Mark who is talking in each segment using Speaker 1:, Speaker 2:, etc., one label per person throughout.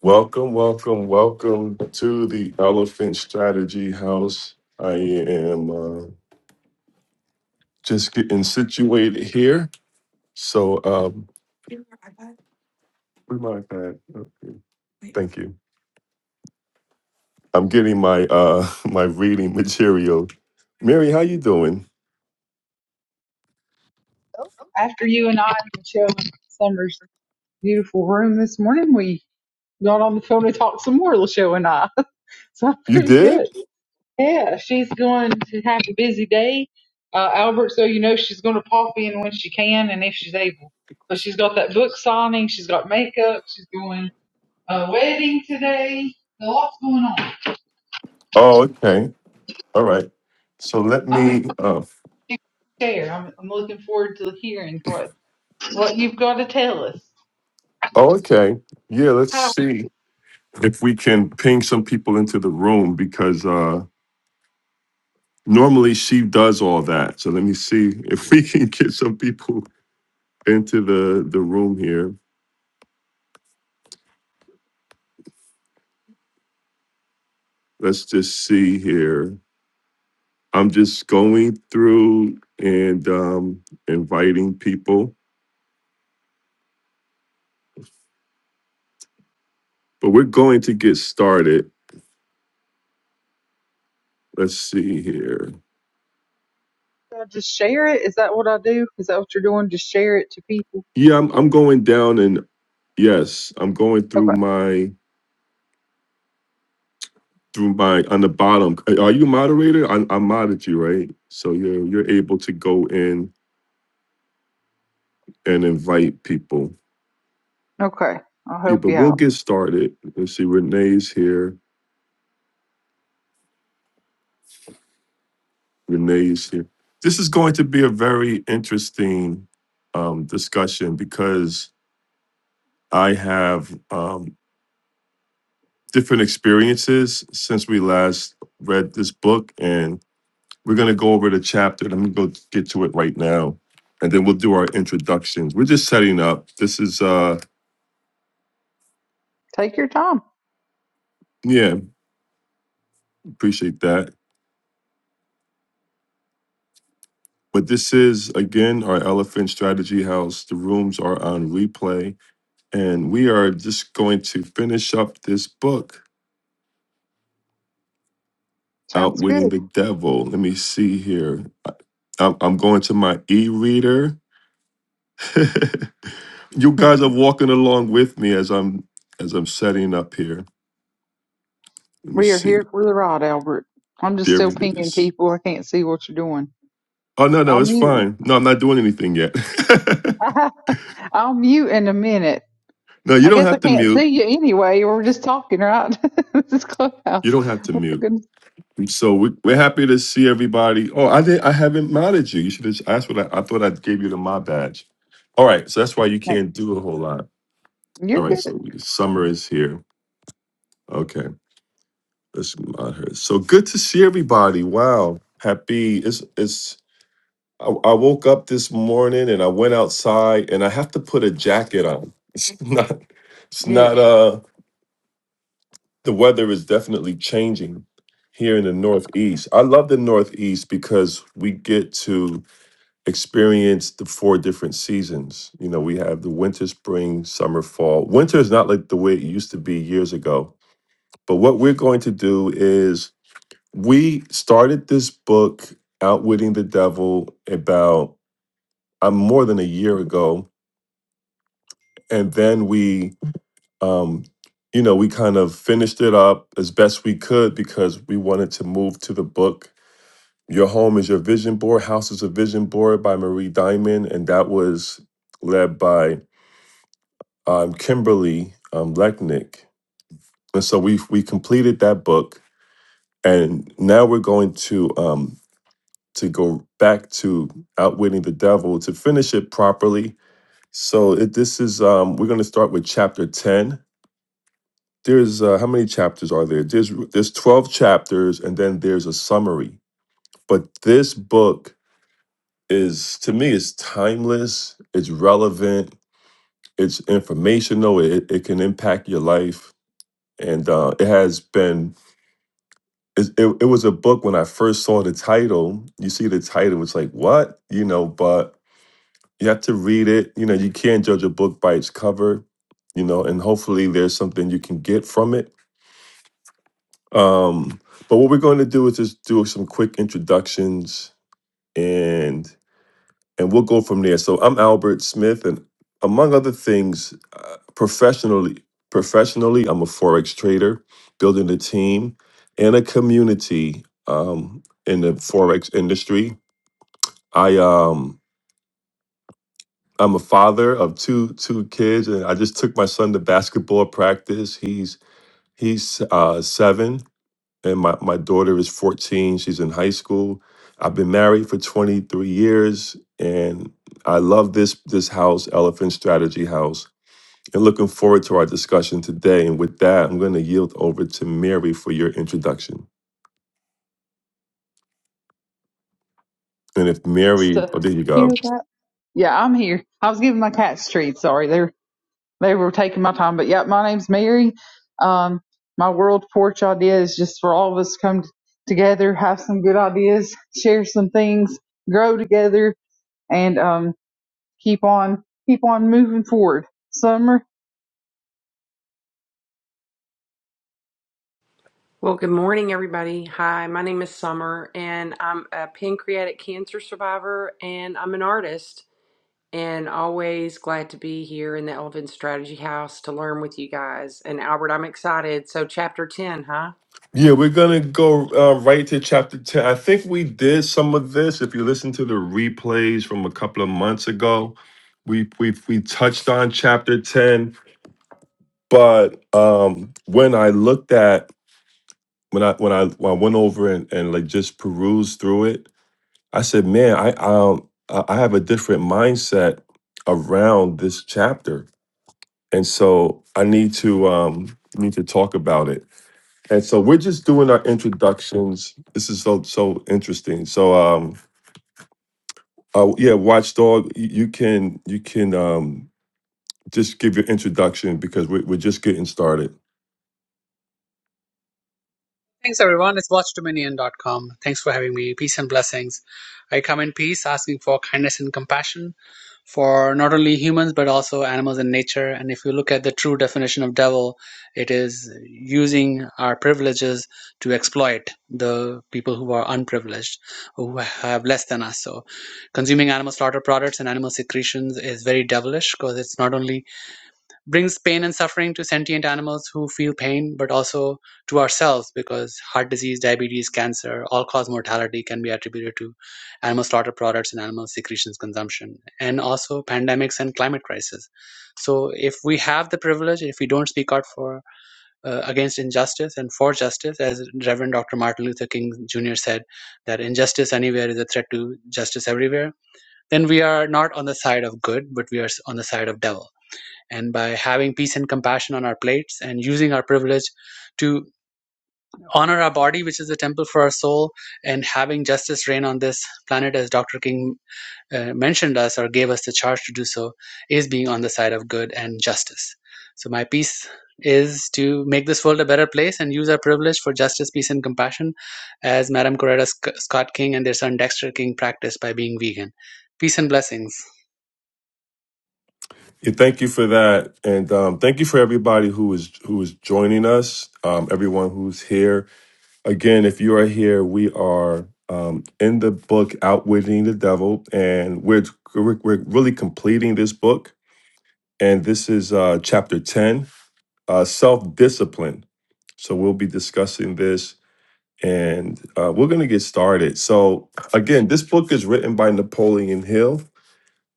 Speaker 1: Welcome, welcome, welcome to the Elephant Strategy House. I am uh, just getting situated here. So, um, where my iPad? Okay. Thank you. I'm getting my uh my reading material. Mary, how you doing?
Speaker 2: after you and I showed Summer's beautiful room this morning, we got on the phone and talked some more, LaShow and I. So I'm
Speaker 1: You
Speaker 2: pretty good.
Speaker 1: did?
Speaker 2: Yeah, she's going to have a busy day. Uh, Albert, so you know she's going to pop in when she can and if she's able. But she's got that book signing, she's got makeup, she's doing a wedding today. A lot's going on.
Speaker 1: Oh, okay. All right. So let
Speaker 2: I'm excited
Speaker 1: me uh
Speaker 2: to share. I'm, I'm looking forward to hearing what, what you've got to tell us.
Speaker 1: oh, okay. Yeah, let's see if we can ping some people into the room because uh normally she does all that. So let me see if we can get some people into the the room here. Let's just see here. I'm just going through and um, inviting people, but we're going to get started. Let's see here.
Speaker 2: I just share it? Is that what I do? Is that what you're doing? Just share it to people?
Speaker 1: Yeah, I'm, I'm going down and yes, I'm going through
Speaker 2: Okay.
Speaker 1: my through my on the bottom. Are you moderator? I, I modded you, right? So you're you're able to go in and invite people.
Speaker 2: Okay. I'll
Speaker 1: Yeah,
Speaker 2: help
Speaker 1: but
Speaker 2: you
Speaker 1: we'll
Speaker 2: out.
Speaker 1: get started. Let's see, Renee's here. Renee's here. This is going to be a very interesting um, discussion because I have um, different experiences since we last read this book, and we're going to go over the chapter. and I'm going to go get to it right now, and then we'll do our introductions. We're just setting up. This is, uh,
Speaker 2: Take your time.
Speaker 1: yeah, appreciate that. But this is again our Elephant Strategy House. The rooms are on replay And we are just going to finish up this book,
Speaker 2: Sounds good.
Speaker 1: Outwitting the Devil. Let me see here. I- I'm I'm going to my e reader. you
Speaker 2: Hmm.
Speaker 1: guys are walking along with me as I'm as I'm setting up here. Let me
Speaker 2: We are
Speaker 1: see.
Speaker 2: here for the ride, Albert. I'm just
Speaker 1: There
Speaker 2: still
Speaker 1: it
Speaker 2: pinging
Speaker 1: is.
Speaker 2: people. I can't see what you're doing.
Speaker 1: Oh no,
Speaker 2: I'll
Speaker 1: no, it's
Speaker 2: mute.
Speaker 1: fine. No, I'm not doing anything yet.
Speaker 2: I'll mute in a minute.
Speaker 1: no, you
Speaker 2: I
Speaker 1: don't
Speaker 2: guess I
Speaker 1: have to
Speaker 2: can't see
Speaker 1: mute.
Speaker 2: you anyway. We're just talking, right? this is
Speaker 1: You
Speaker 2: Clubhouse.
Speaker 1: don't
Speaker 2: Oh
Speaker 1: have to
Speaker 2: my
Speaker 1: mute.
Speaker 2: goodness.
Speaker 1: And So we, we're happy to see everybody. Oh, I did. I haven't modded you. You should have asked for that. I thought I gave you the mod badge. All right. So that's why you
Speaker 2: Hey,
Speaker 1: can't do a whole lot. All
Speaker 2: You're
Speaker 1: right. So
Speaker 2: good.
Speaker 1: we- summer is here. Okay. Let's mod her. So good to see everybody. Wow. Happy. It's it's. I, I woke up this morning and I went outside and I have to put a jacket on. It's not. It's
Speaker 2: Yeah.
Speaker 1: not. Uh. The weather is definitely changing here in the Northeast. I love the Northeast because we get to experienced the four different seasons. You know, we have the winter, spring, summer, fall. Winter is not like the way it used to be years ago. But what we're going to do is we started this book, Outwitting the Devil, about uh, more than a year ago. And then we, um, you know, we kind of finished it up as best we could because we wanted to move to the book. Your Home is Your Vision Board, House is a Vision Board by Marie Diamond. And that was led by um, Kimberly um, Lechnick, and so we we completed that book, and now we're going to um, to go back to outwitting the devil to finish it properly. So it, this is um, we're going to start with chapter ten. There's uh, how many chapters are there? There's there's twelve chapters, and then there's a summary. But this book is to me is timeless. It's relevant. It's informational. It, it can impact your life, and uh, it has been It, it, it was a book when I first saw the title. You see the title, it's like, what? You know, but you have to read it. You know, you can't judge a book by its cover, you know, and hopefully there's something you can get from it. Um, but what we're going to do is just do some quick introductions and. and we'll go from there. So I'm Albert Smith, and among other things, uh, professionally, professionally, I'm a forex trader, building a team and a community um, in the forex industry. I um, I'm a father of two two kids, and I just took my son to basketball practice. He's he's uh, seven, and my, my daughter is 14 she's in high school i've been married for 23 years and i love this this house elephant strategy house and looking forward to our discussion today and with that i'm going to yield over to mary for your introduction and if mary
Speaker 2: So,
Speaker 1: oh there you
Speaker 2: you
Speaker 1: go
Speaker 2: hear that? Yeah, I'm here. I was giving my cats treats. Sorry. They they were taking my time. But yeah, my name's Mary. Um, my world porch idea is just for all of us to come t- together, have some good ideas, share some things, grow together, and um, keep on keep on moving forward. Summer
Speaker 3: Well, good morning, everybody. Hi, my name is Summer, and I'm a pancreatic cancer survivor, and I'm an artist, and always glad to be here in the Elephant Strategy House to learn with you guys. And Albert, I'm excited. So, chapter 10, huh?
Speaker 1: yeah we're going to go uh, right to chapter 10 i think we did some of this if you listen to the replays from a couple of months ago we we we touched on chapter 10 But um, when I looked at when I when I when I went over and, and like just perused through it, I said, "Man, I um I I have a different mindset around this chapter, and so I need to um need to talk about it." And so we're just doing our introductions. This is so so interesting. So um uh, yeah, Watchdog, y- you can you can um just give your introduction because we're, we're just getting started.
Speaker 4: Thanks, everyone. It's watchdominion.com. Thanks for having me. Peace and blessings. I come in peace, asking for kindness and compassion for not only humans, but also animals and nature. And if you look at the true definition of devil, it is using our privileges to exploit the people who are unprivileged, who have less than us. So consuming animal slaughter products and animal secretions is very devilish because it's not only brings pain and suffering to sentient animals who feel pain, but also to ourselves because heart disease, diabetes, cancer, all cause mortality can be attributed to animal slaughter products and animal secretions consumption, and also pandemics and climate crisis. So, if we have the privilege, if we don't speak out for uh, against injustice and for justice, as Reverend Dr. Martin Luther King Jr. said, that injustice anywhere is a threat to justice everywhere, then we are not on the side of good, but we are on the side of devil and by having peace and compassion on our plates and using our privilege to honor our body, which is the temple for our soul, and having justice reign on this planet, as Dr. King uh, mentioned us or gave us the charge to do so, is being on the side of good and justice. So, my peace is to make this world a better place and use our privilege for justice, peace, and compassion, as Madame Coretta Scott King and their son Dexter King practiced by being vegan. Peace and blessings.
Speaker 1: Yeah, thank you for that, and um, thank you for everybody who is who is joining us. Um, everyone who's here. again, if you are here, we are um, in the book "Outwitting the Devil," and we're we're, we're really completing this book. And this is uh, chapter ten, uh, self discipline. So we'll be discussing this, and uh, we're going to get started. So again, this book is written by Napoleon Hill.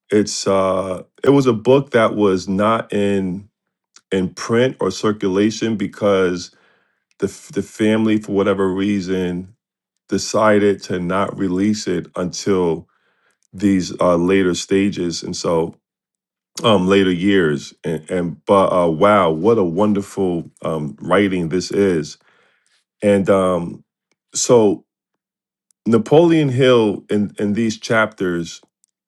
Speaker 1: It's uh, it was a book that was not in in print or circulation because the f- the family, for whatever reason, decided to not release it until these uh, later stages and so um later years and, and but uh wow what a wonderful um writing this is and um so napoleon hill in in these chapters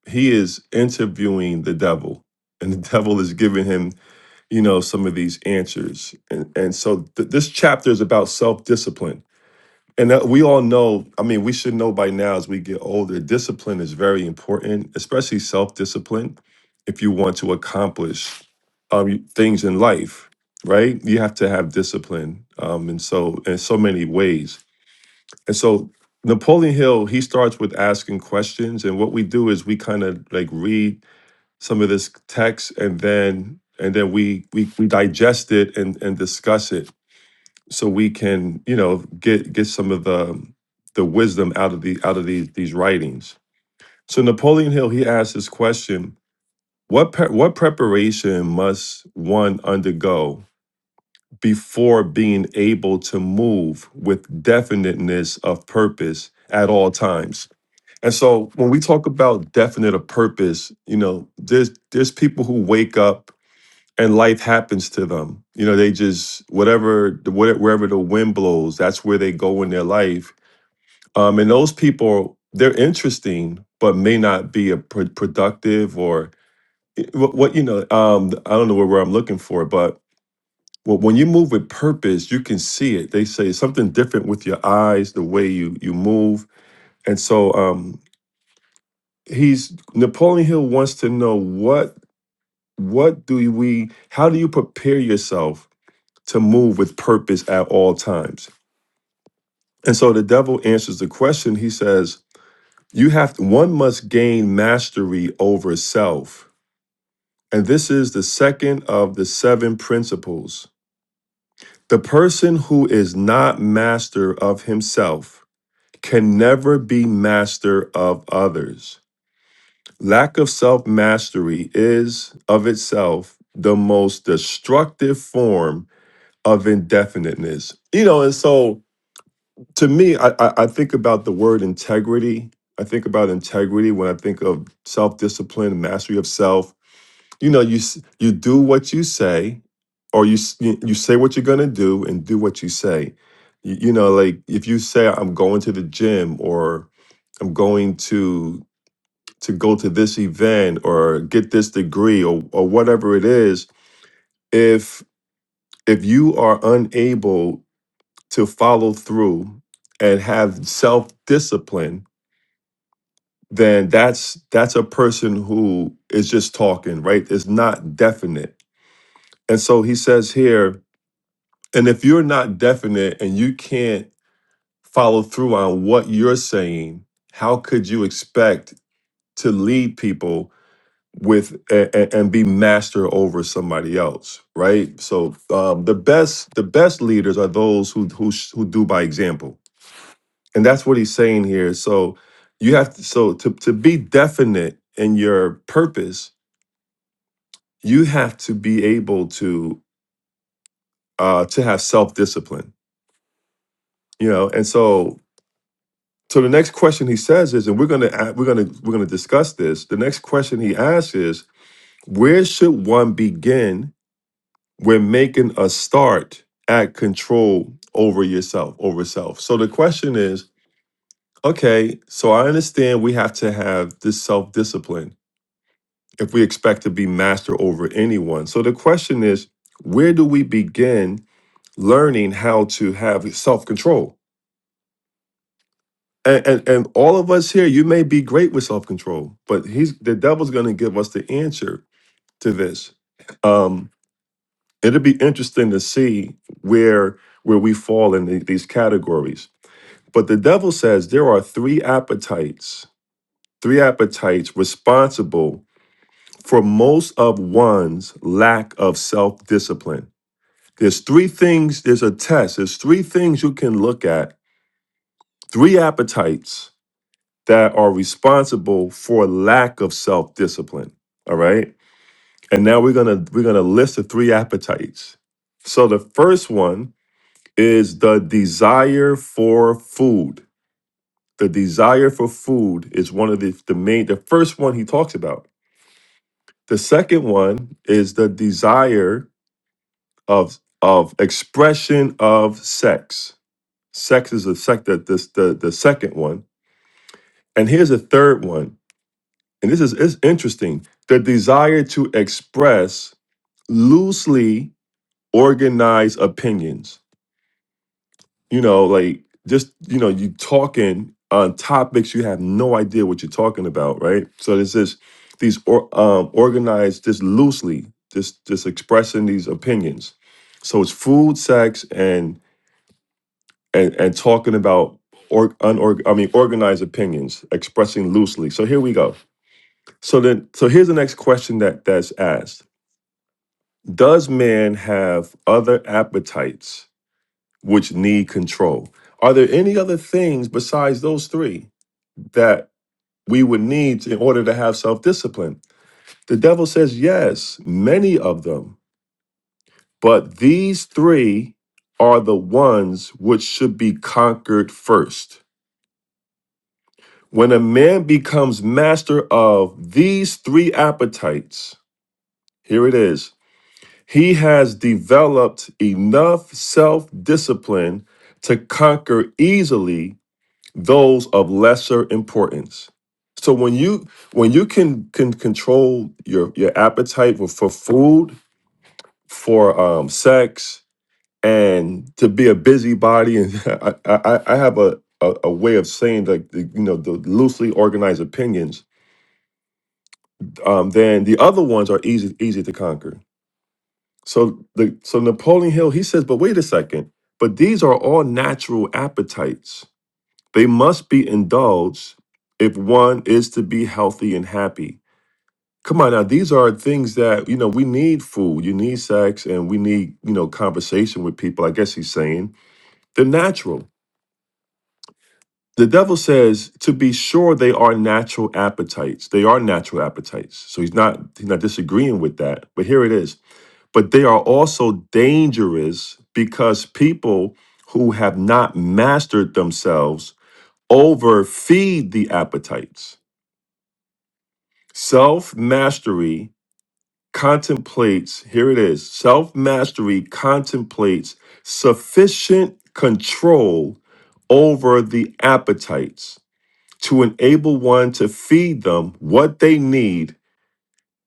Speaker 1: he is interviewing the devil and the devil is giving him you know some of these answers and and so th- this chapter is about self-discipline And uh, we all know, I mean, we should know by now as we get older, discipline is very important, especially self discipline, if you want to accomplish um, things in life, right? You have to have discipline. Um, and so, in so many ways. And so, Napoleon Hill, he starts with asking questions. And what we do is we kind of like read some of this text and then and then we we, we digest it and, and discuss it so we can you know get get some of the the wisdom out of the out of these these writings so napoleon hill he asked this question what pre- what preparation must one undergo before being able to move with definiteness of purpose at all times and so when we talk about definite of purpose you know there's there's people who wake up and life happens to them. You know, they just whatever the where- wherever the wind blows, that's where they go in their life. Um, and those people, they're interesting, but may not be a pro- productive or eh, what, what you know. Um, I don't know where, where I'm looking for, but well, when you move with purpose, you can see it. They say something different with your eyes, the way you you move, and so um, he's Napoleon Hill wants to know what what do we how do you prepare yourself to move with purpose at all times. And so the devil answers the question. He says, You have to, one must gain mastery over self. And this is the second of the seven principles. The person who is not master of himself can never be master of others. Lack of self mastery is, of itself, the most destructive form of indefiniteness. You know, and so to me, I, I, I think about the word integrity. I think about integrity when I think of self discipline, mastery of self. You know, you s- you do what you say, or you s- you you say what you're gonna do and do what you say. You, you know, like if you say I'm going to the gym or I'm going to to go to this event or get this degree or or whatever it is, if if you are unable to follow through and have self discipline then that's that's a person who is just talking, right? It's not definite. And so he says here, and if you're not definite and you can't follow through on what you're saying, how could you expect to lead people with a, a- and be master over somebody else, right? So um, the best the best leaders are those who who sh- who do by example, and that's what he's saying here. So you have to so to to be definite in your purpose you have to be able to uh to have self-discipline you know and so so the next question he says is and we're going to we're going to we're going to discuss this the next question he asks is where should one begin when making a start at control over yourself over self so the question is okay so i understand we have to have this self-discipline if we expect to be master over anyone so the question is where do we begin learning how to have self-control. And, and and all of us here, you may be great with self-control, but he's the devil's gonna give us the answer to this. Um, it'll be interesting to see where where we fall in the- these categories. But the devil says there are three appetites, three appetites responsible for most of one's lack of self-discipline. There's three things, there's a test, there's three things you can look at, three appetites that are responsible for lack of self-discipline. All right. And now we're gonna we're gonna list the three appetites. So the first one is the desire for food. The desire for food is one of the, the main the first one he talks about. The second one is the desire of of expression of sex. Sex is the sec the, the, the the second one. And here's a third one and this is it's interesting the desire to express loosely organized opinions you know like just you know you talking on topics you have no idea what you're talking about right so this is these or, um, organized just loosely just just expressing these opinions so it's food sex and and, and talking about or unorg- i mean organized opinions expressing loosely so here we go so then so here's the next question that that's asked Does man have other appetites which need control? Are there any other things besides those three that we would need in order to have self discipline? The devil says, yes, many of them, but these three are the ones which should be conquered first. When a man becomes master of these three appetites, here it is He has developed enough self discipline to conquer easily those of lesser importance. So when you when you can can control your your appetite for, for food, for um, sex, and to be a busybody, and I, I, I have a, a a way of saying like the, you know the loosely organized opinions, um, then the other ones are easy easy to conquer. So the so Napoleon Hill, he says, but wait a second, but these are all natural appetites. They must be indulged if one is to be healthy and happy. Come on now, these are things that, you know, we need food, you need sex, and we need, you know, conversation with people. I guess he's saying they're natural. The devil says to be sure they are natural appetites. They are natural appetites. So he's not he's not disagreeing with that. But here it is. but they are also dangerous because people who have not mastered themselves overfeed the appetites. Self mastery contemplates, here it is self mastery contemplates sufficient control over the appetites to enable one to feed them what they need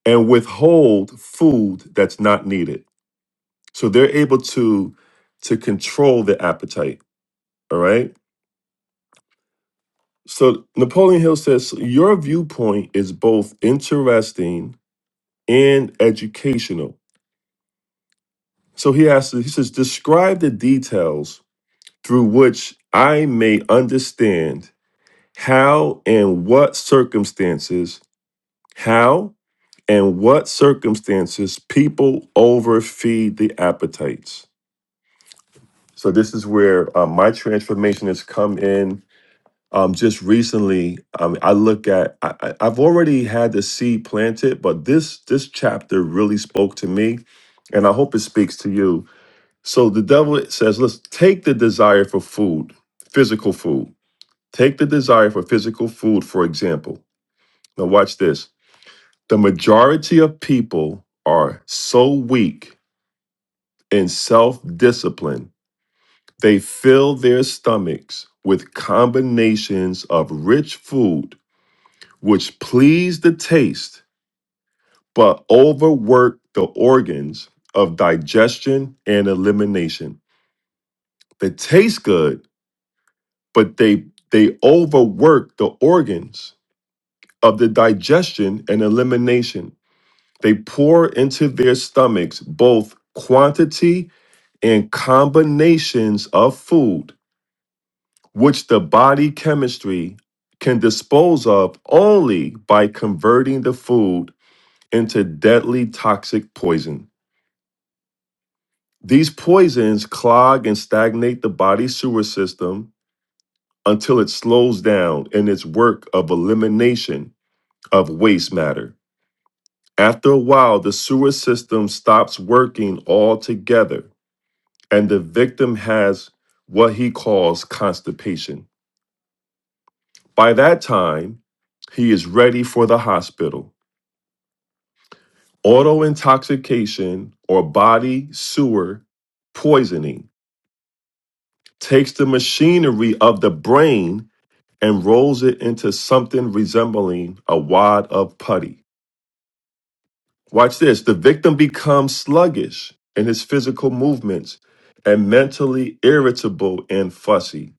Speaker 1: and withhold food that's not needed. So they're able to to control the appetite. All right. So Napoleon Hill says "So your viewpoint is both interesting and educational. So he asks, he says, describe the details through which I may understand how and what circumstances, how and what circumstances people overfeed the appetites. So this is where uh, my transformation has come in um, just recently, um, I look at I, I- I've already had the seed planted, but this this chapter really spoke to me, and I hope it speaks to you. So the devil says, "Let's take the desire for food, physical food. Take the desire for physical food, for example. Now watch this. The majority of people are so weak in self-discipline they fill their stomachs with combinations of rich food." which please the taste, but overwork the organs of digestion and elimination. They taste good, but they they overwork the organs of the digestion and elimination. They pour into their stomachs both quantity and combinations of food, which the body chemistry can dispose of only by converting the food into deadly toxic poison. These poisons clog and stagnate the body's sewer system until it slows down in its work of elimination of waste matter. After a while, the sewer system stops working altogether, and the victim has what he calls constipation. By that time, he is ready for the hospital. Auto intoxication or body sewer poisoning takes the machinery of the brain and rolls it into something resembling a wad of putty. Watch this. The victim becomes sluggish in his physical movements and mentally irritable and fussy.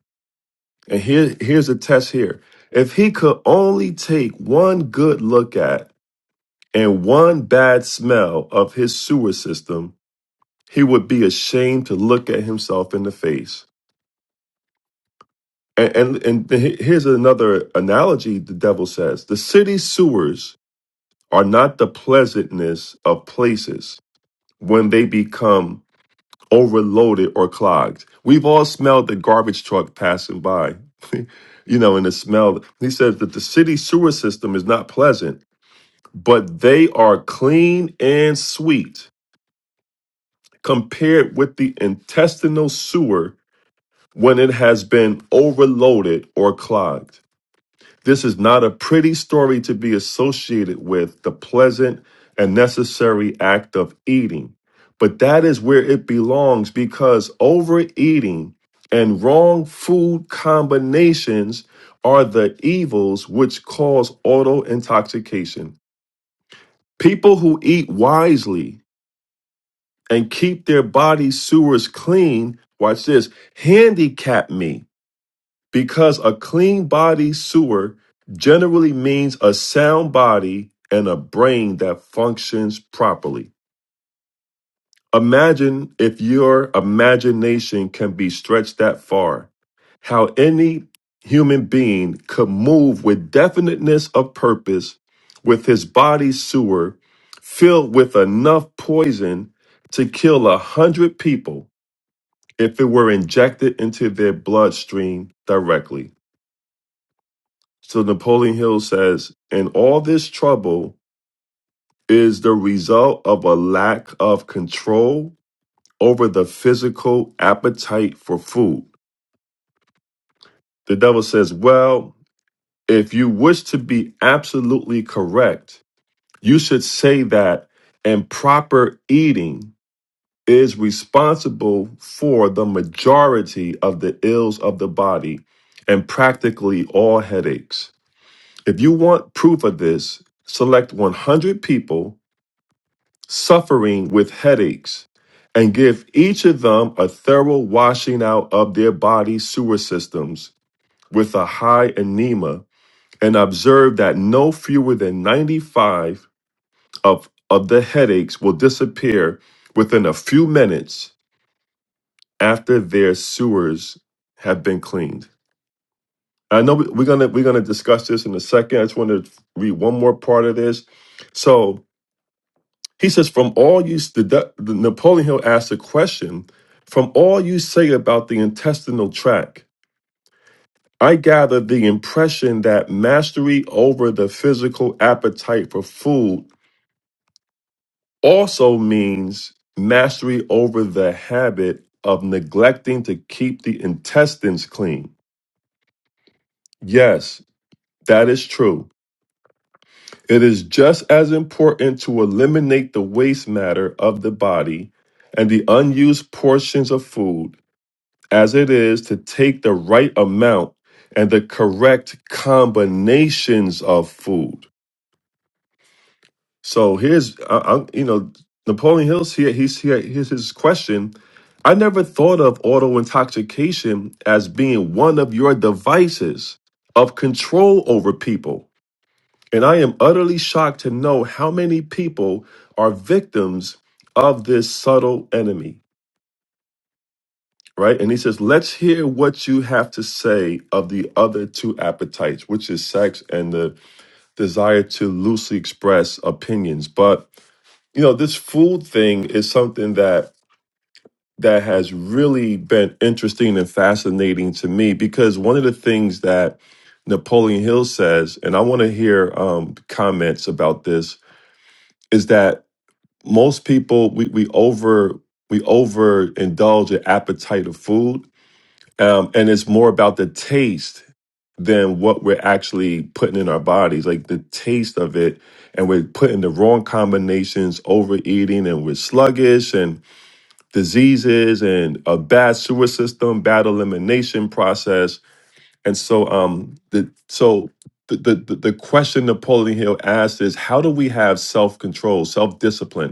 Speaker 1: And here, here's a test here. If he could only take one good look at and one bad smell of his sewer system, he would be ashamed to look at himself in the face. And, and, and here's another analogy the devil says the city sewers are not the pleasantness of places when they become overloaded or clogged. We've all smelled the garbage truck passing by, you know, and the smell. He says that the city sewer system is not pleasant, but they are clean and sweet compared with the intestinal sewer when it has been overloaded or clogged. This is not a pretty story to be associated with the pleasant and necessary act of eating. But that is where it belongs because overeating and wrong food combinations are the evils which cause auto intoxication. People who eat wisely and keep their body sewers clean, watch this, handicap me because a clean body sewer generally means a sound body and a brain that functions properly. Imagine if your imagination can be stretched that far, how any human being could move with definiteness of purpose with his body sewer filled with enough poison to kill a hundred people if it were injected into their bloodstream directly. So Napoleon Hill says, and all this trouble is the result of a lack of control over the physical appetite for food. The devil says, well, if you wish to be absolutely correct, you should say that improper eating is responsible for the majority of the ills of the body and practically all headaches. If you want proof of this, select 100 people suffering with headaches, and give each of them a thorough washing out of their body sewer systems with a high enema, and observe that no fewer than 95 of, of the headaches will disappear within a few minutes after their sewers have been cleaned. I know we- we're gonna we're gonna discuss this in a second. I just want to read one more part of this. So He says, from all you, the, the Napoleon Hill asked a question, from all you say about the intestinal tract, I gather the impression that mastery over the physical appetite for food also means mastery over the habit of neglecting to keep the intestines clean. Yes, that is true. It is just as important to eliminate the waste matter of the body and the unused portions of food as it is to take the right amount and the correct combinations of food. So here's, I, I, you know, Napoleon Hill's here. He's here. Here's his question. I never thought of auto intoxication as being one of your devices of control over people. And I am utterly shocked to know how many people are victims of this subtle enemy. right? And he says, let's hear what you have to say of the other two appetites, which is sex and the desire to loosely express opinions. But, you know, this food thing is something that that has really been interesting and fascinating to me because one of the things that Napoleon Hill says, and I want to hear um, comments about this, is that most people we, we over we overindulge an appetite of food um, and it's more about the taste than what we're actually putting in our bodies like the taste of it and we're putting the wrong combinations overeating and we're sluggish and diseases and a bad sewer system bad elimination process and so um the so the the, the the question napoleon hill asked is how do we have self-control self-discipline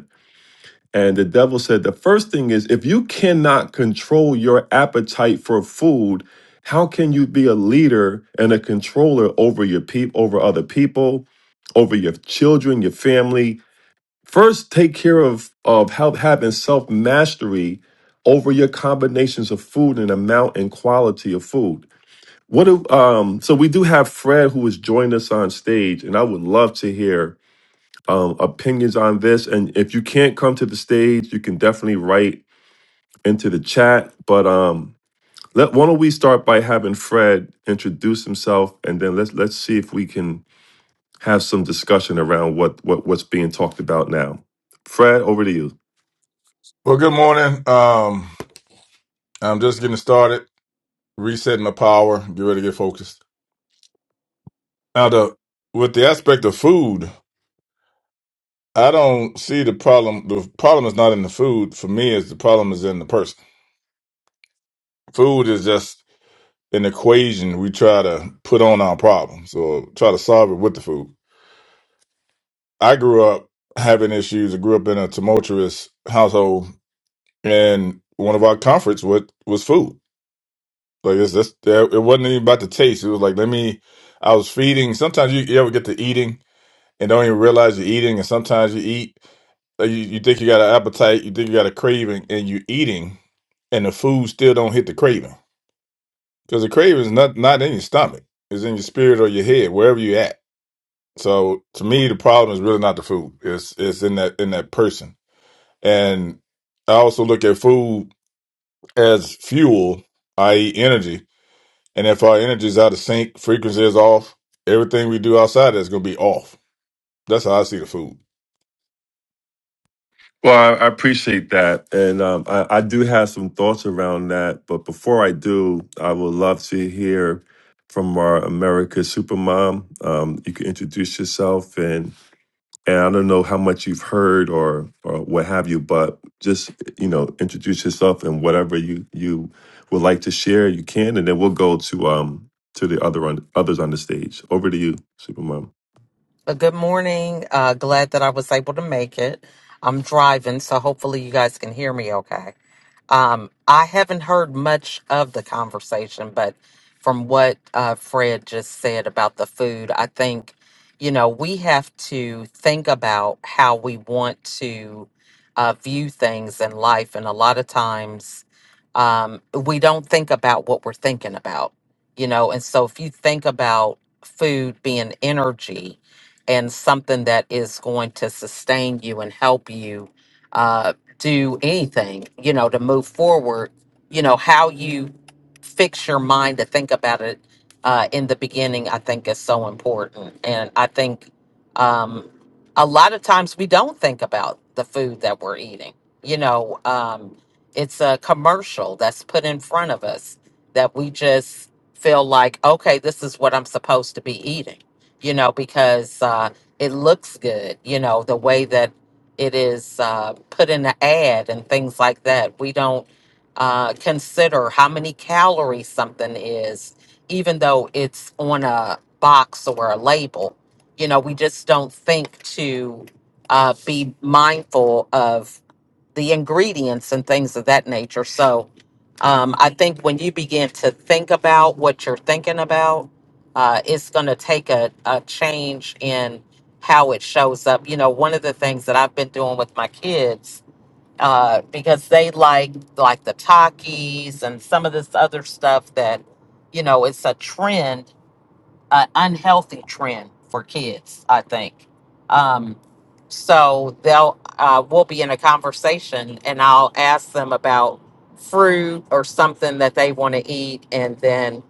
Speaker 1: and the devil said, The first thing is, if you cannot control your appetite for food, how can you be a leader and a controller over your people, over other people, over your children, your family? First, take care of, of how, having self mastery over your combinations of food and amount and quality of food. What do um, so we do have Fred who has joined us on stage, and I would love to hear um, opinions on this. And if you can't come to the stage, you can definitely write into the chat. But um, let why don't we start by having Fred introduce himself, and then let's let's see if we can have some discussion around what what what's being talked about now. Fred, over to you.
Speaker 5: Well, good morning. Um, I'm just getting started, resetting the power, get ready to get focused. Now, the with the aspect of food, I don't see the problem. The problem is not in the food for me. Is the problem is in the person. Food is just an equation we try to put on our problems or try to solve it with the food. I grew up having issues. I grew up in a tumultuous household, and one of our comforts was was food Like it's that's that it wasn't even about the taste. It was like let me I was feeding. Sometimes you, you ever get to eating and don't even realize you're eating, and sometimes you eat like you, you think you got an appetite, you think you got a craving, and you're eating, and the food still don't hit the craving. Because the craving is not not in your stomach. It's in your spirit or your head, wherever you at. So to me the problem is really not the food. It's it's in that in that person. And I also look at food as fuel, i.e. energy And if our energy's out of sync, frequency is off, everything we do outside is going to be off. That's how I see the food.
Speaker 1: Well, I, I appreciate that, and um, I, I do have some thoughts around that. But before I do, I would love to hear from our America Supermom. Um, you can introduce yourself and and I don't know how much you've heard or or what have you, but just you know, introduce yourself and whatever you you would like to share, you can, and then we'll go to um to the other on others on the stage. Over to you, Supermom.
Speaker 6: Uh, Good morning. Uh, glad that I was able to make it. I'm driving, so hopefully you guys can hear me okay. Um, I haven't heard much of the conversation, but from what uh, Fred just said about the food, I think, you know, we have to think about how we want to uh, view things in life. And a lot of times um, we don't think about what we're thinking about, you know. And so if you think about food being energy and something that is going to sustain you and help you. uh, do anything, you know, to move forward, you know, how you fix your mind to think about it uh, in the beginning, I think is so important. And I think um, a lot of times we don't think about the food that we're eating. You know, um, it's a commercial that's put in front of us that we just feel like, okay, this is what I'm supposed to be eating, you know, because uh, it looks good, you know, the way that it is uh, put in an ad and things like that. We don't uh, consider how many calories something is, even though it's on a box or a label. You know, we just don't think to uh, be mindful of the ingredients and things of that nature. So um, I think when you begin to think about what you're thinking about, uh, it's going to take a, a change in how it shows up. You know, one of the things that I've been doing with my kids uh, because they like like the Takis and some of this other stuff that you know it's a trend an unhealthy trend for kids, I think. Um, so they'll uh, we'll be in a conversation, and I'll ask them about fruit or something that they want to eat, and then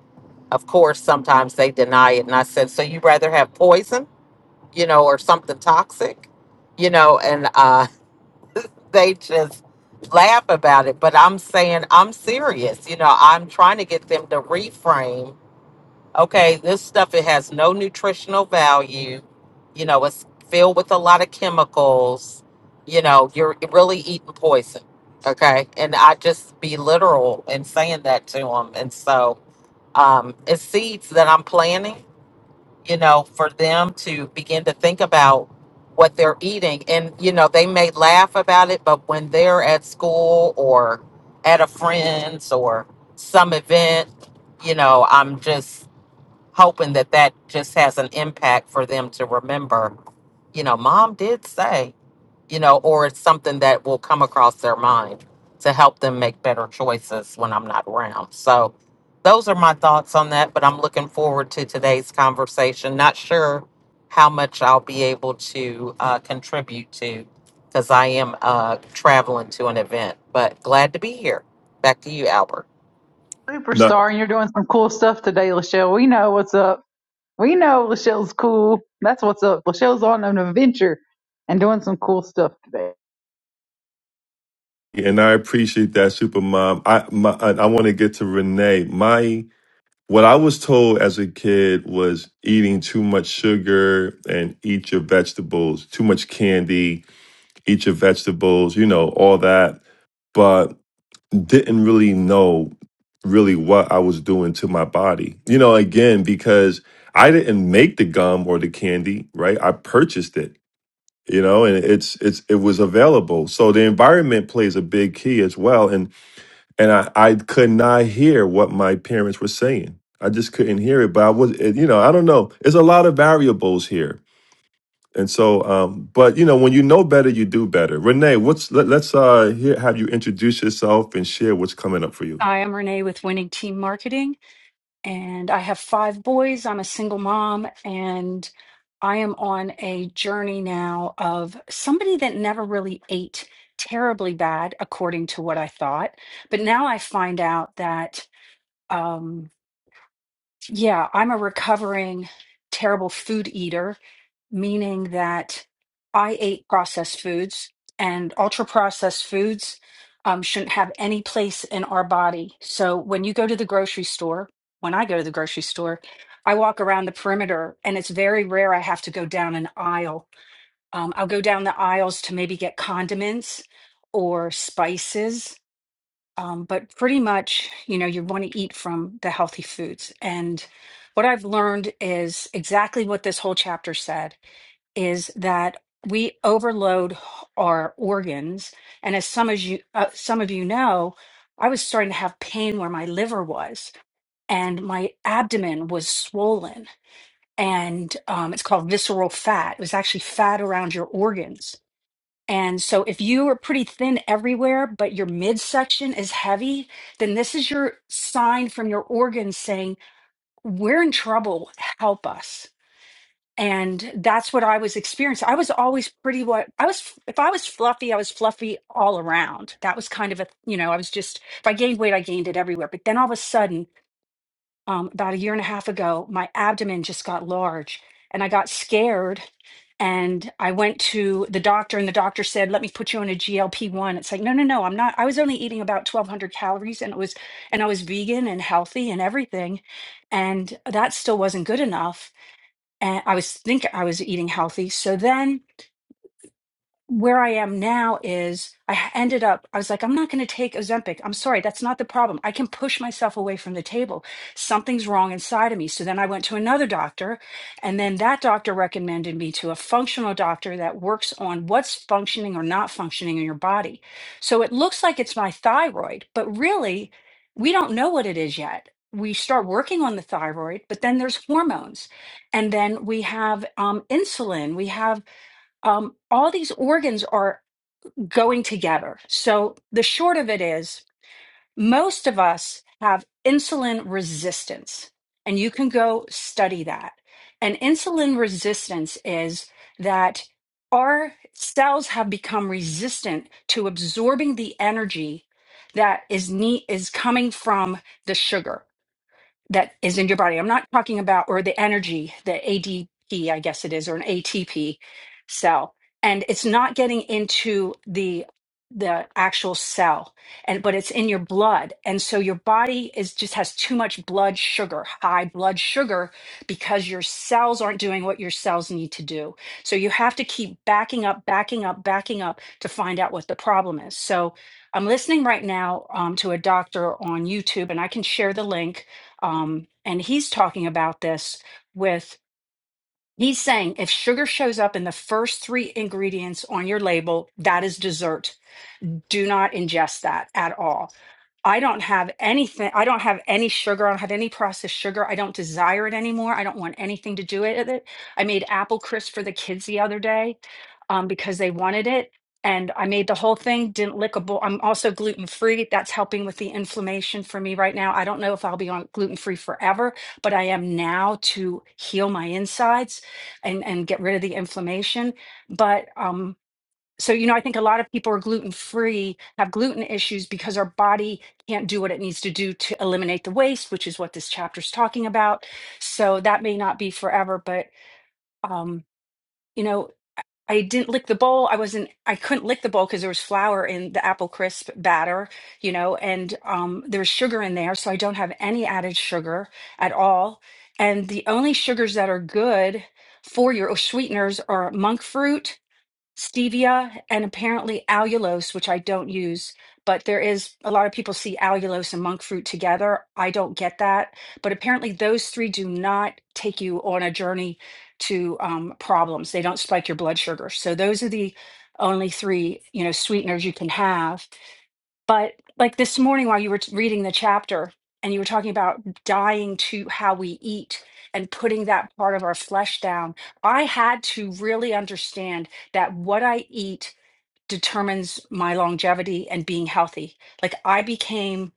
Speaker 6: of course sometimes they deny it, and I said, "So you rather have poison, you know, or something toxic, you know?" And uh, they just laugh about it. But I'm saying I'm serious, you know. I'm trying to get them to reframe okay, this stuff it has no nutritional value. You know, it's filled with a lot of chemicals. You know, you're really eating poison. Okay, and I just be literal in saying that to them, and so um, it's seeds that I'm planting. You know, for them to begin to think about what they're eating, and you know, they may laugh about it, but when they're at school or at a friend's or some event, you know, I'm just hoping that that just has an impact for them to remember, you know, mom did say, you know, or it's something that will come across their mind to help them make better choices when I'm not around. So those are my thoughts on that, but I'm looking forward to today's conversation. Not sure how much I'll be able to uh, contribute to because I am uh, traveling to an event, but glad to be here. Back to you, Albert.
Speaker 1: No,
Speaker 2: superstar, and you're doing some cool stuff today, Lachelle. We know what's up. We know Lachelle's cool. That's what's up. Lachelle's on an adventure and doing some cool stuff today.
Speaker 1: and I appreciate that, Supermom. I my I, I want to get to Renee. My what I was told as a kid was eating too much sugar and eat your vegetables, too much candy eat your vegetables, you know, all that. But didn't really know really what I was doing to my body. You know, again, because I didn't make the gum or the candy, right? I purchased it, you know, and it's it's it was available. So the environment plays a big key as well. And and I, I could not hear what my parents were saying. I just couldn't hear it. But I was it- you know, I don't know. It's a lot of variables here and so, um, but you know, when you know better, you do better. Renee, what's let, let's uh, hear, have you introduce yourself and share what's coming up for you.
Speaker 7: Hi, I'm Renee with Winning Team Marketing, and I have five boys. I'm a single mom, and I am on a journey now of somebody that never really ate terribly bad, according to what I thought. But now I find out that. um, yeah, I'm a recovering terrible food eater, meaning that I ate processed foods and ultra processed foods um, shouldn't have any place in our body. So when you go to the grocery store, when I go to the grocery store, I walk around the perimeter and it's very rare I have to go down an aisle. Um, I'll go down the aisles to maybe get condiments or spices um, but pretty much, you know, you want to eat from the healthy foods. And what I've learned is exactly what this whole chapter said is that we overload our organs. And as some as you uh, some of you know, I was starting to have pain where my liver was, and my abdomen was swollen. And um, it's called visceral fat. It was actually fat around your organs and so if you are pretty thin everywhere, but your midsection is heavy, then this is your sign from your organs saying, We're in trouble, help us. And that's what I was experiencing. I was always pretty what I was if I was fluffy, I was fluffy all around. That was kind of a you know, I was just if I gained weight, I gained it everywhere. But then all of a sudden um, about a year and a half ago, my abdomen just got large and I got scared. And I went to the doctor, and the doctor said, Let me put you on a GLP 1. It's like, No, no, no, I'm not. I was only eating about 1,200 calories and it was, and I was vegan and healthy and everything. And that still wasn't good enough. And I was think I was eating healthy. So then where I am now is I ended up, I was like, I'm not going to take Ozempic. I'm sorry, that's not the problem. I can push myself away from the table. Something's wrong inside of me. So then I went to another doctor, and then that doctor recommended me to a functional doctor that works on what's functioning or not functioning in your body. So it looks like it's my thyroid, but really, we don't know what it is yet. We start working on the thyroid, but then there's hormones. And then we have um, insulin. We have um, all these organs are going together. So the short of it is, most of us have insulin resistance, and you can go study that. And insulin resistance is that our cells have become resistant to absorbing the energy that is ne- is coming from the sugar that is in your body. I'm not talking about, or the energy, the ADP, I guess it is, or an ATP cell. And it's not getting into the the actual cell and but it's in your blood and so your body is just has too much blood sugar high blood sugar because your cells aren't doing what your cells need to do so you have to keep backing up backing up backing up to find out what the problem is so i'm listening right now um, to a doctor on youtube and i can share the link um, and he's talking about this with he's saying if sugar shows up in the first three ingredients on your label that is dessert do not ingest that at all I don't have anything. I don't have any sugar. I don't have any processed sugar. I don't desire it anymore. I don't want anything to do it with it. I made apple crisp for the kids the other day um, because they wanted it. And I made the whole thing, didn't lick a bowl. I'm also gluten free. That's helping with the inflammation for me right now. I don't know if I'll be on gluten free forever, but I am now to heal my insides and, and get rid of the inflammation. But um, so you know i think a lot of people are gluten free have gluten issues because our body can't do what it needs to do to eliminate the waste which is what this chapter is talking about so that may not be forever but um you know i didn't lick the bowl i wasn't i couldn't lick the bowl because there was flour in the apple crisp batter you know and um there's sugar in there so i don't have any added sugar at all and the only sugars that are good for your or sweeteners are monk fruit stevia and apparently allulose, which I don't use, but there is a lot of people see allulose and monk fruit together. I don't get that, but apparently those three do not take you on a journey to um, problems. They don't spike your blood sugar. So those are the only three, you know, sweeteners you can have. But like this morning, while you were t- reading the chapter and you were talking about dying to how we eat and putting that part of our flesh down, I had to really understand that what I eat determines my longevity and being healthy. Like I became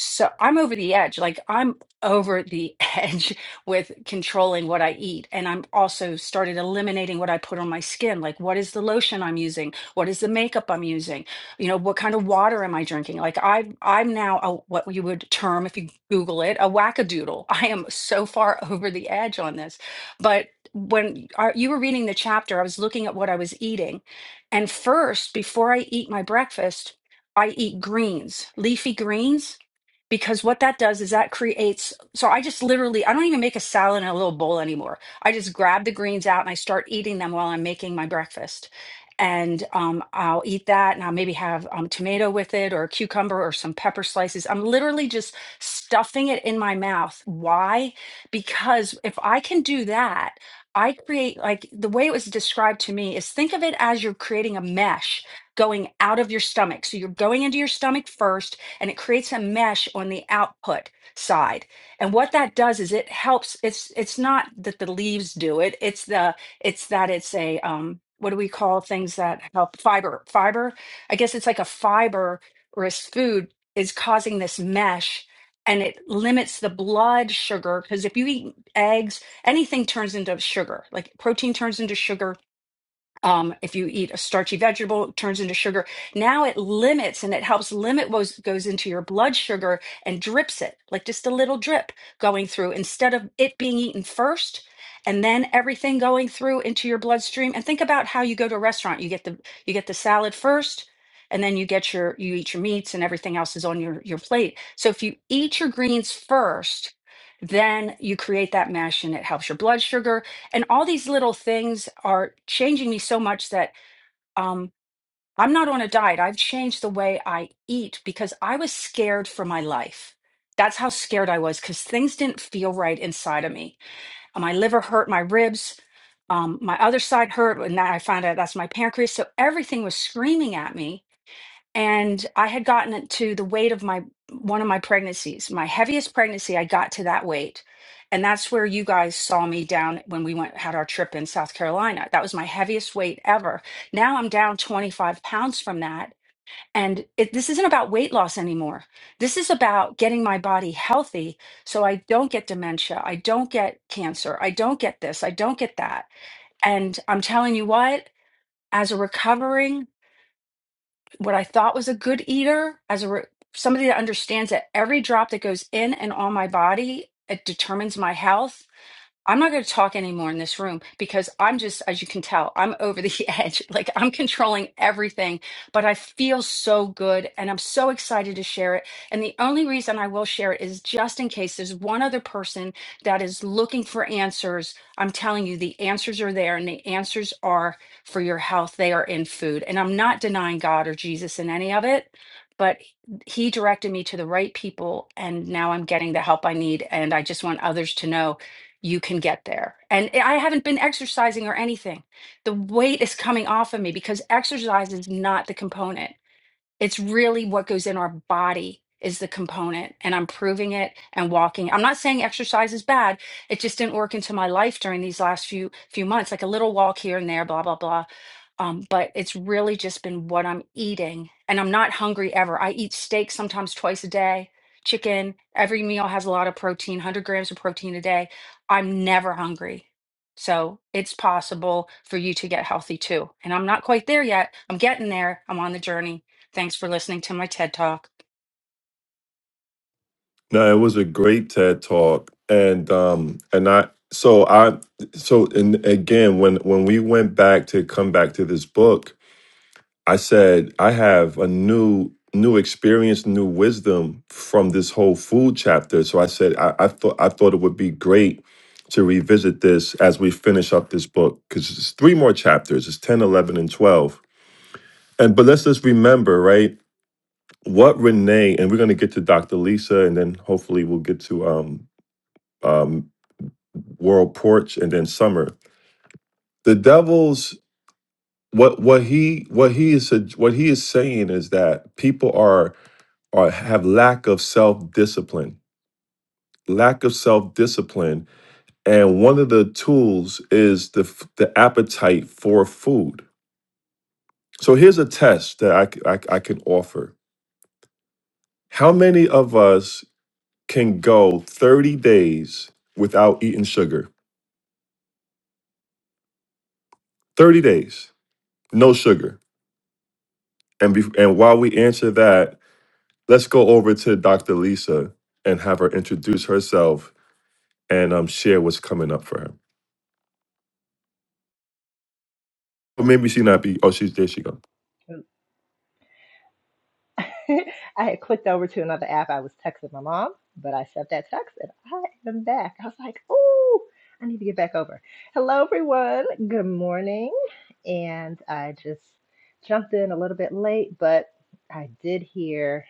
Speaker 7: so I'm over the edge. Like I'm over the edge with controlling what I eat. And I'm also started eliminating what I put on my skin. Like what is the lotion I'm using? What is the makeup I'm using? You know, what kind of water am I drinking? Like I I'm now a, what you would term if you Google it, a wackadoodle. I am so far over the edge on this. But when I, you were reading the chapter, I was looking at what I was eating and first, before I eat my breakfast, I eat greens, leafy greens because what that does is that creates so i just literally i don't even make a salad in a little bowl anymore i just grab the greens out and i start eating them while i'm making my breakfast and um, i'll eat that and i'll maybe have um, tomato with it or a cucumber or some pepper slices i'm literally just stuffing it in my mouth why because if i can do that i create like the way it was described to me is think of it as you're creating a mesh going out of your stomach so you're going into your stomach first and it creates a mesh on the output side. And what that does is it helps. It's it's not that the leaves do it. It's the it's that it's a um what do we call things that help fiber fiber? I guess it's like a fiber or as food is causing this mesh and it limits the blood sugar because if you eat eggs anything turns into sugar like protein turns into sugar um, if you eat a starchy vegetable, it turns into sugar. Now it limits and it helps limit what goes into your blood sugar and drips it, like just a little drip going through instead of it being eaten first and then everything going through into your bloodstream. And think about how you go to a restaurant. You get the you get the salad first and then you get your you eat your meats and everything else is on your your plate. So if you eat your greens first, then you create that mesh and it helps your blood sugar and all these little things are changing me so much that um, I'm not on a diet. I've changed the way I eat because I was scared for my life. That's how scared I was because things didn't feel right inside of me. Uh, My liver hurt, my ribs, um, my other side hurt, and now I found out that's my pancreas. So everything was screaming at me and I had gotten it to the weight of my one of my pregnancies, my heaviest pregnancy. I got to that weight, and that's where you guys saw me down when we went had our trip in South Carolina. That was my heaviest weight ever. Now I'm down 25 pounds from that, and it, this isn't about weight loss anymore. This is about getting my body healthy so I don't get dementia, I don't get cancer, I don't get this, I don't get that. And I'm telling you what, as a recovering what I thought was a good eater, as a re- somebody that understands that every drop that goes in and on my body, it determines my health I'm not going to talk anymore in this room because I'm just, as you can tell, I'm over the edge. Like I'm controlling everything, but I feel so good and I'm so excited to share it. And the only reason I will share it is just in case there's one other person that is looking for answers. I'm telling you, the answers are there and the answers are for your health. They are in food. And I'm not denying God or Jesus in any of it, but He directed me to the right people. And now I'm getting the help I need. And I just want others to know you can get there. And I haven't been exercising or anything. The weight is coming off of me because exercise is not the component. It's really what goes in our body is the component, and I'm proving it and walking. I'm not saying exercise is bad. It just didn't work into my life during these last few few months, like a little walk here and there, blah blah blah. Um, but it's really just been what I'm eating, and I'm not hungry ever. I eat steak sometimes twice a day, chicken. Every meal has a lot of protein, 100 grams of protein a day. I'm never hungry. So it's possible for you to get healthy too. And I'm not quite there yet. I'm getting there. I'm on the journey. Thanks for listening to my TED Talk.
Speaker 1: No, it was a great TED talk, and um, and I so I so and again when when we went back to come back to this book, I said, I have a new new experience, new wisdom from this whole food chapter. So I said, I, I thought I thought it would be great to revisit this as we finish up this book because it's three more chapters. It's 10, 11, and 12. And but let's just remember, right? What Renee and we're going to get to Dr. Lisa, and then hopefully we'll get to um, um, World Porch, and then Summer. The devil's what what he what he is what he is saying is that people are or have lack of self discipline. Lack of self discipline, and one of the tools is the f- the appetite for food. So here's a test that I, c- I c- I can offer. How many of us can go 30 days without eating sugar? 30 days, no sugar. And be, and while we answer that, let's go over to Dr. Lisa and have her introduce herself and um share what's coming up for her. Or maybe she not be. Oh, she's there. She go.
Speaker 8: I had clicked over to another app. I was texting my mom, but I sent that text and I am back. I was like, ooh, I need to get back over. Hello, everyone. Good morning. And I just jumped in a little bit late, but I did hear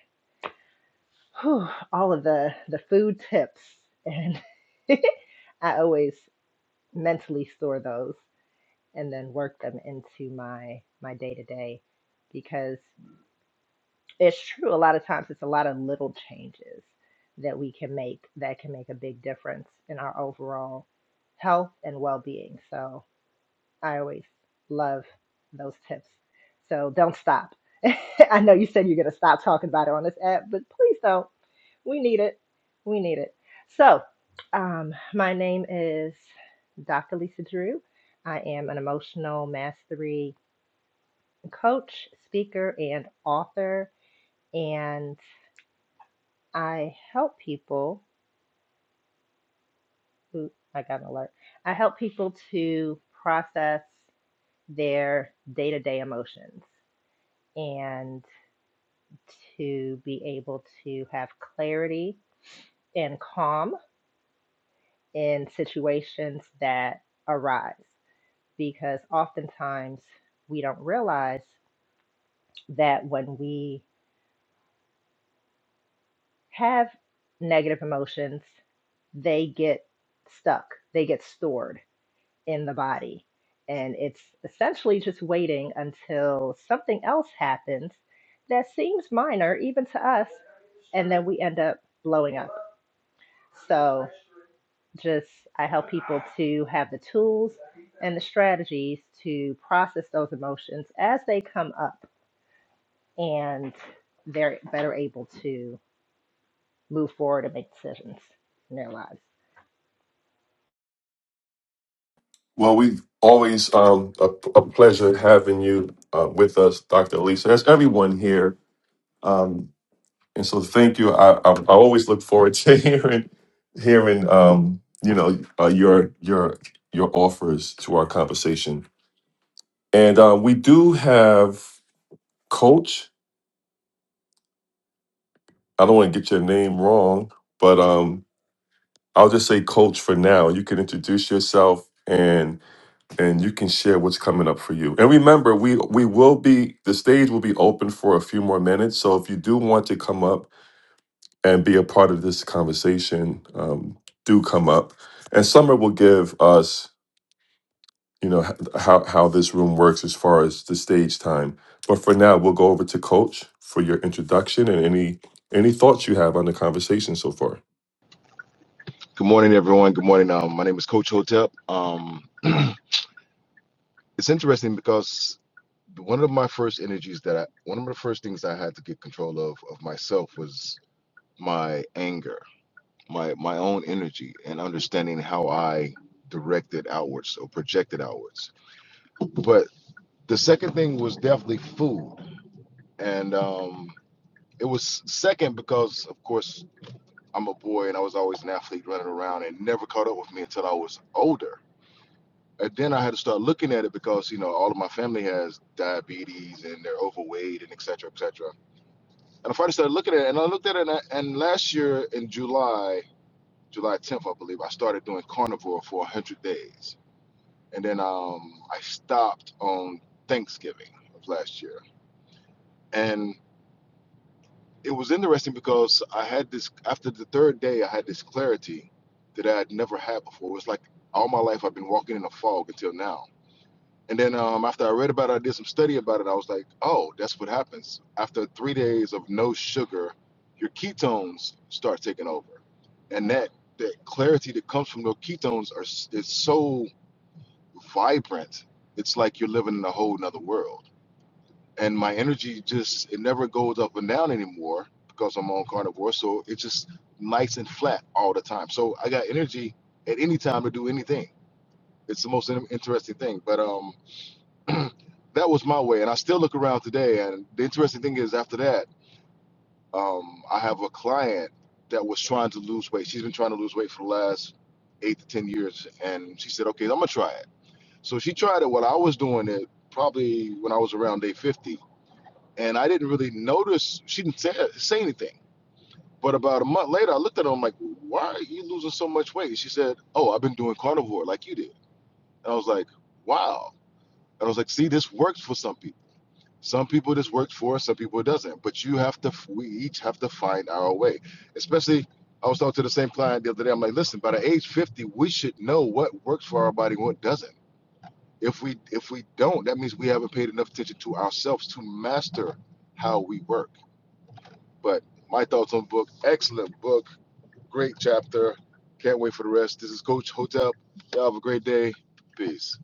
Speaker 8: whew, all of the, the food tips. And I always mentally store those and then work them into my my day to day because it's true a lot of times it's a lot of little changes that we can make that can make a big difference in our overall health and well-being so i always love those tips so don't stop i know you said you're going to stop talking about it on this app but please don't we need it we need it so um, my name is dr lisa drew i am an emotional mastery coach speaker and author And I help people who I got an alert. I help people to process their day-to-day emotions and to be able to have clarity and calm in situations that arise because oftentimes we don't realize that when we have negative emotions they get stuck they get stored in the body. And it's essentially just waiting until something else happens that seems minor, even to us, and then we end up blowing up. So, just I help people to have the tools and the strategies to process those emotions as they come up, and they're better able to move forward and make decisions in their lives.
Speaker 1: Well, we always um, a, a pleasure having you uh, with us, Dr. Lisa. There's everyone here, um, and so thank you. I, I, I always look forward to hearing hearing um, you know uh, your your your offers to our conversation. And uh, we do have Coach. I don't want to get your name wrong, but um, I'll just say Coach for now. You can introduce yourself and. and you can share what's coming up for you. And remember, we we will be the stage will be open for a few more minutes. So if you do want to come up and be a part of this conversation, um, do come up. And Summer will give us, you know, h- how how this room works as far as the stage time. But for now, we'll go over to Coach for your introduction and any any thoughts you have on the conversation so far.
Speaker 9: Good morning, everyone. Good morning. Um, my name is Coach Hotep. Um, it's interesting because one of my first energies that I, one of the first things I had to get control of of myself was my anger, my my own energy, and understanding how I directed outwards or projected outwards. But the second thing was definitely food, and um, it was second because, of course, I'm a boy and I was always an athlete running around, and never caught up with me until I was older and then I had to start looking at it because you know all of my family has diabetes and they're overweight and et cetera, et cetera. And I finally started looking at it, and I looked at it, and, I, and last year in July, July 10th, I believe, I started doing carnivore for 100 days, and then um, I stopped on Thanksgiving of last year, and it was interesting because I had this after the third day, I had this clarity that I had never had before. It was like all my life I've been walking in a fog until now And then um, after I read about it, I did some study about it. I was like, oh, that's what happens. After three days of no sugar, your ketones start taking over. And that, that clarity that comes from those ketones are s- is so vibrant. It's like you're living in a whole nother world. And my energy just, it never goes up and down anymore because I'm on carnivore. So it's just nice and flat all the time. So I got energy at any time to do anything. It's the most in- interesting thing. But um, that was my way. And I still look around today. And the interesting thing is, after that, um, I have a client that was trying to lose weight. She's been trying to lose weight for the last eight to 10 years. And she said, okay, I'm going to try it. So she tried it while I was doing it, probably when I was around day 50. And I didn't really notice, she didn't say, say anything. But about a month later, I looked at her. I'm like, why are you losing so much weight? She said, oh, I've been doing carnivore like you did. And I was like, wow. And I was like, see, this works for some people. Some people this works for, some people it doesn't. But you have to, we each have to find our way. Especially, I was talking to the same client the other day. I'm like, listen, by the age 50, we should know what works for our body, and what doesn't. If we if we don't, that means we haven't paid enough attention to ourselves to master how we work. But my thoughts on the book, excellent book, great chapter. Can't wait for the rest. This is Coach Hotel. Y'all have a great day. Peace.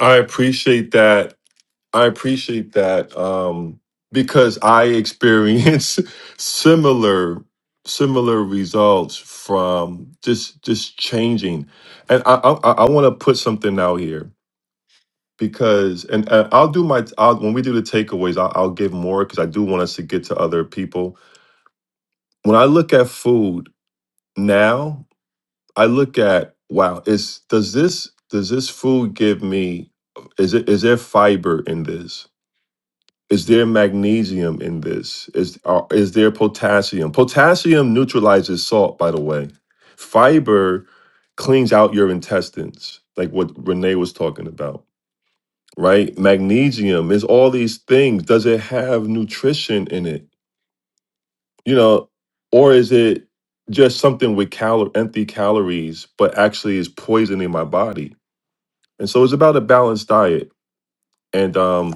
Speaker 1: I appreciate that I appreciate that um, because I experience similar similar results from just just changing, and I I, I want to put something out here because and, and I'll do my I'll, when we do the takeaways I'll, I'll give more because I do want us to get to other people. When I look at food now, I look at wow, is does this does this food give me is it is there fiber in this? Is there magnesium in this? Is are, is there potassium? Potassium neutralizes salt, by the way. Fiber cleans out your intestines, like what Renee was talking about, right? Magnesium is all these things. Does it have nutrition in it? You know, or is it just something with cal- empty calories, but actually is poisoning my body? And so it's about a balanced diet. And um,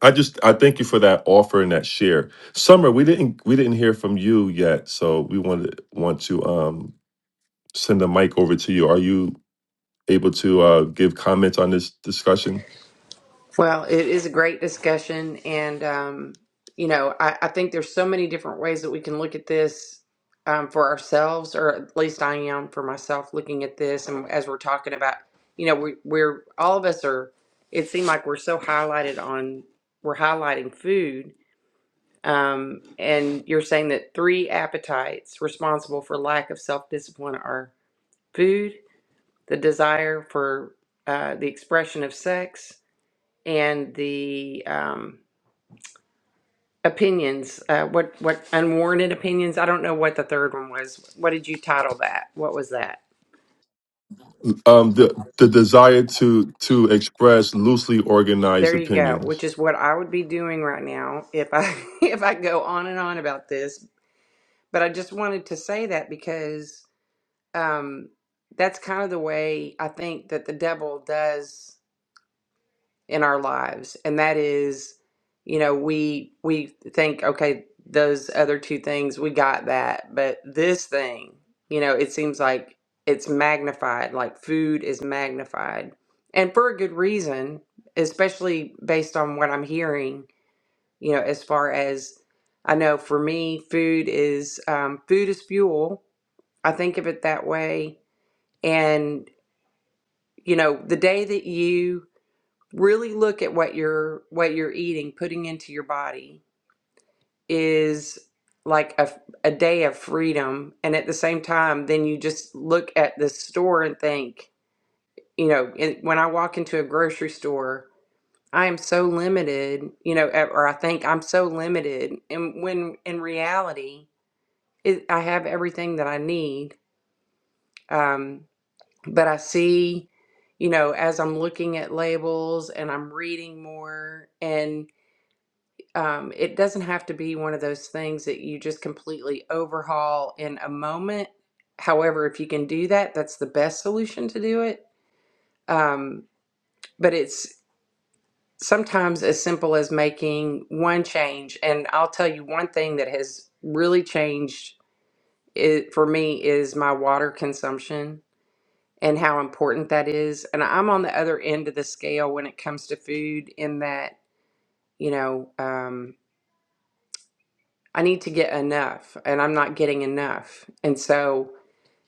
Speaker 1: I just I thank you for that offer and that share. Summer, we didn't we didn't hear from you yet, so we wanted want to um send the mic over to you. Are you able to uh give comments on this discussion?
Speaker 3: Well, it is a great discussion. And, um, you know, I, I think there's so many different ways that we can look at this um, for ourselves, or at least I am for myself looking at this. And as we're talking about, you know, we, we're all of us are, it seemed like we're so highlighted on, we're highlighting food. Um, and you're saying that three appetites responsible for lack of self discipline are food, the desire for uh, the expression of sex, and the um, opinions. Uh, what what unwarranted opinions? I don't know what the third one was. What did you title that? What was that?
Speaker 1: Um the the desire to to express loosely organized
Speaker 3: There you go. Which
Speaker 1: opinions.
Speaker 3: is what I would be doing right now if I if I go on and on about this. But I just wanted to say that because um, that's kind of the way I think that the devil does. in our lives and that is you know we we think okay those other two things we got that but this thing you know it seems like it's magnified like food is magnified and for a good reason especially based on what i'm hearing you know as far as i know for me food is um, food is fuel i think of it that way and you know the day that you really look at what you're what you're eating putting into your body is like a, a day of freedom and at the same time then you just look at the store and think you know it, when i walk into a grocery store i am so limited you know eh, or i think i'm so limited and when in reality it, i have everything that i need um, but i see you know as i'm looking at labels and i'm reading more and um, it doesn't have to be one of those things that you just completely overhaul in a moment. However, if you can do that, that's the best solution to do it. Um, but it's sometimes as simple as making one change. And I'll tell you one thing that has really changed it for me is my water consumption and how important that is. And I'm on the other end of the scale when it comes to food, in that, you know, um, I need to get enough and I'm not getting enough. And so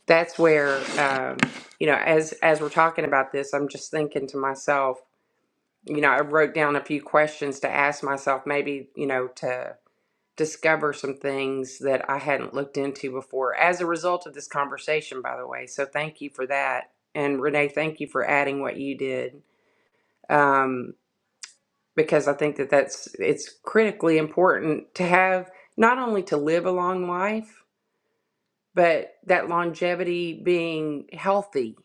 Speaker 3: that's where um, you know, as as we're talking about this, I'm just thinking to myself, you know, I wrote down a few questions to ask myself, maybe, you know, to discover some things that I hadn't looked into before as a result of this conversation, by the way. So thank you for that. And Renee, thank you for adding what you did. Um, because I think that that's it's critically important to have not only to live a long life but that longevity being healthy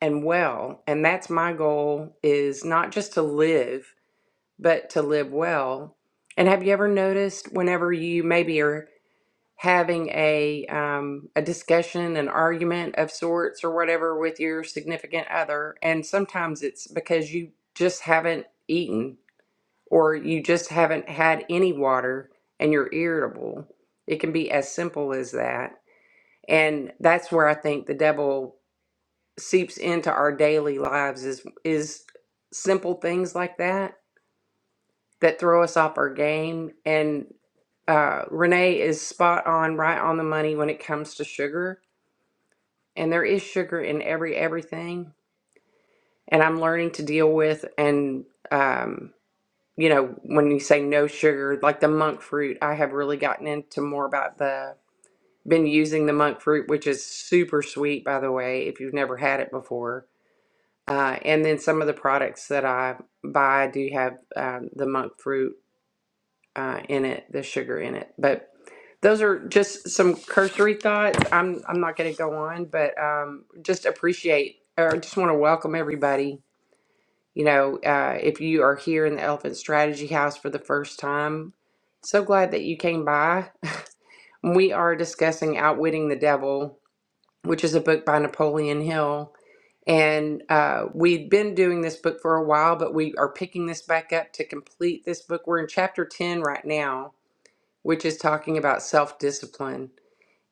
Speaker 3: and well and that's my goal is not just to live but to live well and have you ever noticed whenever you maybe are having a um, a discussion an argument of sorts or whatever with your significant other and sometimes it's because you just haven't eaten or you just haven't had any water and you're irritable it can be as simple as that and that's where i think the devil seeps into our daily lives is is simple things like that that throw us off our game and uh, renee is spot on right on the money when it comes to sugar and there is sugar in every everything and i'm learning to deal with and um, you know when you say no sugar like the monk fruit i have really gotten into more about the been using the monk fruit which is super sweet by the way if you've never had it before Uh, and then some of the products that I buy do have um, the monk fruit uh, in it, the sugar in it. But those are just some cursory thoughts. I'm I'm not going to go on, but um, just appreciate or just want to welcome everybody. You know, uh, if you are here in the Elephant Strategy House for the first time, so glad that you came by. We are discussing Outwitting the Devil, which is a book by Napoleon Hill and uh, we'd been doing this book for a while, but we are picking this back up to complete this book. We're in chapter 10 right now, which is talking about self discipline.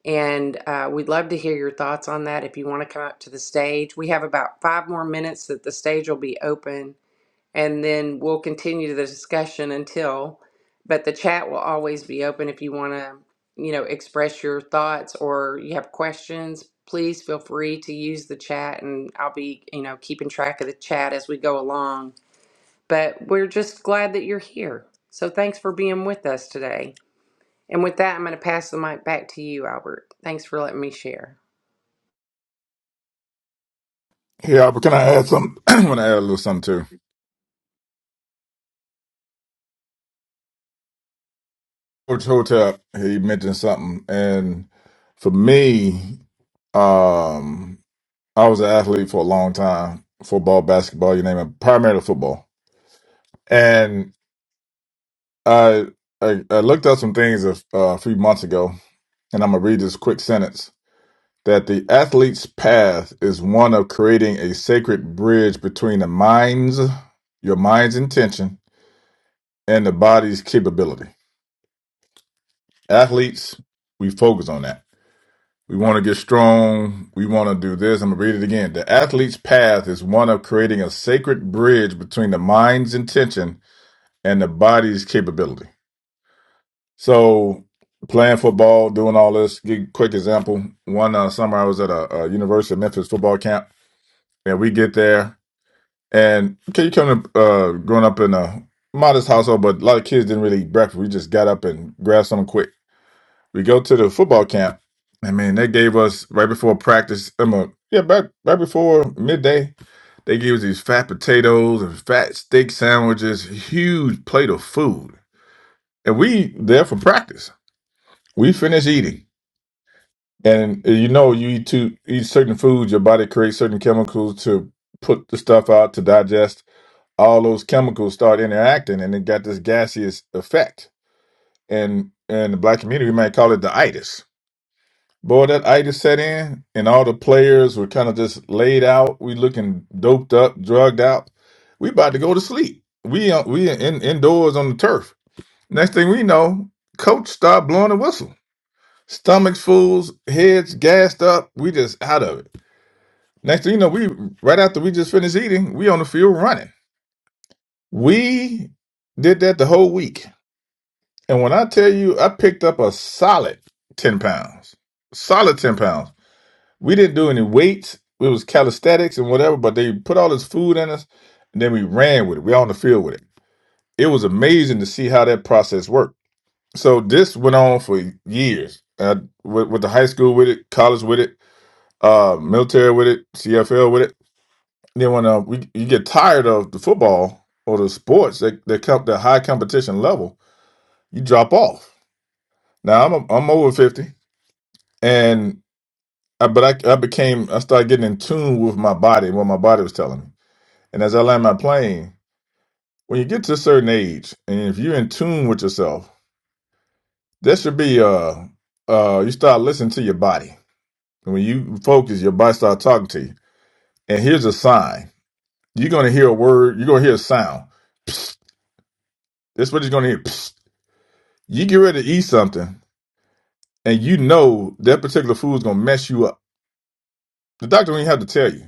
Speaker 3: And uh, we'd love to hear your thoughts on that if you want to come up to the stage. We have about five more minutes that the stage will be open and then we'll continue the discussion until but the chat will always be open if you want to you know express your thoughts or you have questions please feel free to use the chat and i'll be you know keeping track of the chat as we go along but we're just glad that you're here so thanks for being with us today and with that i'm going to pass the mic back to you albert thanks for letting me share
Speaker 5: Yeah, but can I add something? I want to add a little something too. Coach Hotep, he mentioned something. And for me, um, I was an athlete for a long time football, basketball, you name it, primarily football. And I, I, I looked up some things a, a few months ago, and I'm going to read this quick sentence that the athlete's path is one of creating a sacred bridge between the mind's your mind's intention and the body's capability. Athletes, we focus on that. We want to get strong. We want to do this. I'm going to read it again. The athlete's path is one of creating a sacred bridge between the mind's intention and the body's capability. So, playing football, doing all this, give a quick example. One uh, summer I was at a, a University of Memphis football camp, and we get there. And okay, you come up, uh, growing up in a modest household, but a lot of kids didn't really eat breakfast. We just got up and grabbed something quick. We go to the football camp. I mean, they gave us right before practice. I'm a, yeah, back right before midday. They gave us these fat potatoes and fat steak sandwiches, huge plate of food, and we there for practice. We finish eating, and uh, you know, you eat to eat certain foods, your body creates certain chemicals to put the stuff out to digest all those chemicals start interacting and it got this gaseous effect. And in the black community, we might call it the itis. Boy, that itis set in and all the players were kind of just laid out. We looking doped up, drugged out. We about to go to sleep. We uh, we in, indoors on the turf. Next thing we know, coach start blowing the whistle. Stomachs fools, heads gassed up. We just out of it. Next thing you know, we right after we just finished eating, we on the field running. We did that the whole week And when I tell you, I picked up a solid 10 pounds, solid 10 pounds. We didn't do any weights. It was calisthenics and whatever, but they put all this food in us and then we ran with it. We on the field with it. It was amazing to see how that process worked. So this went on for years uh, with, with the high school with it, college with it, uh, military with it, CFL with it. Then when uh, we, you get tired of the football or the sports that, that come the high competition level, you drop off. Now I'm, a, I'm over 50. and I, but I, I became I started getting in tune with my body and what my body was telling me. And as I land my plane, when you get to a certain age, and if you're in tune with yourself, that should be uh uh you start listening to your body. And when you focus, your body starts talking to you. And here's a sign: you're gonna hear a word, you're gonna hear a sound. Psst. That's what you're gonna hear. Psst. You get ready to eat something, and you know that particular food is gonna mess you up. The doctor don't even have to tell you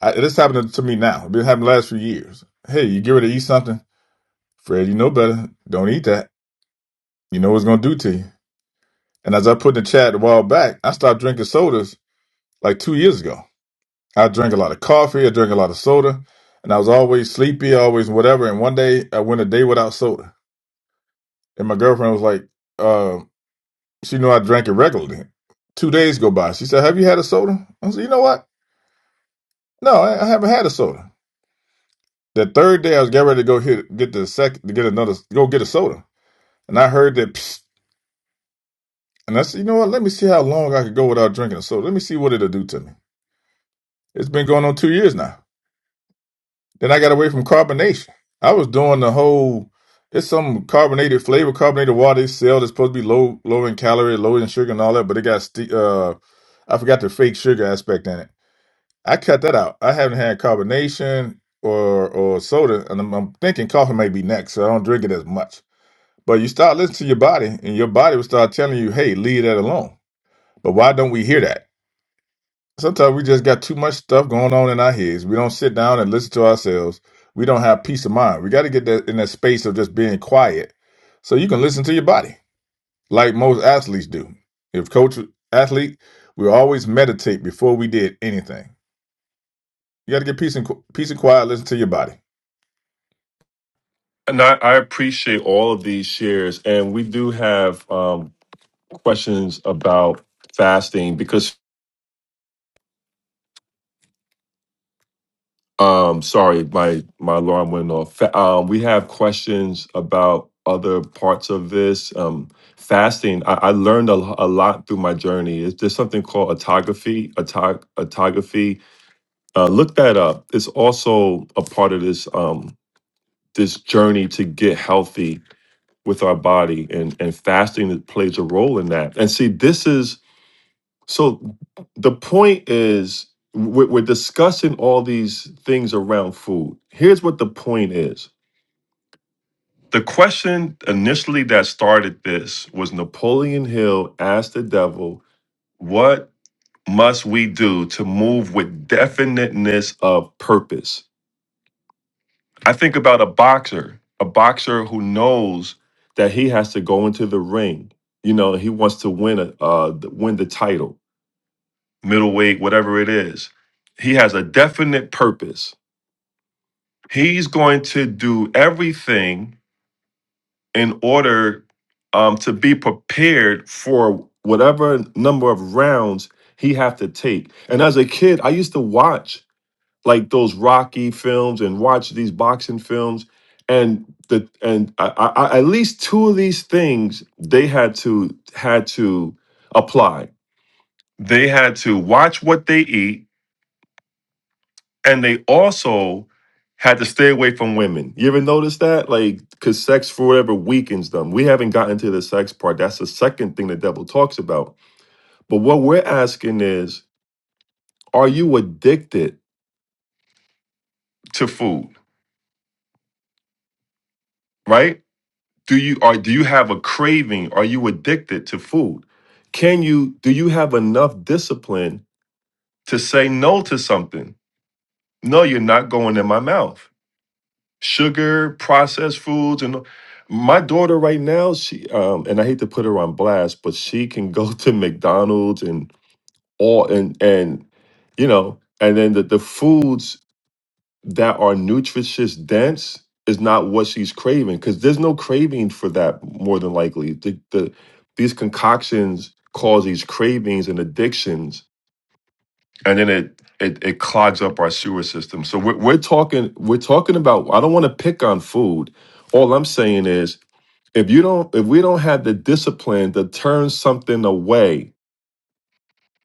Speaker 5: I, this happened to me now. It's been happening the last few years. Hey, you get ready to eat something, Fred. You know better. Don't eat that. You know what it's gonna do to you. And as I put in the chat a while back, I stopped drinking sodas like two years ago. I drank a lot of coffee. I drank a lot of soda, and I was always sleepy, always whatever. And one day I went a day without soda, and my girlfriend was like, uh, she knew I drank it regularly. Two days go by. She said, "Have you had a soda?" I said, "You know what? No, I, I haven't had a soda." The third day, I was getting ready to go hit, get the second, to get another, go get a soda. And I heard that, psst, and I said, you know what? Let me see how long I could go without drinking a soda. Let me see what it'll do to me. It's been going on two years now. Then I got away from carbonation. I was doing the whole. It's some carbonated flavor, carbonated water they sell that's supposed to be low, low in calorie, low in sugar, and all that. But it got, st- uh, I forgot the fake sugar aspect in it. I cut that out. I haven't had carbonation or or soda, and I'm, I'm thinking coffee may be next, so I don't drink it as much. But you start listening to your body, and your body will start telling you, "Hey, leave that alone." But why don't we hear that? Sometimes we just got too much stuff going on in our heads. We don't sit down and listen to ourselves. We don't have peace of mind. We got to get that in that space of just being quiet so you can listen to your body like most athletes do. If coach athlete, we always meditate before we did anything. You got to get peace and qu- peace and quiet, listen to your body.
Speaker 1: And I, I appreciate all of these shares and we do have um questions about fasting because Um, sorry, my my alarm went off. Fa- Um, we have questions about other parts of this. Um, fasting. I, I learned a, lo- a lot through my journey. Is there's something called autography? Autog- autography. Uh, look that up. It's also a part of this um this journey to get healthy with our body, and and fasting plays a role in that. And see, this is so the point is, we're, we're discussing all these things around food. Here's what the point is. The question initially that started this was Napoleon Hill asked the devil, What must we do to move with definiteness of purpose? I think about a boxer, a boxer who knows that he has to go into the ring. You know, he wants to win a uh, win the title middleweight, whatever it is. He has a definite purpose. He's going to do everything in order um, to be prepared for whatever number of rounds he have to take. And as a kid, I used to watch like those Rocky films and watch these boxing films, and the and I, I, I- at least two of these things they had to had to apply. They had to watch what they eat and they also had to stay away from women. You ever notice that? Like, because sex, for whatever, weakens them. We haven't gotten to the sex part. That's the second thing the devil talks about. But what we're asking is, are you addicted to food? Right? Do you are do you have a craving? Are you addicted to food? Can you do you have enough discipline to say no to something? No, you're not going in my mouth. sugar, processed foods, and my daughter right now, she um, and I hate to put her on blast, but she can go to McDonald's and all and and you know, and then the, the foods that are nutritious dense is not what she's craving because there's no craving for that more than likely. The, the these concoctions cause these cravings and addictions and then it it, it clogs up our sewer system. So we're, we're talking we're talking about. I don't want to pick on food. All I'm saying is if you don't if we don't have the discipline to turn something away,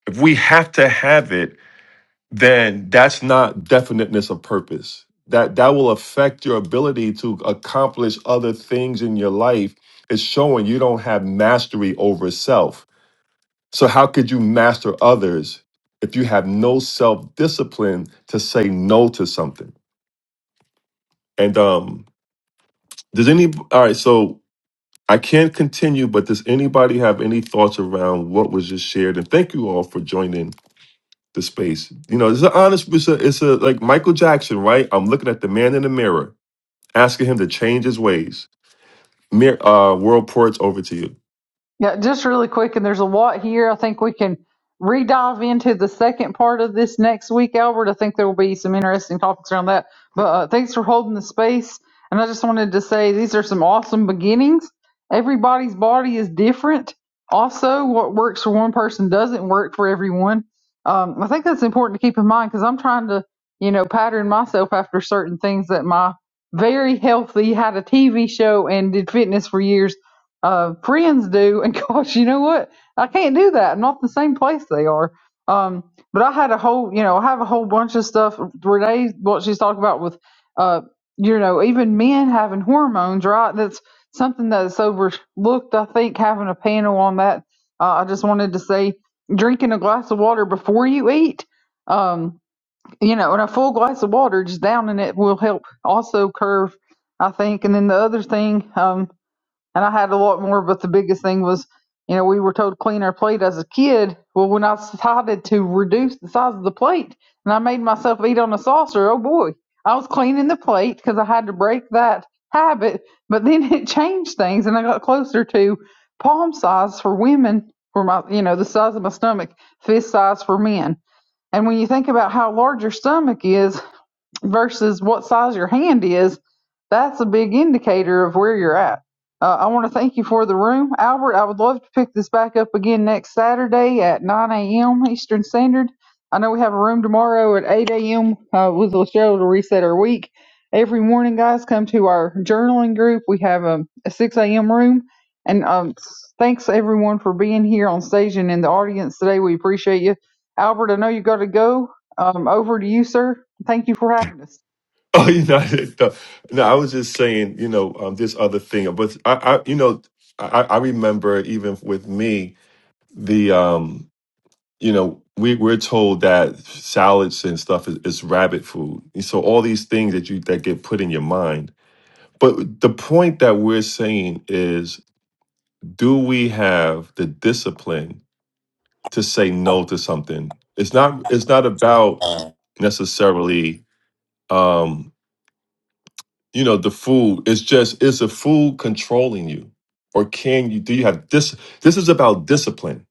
Speaker 1: if we have to have it, then that's not definiteness of purpose. That that will affect your ability to accomplish other things in your life. It's showing you don't have mastery over self so, how could you master others if you have no self discipline to say no to something? And um, does any all right? So I can't continue, but does anybody have any thoughts around what was just shared? And thank you all for joining the space. You know, it's an honest. It's a, it's a like Michael Jackson, right? I'm looking at the man in the mirror, asking him to change his ways. Mir- uh, world ports over to you.
Speaker 2: Yeah, just really quick, and there's a lot here. I think we can re-dive into the second part of this next week, Albert. I think there will be some interesting topics around that. But uh, thanks for holding the space. And I just wanted to say these are some awesome beginnings. Everybody's body is different. Also, what works for one person doesn't work for everyone. Um, I think that's important to keep in mind because I'm trying to, you know, pattern myself after certain things that my very healthy had a TV show and did fitness for years uh, friends do. And gosh, you know what? I can't do that. I'm not the same place they are. Um, but I had a whole, you know, I have a whole bunch of stuff. Renee, what she's talking about with, uh, you know, even men having hormones, right? That's something that's overlooked. I think having a panel on that. Uh, I just wanted to say, drinking a glass of water before you eat, um, you know, and a full glass of water just down in it will help also curve, I think. And then the other thing, um, and I had a lot more. But the biggest thing was, you know, we were told to clean our plate as a kid. Well, when I decided to reduce the size of the plate and I made myself eat on a saucer, oh boy, I was cleaning the plate because I had to break that habit. But then it changed things, and I got closer to palm size for women, for my, you know, the size of my stomach, fist size for men. And when you think about how large your stomach is, versus what size your hand is, that's a big indicator of where you're at. Uh, I want to thank you for the room. Albert, I would love to pick this back up again next Saturday at 9 a.m. Eastern Standard. I know we have a room tomorrow at 8 a.m. Uh, with Cheryl to reset our week. Every morning, guys, come to our journaling group. We have a, a 6 a.m. room. And um, thanks everyone for being here on stage and in the audience today. We appreciate you. Albert, I know you got to go. Um, over to you, sir. Thank you for having us.
Speaker 1: Oh, you know, no, no, I was just saying, you know, um, this other thing, but I, I you know, I, I remember even with me, the, um, you know, we we're told that salads and stuff is, is rabbit food, and so all these things that you that get put in your mind. But the point that we're saying is, do we have the discipline to say no to something? It's not. It's not about necessarily. Um, you know the food it's just is the food controlling you or can you do you have this this is about discipline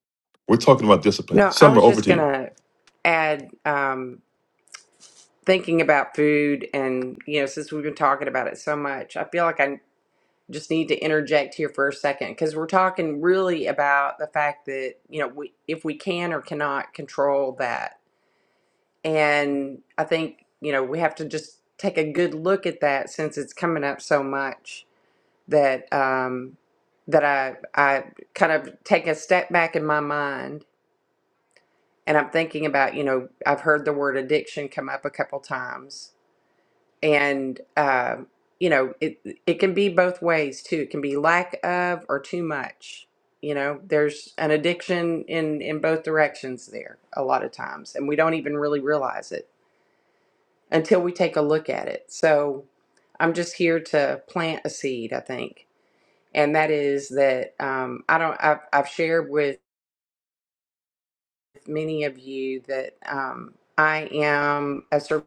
Speaker 1: we're talking about discipline
Speaker 3: no i
Speaker 1: summer
Speaker 3: was
Speaker 1: over
Speaker 3: just
Speaker 1: to
Speaker 3: going
Speaker 1: you
Speaker 3: to add um, thinking about food and you know since we've been talking about it so much i feel like i just need to interject here for a second because we're talking really about the fact that you know we if we can or cannot control that and i think you know we have to just take a good look at that since it's coming up so much that um that i i kind of take a step back in my mind and i'm thinking about you know i've heard the word addiction come up a couple times and um, you know it it can be both ways too it can be lack of or too much you know there's an addiction in in both directions there a lot of times and we don't even really realize it until we take a look at it so i'm just here to plant a seed i think and that is that um, i don't I've, I've shared with many of you that um, i am a service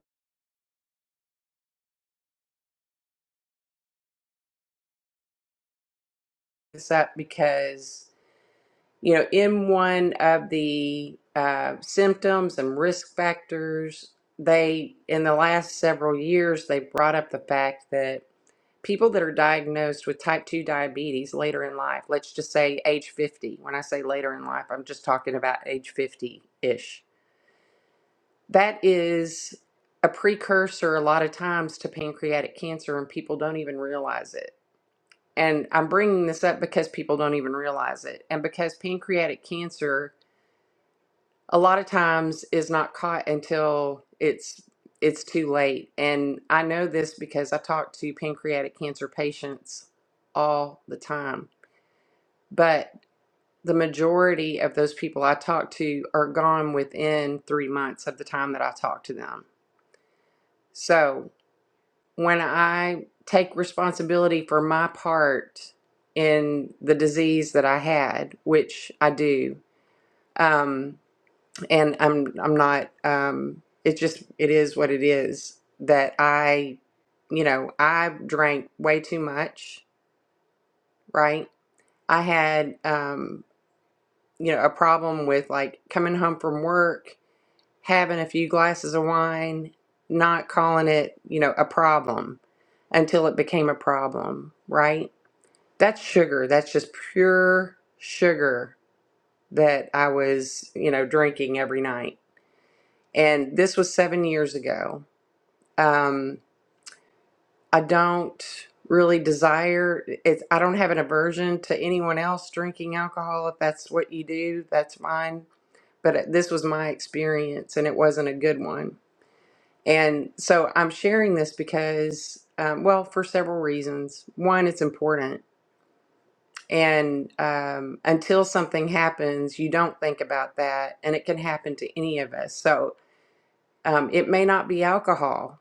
Speaker 3: up because you know, in one of the uh, symptoms and risk factors, they, in the last several years, they brought up the fact that people that are diagnosed with type 2 diabetes later in life, let's just say age 50, when I say later in life, I'm just talking about age 50 ish, that is a precursor a lot of times to pancreatic cancer, and people don't even realize it. And I'm bringing this up because people don't even realize it. And because pancreatic cancer a lot of times is not caught until it's it's too late and i know this because i talk to pancreatic cancer patients all the time but the majority of those people i talk to are gone within 3 months of the time that i talk to them so when i take responsibility for my part in the disease that i had which i do um, and I'm I'm not um it's just it is what it is that I you know I drank way too much right I had um you know a problem with like coming home from work having a few glasses of wine not calling it you know a problem until it became a problem right that's sugar that's just pure sugar that I was you know drinking every night and this was 7 years ago um, I don't really desire it's I don't have an aversion to anyone else drinking alcohol. If that's what you do, that's fine. But uh, this was my experience and it wasn't a good one. And so I'm sharing this because, um, well, for several reasons. One, it's important. And um, until something happens, you don't think about that. And it can happen to any of us. So um, it may not be alcohol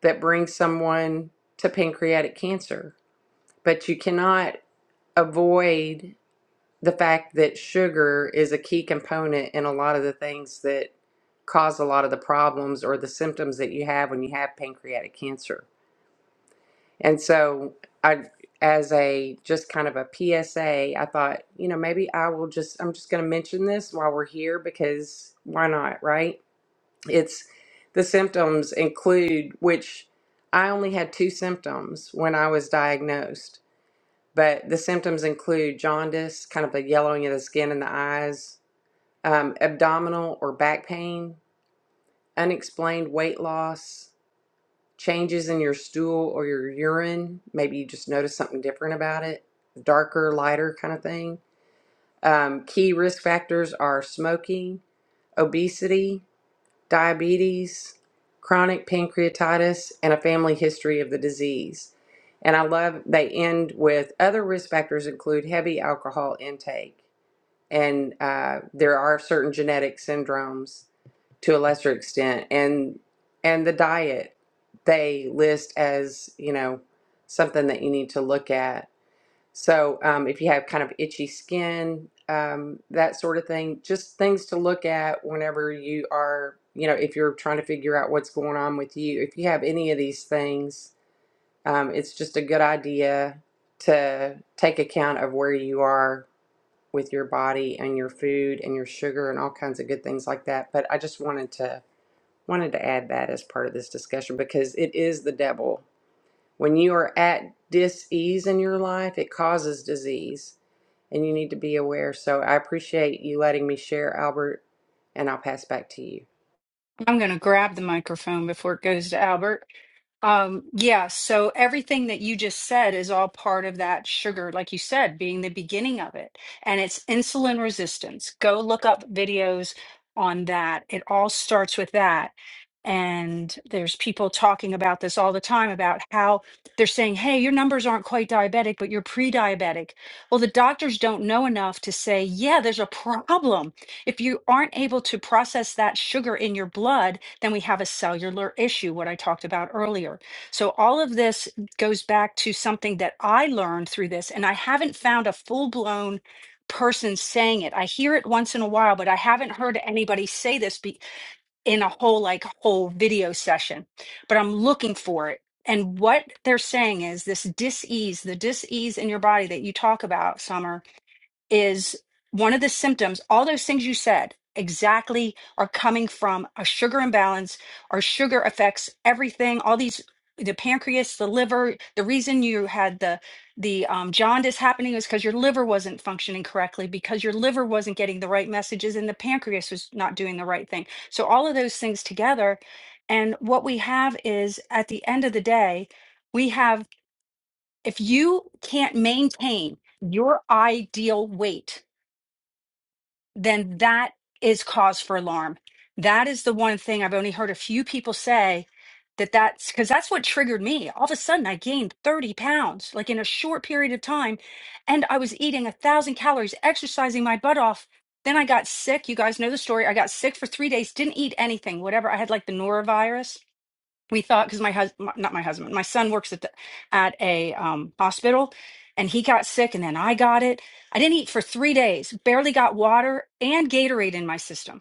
Speaker 3: that brings someone to pancreatic cancer but you cannot avoid the fact that sugar is a key component in a lot of the things that cause a lot of the problems or the symptoms that you have when you have pancreatic cancer. And so I as a just kind of a PSA, I thought, you know, maybe I will just I'm just going to mention this while we're here because why not, right? It's the symptoms include which I only had two symptoms when I was diagnosed but the symptoms include jaundice, kind of a yellowing of the skin and the eyes, um, abdominal or back pain, unexplained weight loss, changes in your stool or your urine. Maybe you just notice something different about it, darker, lighter kind of thing. Um, key risk factors are smoking, obesity, diabetes, chronic pancreatitis, and a family history of the disease. And I love they end with other risk factors include heavy alcohol intake, and uh, there are certain genetic syndromes to a lesser extent, and and the diet they list as you know something that you need to look at so um, if you have kind of itchy skin, um, that sort of thing, just things to look at whenever you are, you know, if you're trying to figure out what's going on with you. If you have any of these things, um, it's just a good idea to take account of where you are with your body and your food and your sugar and all kinds of good things like that. But I just wanted to wanted to add that as part of this discussion because it is the devil. When you are at dis ease in your life, it causes disease and you need to be aware. So I appreciate you letting me share, Albert, and I'll pass back to you.
Speaker 7: I'm going to grab the microphone before it goes to Albert. Um, yeah, so everything that you just said is all part of that sugar, like you said, being the beginning of it. And it's insulin resistance. Go look up videos on that. It all starts with that. And there's people talking about this all the time about how they're saying, hey, your numbers aren't quite diabetic, but you're pre-diabetic. Well, the doctors don't know enough to say, yeah, there's a problem. If you aren't able to process that sugar in your blood, then we have a cellular issue, what I talked about earlier. So, all of this goes back to something that I learned through this, and I haven't found a full blown person saying it. I hear it once in a while, but I haven't heard anybody say this be- in a whole, like, whole video session. But I'm looking for it. And what they're saying is this dis ease, the dis ease in your body that you talk about, Summer, is one of the symptoms, all those things you said exactly are coming from a sugar imbalance or sugar affects everything, all these the pancreas, the liver. The reason you had the the um, jaundice happening is because your liver wasn't functioning correctly, because your liver wasn't getting the right messages, and the pancreas was not doing the right thing. So all of those things together, and what we have is at the end of the day, we have if you can't maintain your ideal weight then that is cause for alarm. That is the one thing I've only heard a few people say that that's because that's what triggered me. All of a sudden, I gained 30 pounds like in a short period of time, and I was eating a thousand calories, exercising my butt off. Then I got sick. You guys know the story. I got sick for three days, didn't eat anything, whatever. I had like the norovirus we thought because my husband not my husband my son works at the, at a um, hospital and he got sick and then i got it i didn't eat for three days barely got water and gatorade in my system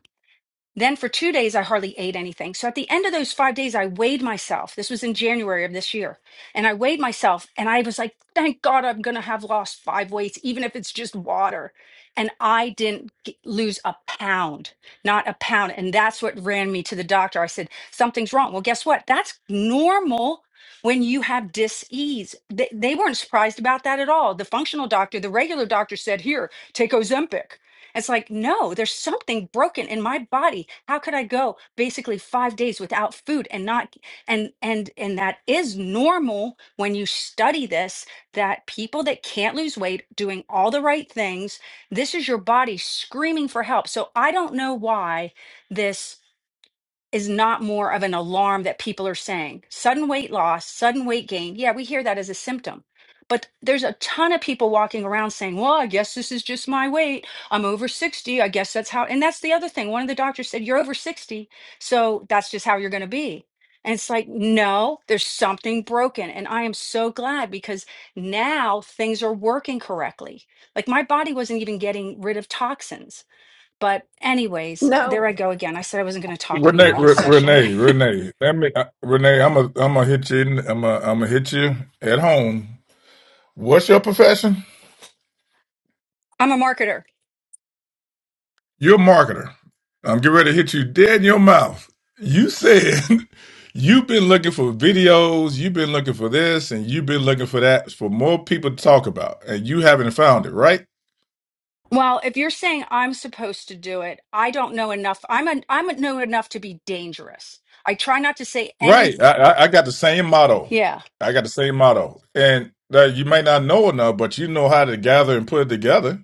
Speaker 7: then for two days, I hardly ate anything. So at the end of those five days, I weighed myself. This was in January of this year. And I weighed myself and I was like, thank God I'm going to have lost five weights, even if it's just water. And I didn't g- lose a pound, not a pound. And that's what ran me to the doctor. I said, something's wrong. Well, guess what? That's normal when you have dis-ease. They, they weren't surprised about that at all. The functional doctor, the regular doctor said, here, take Ozempic. It's like, no, there's something broken in my body. How could I go basically 5 days without food and not and and and that is normal when you study this that people that can't lose weight doing all the right things, this is your body screaming for help. So I don't know why this is not more of an alarm that people are saying. Sudden weight loss, sudden weight gain. Yeah, we hear that as a symptom. But there's a ton of people walking around saying, well, I guess this is just my weight. I'm over 60. I guess that's how. And that's the other thing. One of the doctors said, you're over 60. So that's just how you're going to be. And it's like, no, there's something broken. And I am so glad because now things are working correctly. Like my body wasn't even getting rid of toxins but, anyways, uh,
Speaker 3: No,
Speaker 7: there I go again. I said I wasn't going to talk
Speaker 5: Renee,
Speaker 7: anymore this
Speaker 5: Re-
Speaker 7: session.
Speaker 5: Renee, Renee. Let me, uh, Renee. I'm a, I'm gonna hit you. In, I'm a, I'm gonna hit you at home. What's your profession?
Speaker 7: I'm a marketer.
Speaker 5: You're a marketer. I'm getting ready to hit you dead in your mouth. You said you've been looking for videos, you've been looking for this, and you've been looking for that for more people to talk about, and you haven't found it, right?
Speaker 7: Well, if you're saying I'm supposed to do it, I don't know enough. I'm a, I'm a know enough to be dangerous. I try not to say
Speaker 5: Right.
Speaker 7: any.
Speaker 5: I, I, I got the same motto.
Speaker 7: Yeah.
Speaker 5: I got the same motto, and uh, you may not know enough, but you know how to gather and put it together.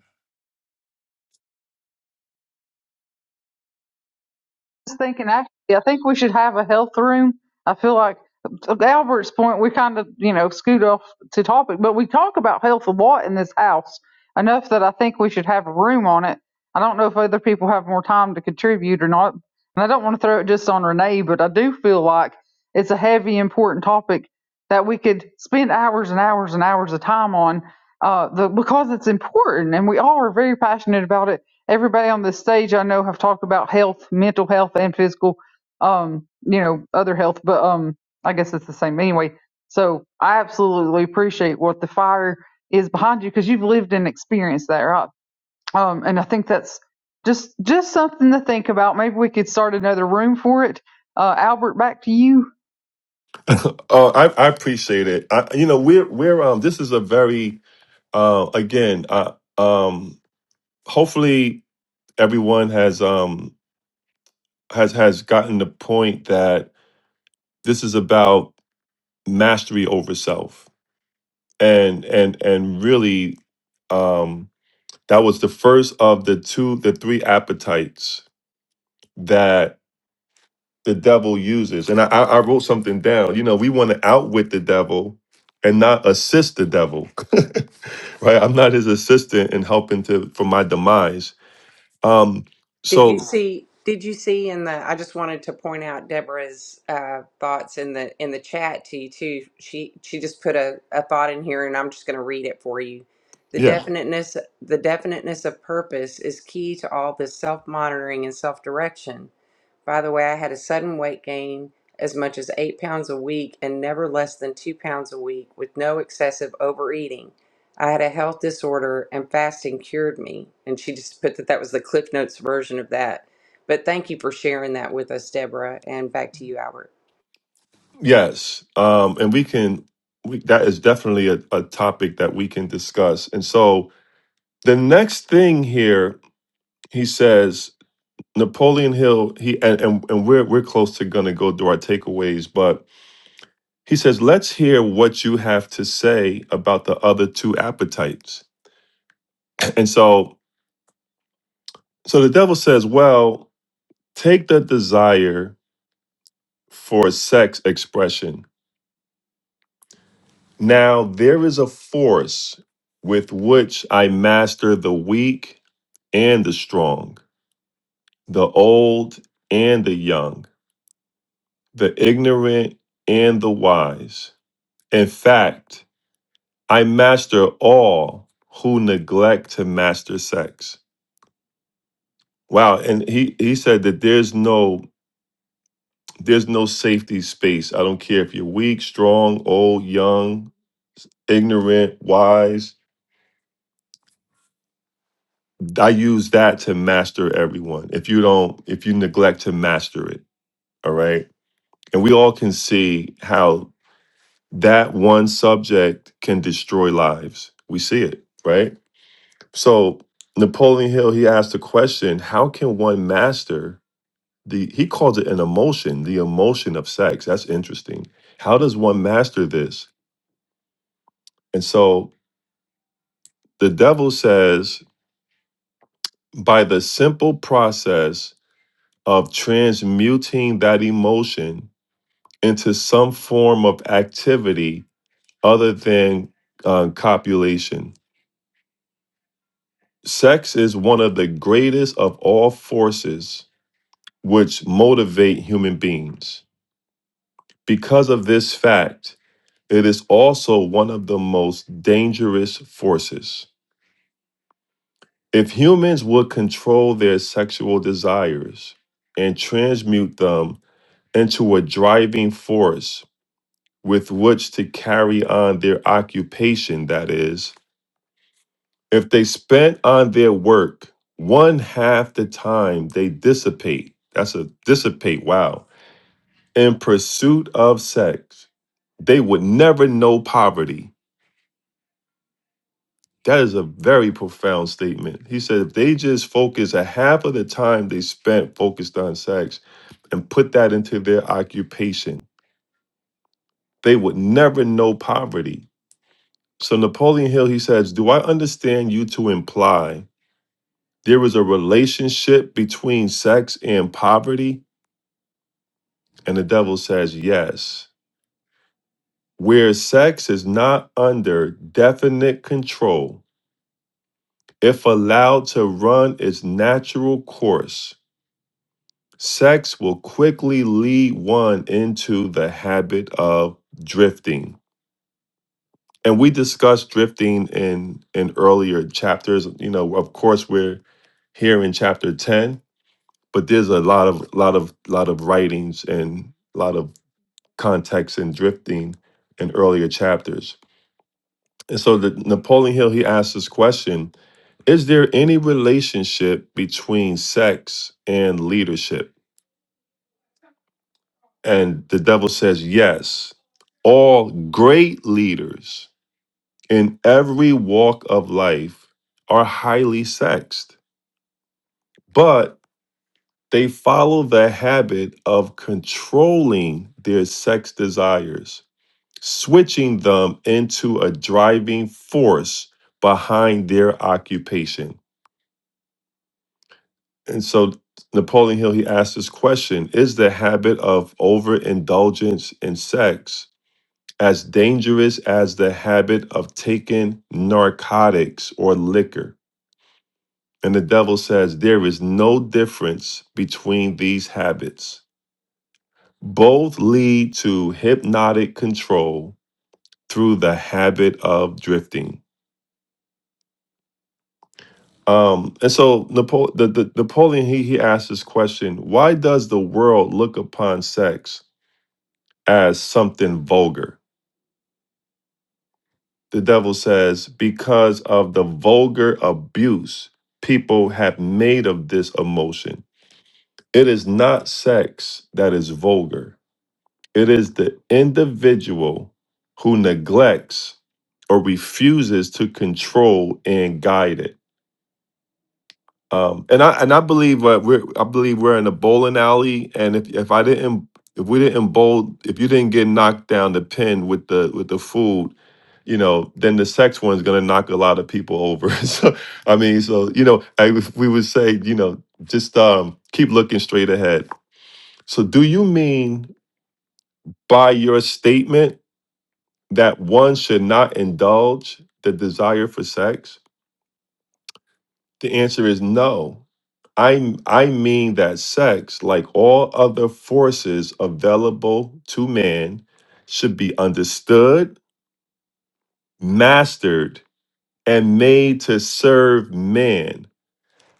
Speaker 2: Just thinking, actually, I think we should have a health room. I feel like to Albert's point, we kind of, you know, scoot off to topic, but we talk about health a lot in this house enough that I think we should have a room on it. I don't know if other people have more time to contribute or not. And I don't want to throw it just on Renee, but I do feel like it's a heavy, important topic that we could spend hours and hours and hours of time on uh, the, because it's important and we all are very passionate about it everybody on this stage I know have talked about health, mental health, and physical, um, you know, other health, but um, I guess it's the same anyway. So I absolutely appreciate what the fire is behind you because you've lived and experienced that, right? Um, and I think that's just just something to think about. Maybe we could start another room for it. Uh, Albert, back to you.
Speaker 1: uh, I, I appreciate it I, you know we're we're um this is a very uh again uh, um hopefully everyone has um has has gotten the point that this is about mastery over self and and and really um that was the first of the two the three appetites that the devil uses. And I, I I wrote something down. You know, we want to outwit the devil and not assist the devil, right? I'm not his assistant in helping to for my demise. Um,
Speaker 3: did you
Speaker 1: so
Speaker 3: see? Did you see in the? I just wanted to point out Deborah's uh, thoughts in the in the chat to you too. She she just put a, a thought in here, and I'm just going to read it for you. The
Speaker 1: yeah,
Speaker 3: definiteness the definiteness of purpose is key to all this self monitoring and self direction. By the way, I had a sudden weight gain as much as eight pounds a week and never less than two pounds a week with no excessive overeating. I had a health disorder and fasting cured me. And she just put that that was the Cliff Notes version of that. But thank you for sharing that with us, Deborah. And back to you, Albert.
Speaker 1: yes, um, and we can. We, that is definitely a, a topic that we can discuss. And so the next thing here, he says Napoleon Hill. He and and, and we're we're close to gonna go through our takeaways, but He says, Let's hear what you have to say about the other two appetites. And so, so the devil says, Well, take the desire for sex expression. Now, there is a force with which I master the weak and the strong, the old and the young, the ignorant and the wise. In fact, I master all who neglect to master sex. Wow, and he he said that there's no there's no safety space. I don't care if you're weak, strong, old, young, ignorant, wise. I use that to master everyone. If you don't, if you neglect to master it, all right? And we all can see how that one subject can destroy lives. We see it, right? So Napoleon Hill, he asked the question, how can one master the he calls it an emotion the emotion of sex that's interesting how does one master this and so the devil says by the simple process of transmuting that emotion into some form of activity other than uh, copulation sex is one of the greatest of all forces which motivate human beings because of this fact It is also one of the most dangerous forces. If humans would control their sexual desires and transmute them into a driving force with which to carry on their occupation, that is, if they spent on their work one half the time they dissipate, that's a dissipate, wow, in pursuit of sex, they would never know poverty That is a very profound statement. He said if they just focus a half of the time they spent focused on sex and put that into their occupation, they would never know poverty. So Napoleon Hill, he says, Do I understand you to imply there is a relationship between sex and poverty? And the devil says, Yes. Where sex is not under definite control, if allowed to run its natural course, Sex will quickly lead one into the habit of drifting. And we discussed drifting in in earlier chapters. You know, of course, we're here in chapter 10, but there's a lot of lot of lot of writings and a lot of context in drifting in earlier chapters. And so the Napoleon Hill he asked this question, is there any relationship between sex and leadership? And the devil says, Yes, all great leaders in every walk of life are highly sexed, but they follow the habit of controlling their sex desires, switching them into a driving force behind their occupation. And so Napoleon Hill, he asked this question Is the habit of overindulgence in sex as dangerous as the habit of taking narcotics or liquor. And the devil says there is no difference between these habits. Both lead to hypnotic control through the habit of drifting. Um, and so Napo- the, the, Napoleon, he, he asked this question Why does the world look upon sex as something vulgar? the devil says, because of the vulgar abuse people have made of this emotion. It is not sex that is vulgar, it is the individual who neglects or refuses to control and guide it. Um, and I and I believe uh, we're I believe we're in a bowling alley, and if if I didn't if we didn't bowl if you didn't get knocked down the pin with the with the food, you know, then the sex one's gonna knock a lot of people over. so I mean, so you know, I, would- we would say you know just um, keep looking straight ahead. So do you mean by your statement that one should not indulge the desire for sex? The answer is no. I I mean that sex, like all other forces available to man, should be understood, mastered, and made to serve man.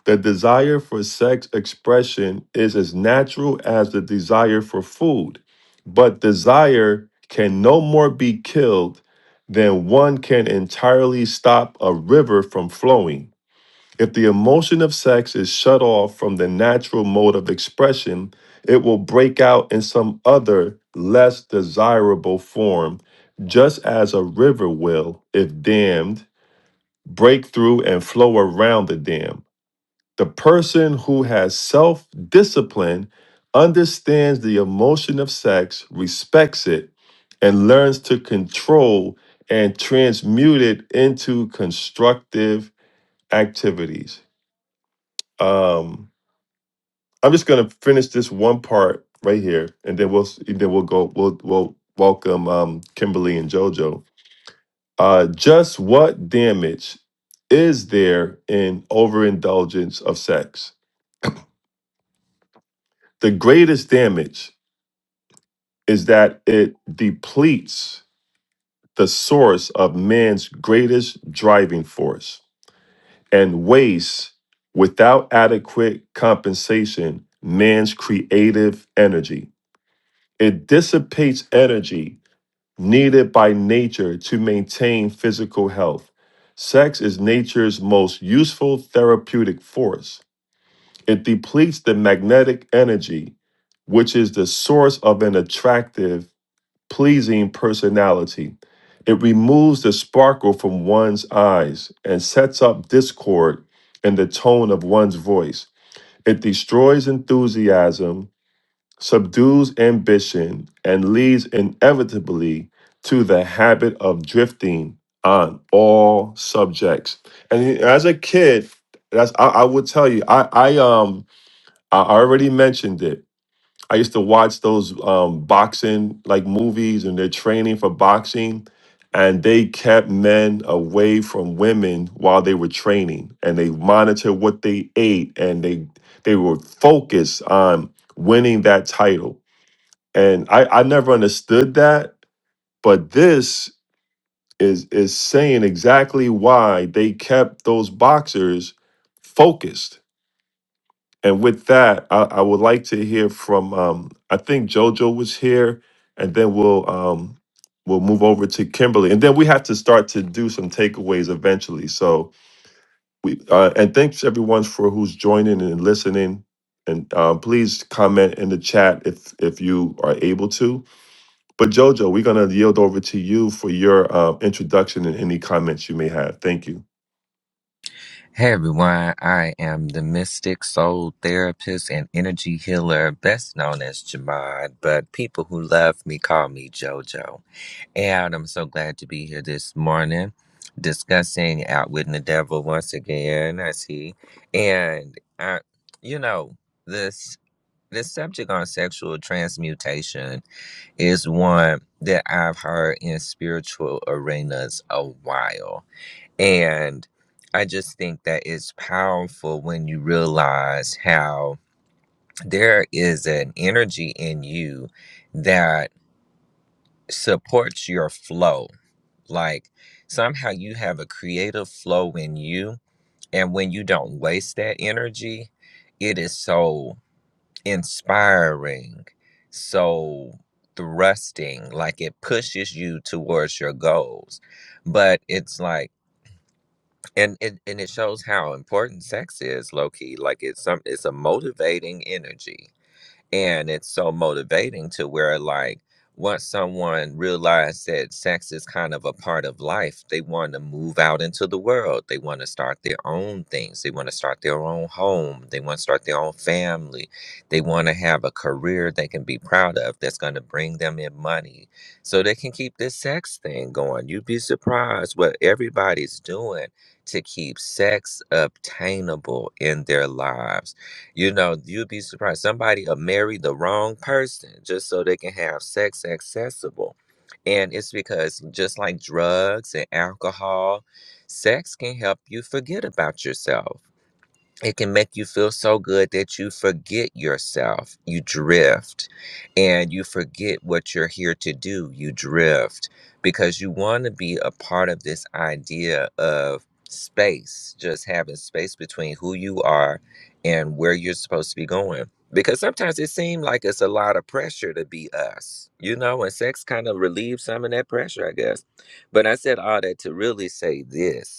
Speaker 1: The desire for sex expression is as natural as the desire for food, but desire can no more be killed than one can entirely stop a river from flowing. If the emotion of sex is shut off from the natural mode of expression, it will break out in some other, less desirable form, just as a river will, if dammed, break through and flow around the dam. The person who has self discipline understands the emotion of sex, respects it, and learns to control and transmute it into constructive activities. Um, I'm just gonna finish this one part right here, and then we'll and then we'll go we'll we'll welcome um, Kimberly and JoJo. Uh, just what damage is there in overindulgence of sex? The greatest damage is that it depletes the source of man's greatest driving force and wastes without adequate compensation man's creative energy. It dissipates energy needed by nature to maintain physical health. Sex is nature's most useful therapeutic force. It depletes the magnetic energy, which is the source of an attractive, pleasing personality. It removes the sparkle from one's eyes and sets up discord in the tone of one's voice. It destroys enthusiasm subdues ambition, and leads inevitably to the habit of drifting on all subjects. And as a kid, that's I, I would tell you, I, I um I already mentioned it. I used to watch those um boxing like movies and they're training for boxing. And they kept men away from women while they were training, and they monitored what they ate, and they they were focused on winning that title and I, I never understood that but this is is saying exactly why they kept those boxers focused and with that i, I would like to hear from um, i think jojo was here and then we'll um, we'll move over to kimberly and then we have to start to do some takeaways eventually so we uh, and thanks everyone for who's joining and listening and uh, please comment in the chat if if you are able to But Jojo, we're going to yield over to you for your uh, introduction and any comments you may have. Thank you.
Speaker 10: Hey everyone, I am the mystic soul therapist and energy healer, best known as Jamad, but people who love me call me JoJo. And I'm so glad to be here this morning discussing Outwitting the Devil once again, I see. And, I, you know, this, this subject on sexual transmutation is one that I've heard in spiritual arenas a while and I just think that it's powerful when you realize how there is an energy in you that supports your flow. Like somehow you have a creative flow in you. And when you don't waste that energy, it is so inspiring, so thrusting, like it pushes you towards your goals. But it's like, and it and it shows how important sex is low key like it's some it's a motivating energy and it's so motivating to where like once someone realized that sex is kind of a part of life they want to move out into the world they want to start their own things they want to start their own home they want to start their own family they want to have a career they can be proud of that's going to bring them in money so they can keep this sex thing going you'd be surprised what everybody's doing to keep sex obtainable in their lives you know, you'd be surprised. Somebody will marry the wrong person just so they can have sex accessible. And it's because, just like drugs and alcohol, sex can help you forget about yourself it can make you feel so good that you forget yourself. You drift and you forget what you're here to do. You drift because you want to be a part of this idea of space, just having space between who you are and where you're supposed to be going. Because sometimes it seems like it's a lot of pressure to be us, you know, and sex kind of relieves some of that pressure, I guess. But I said all that to really say this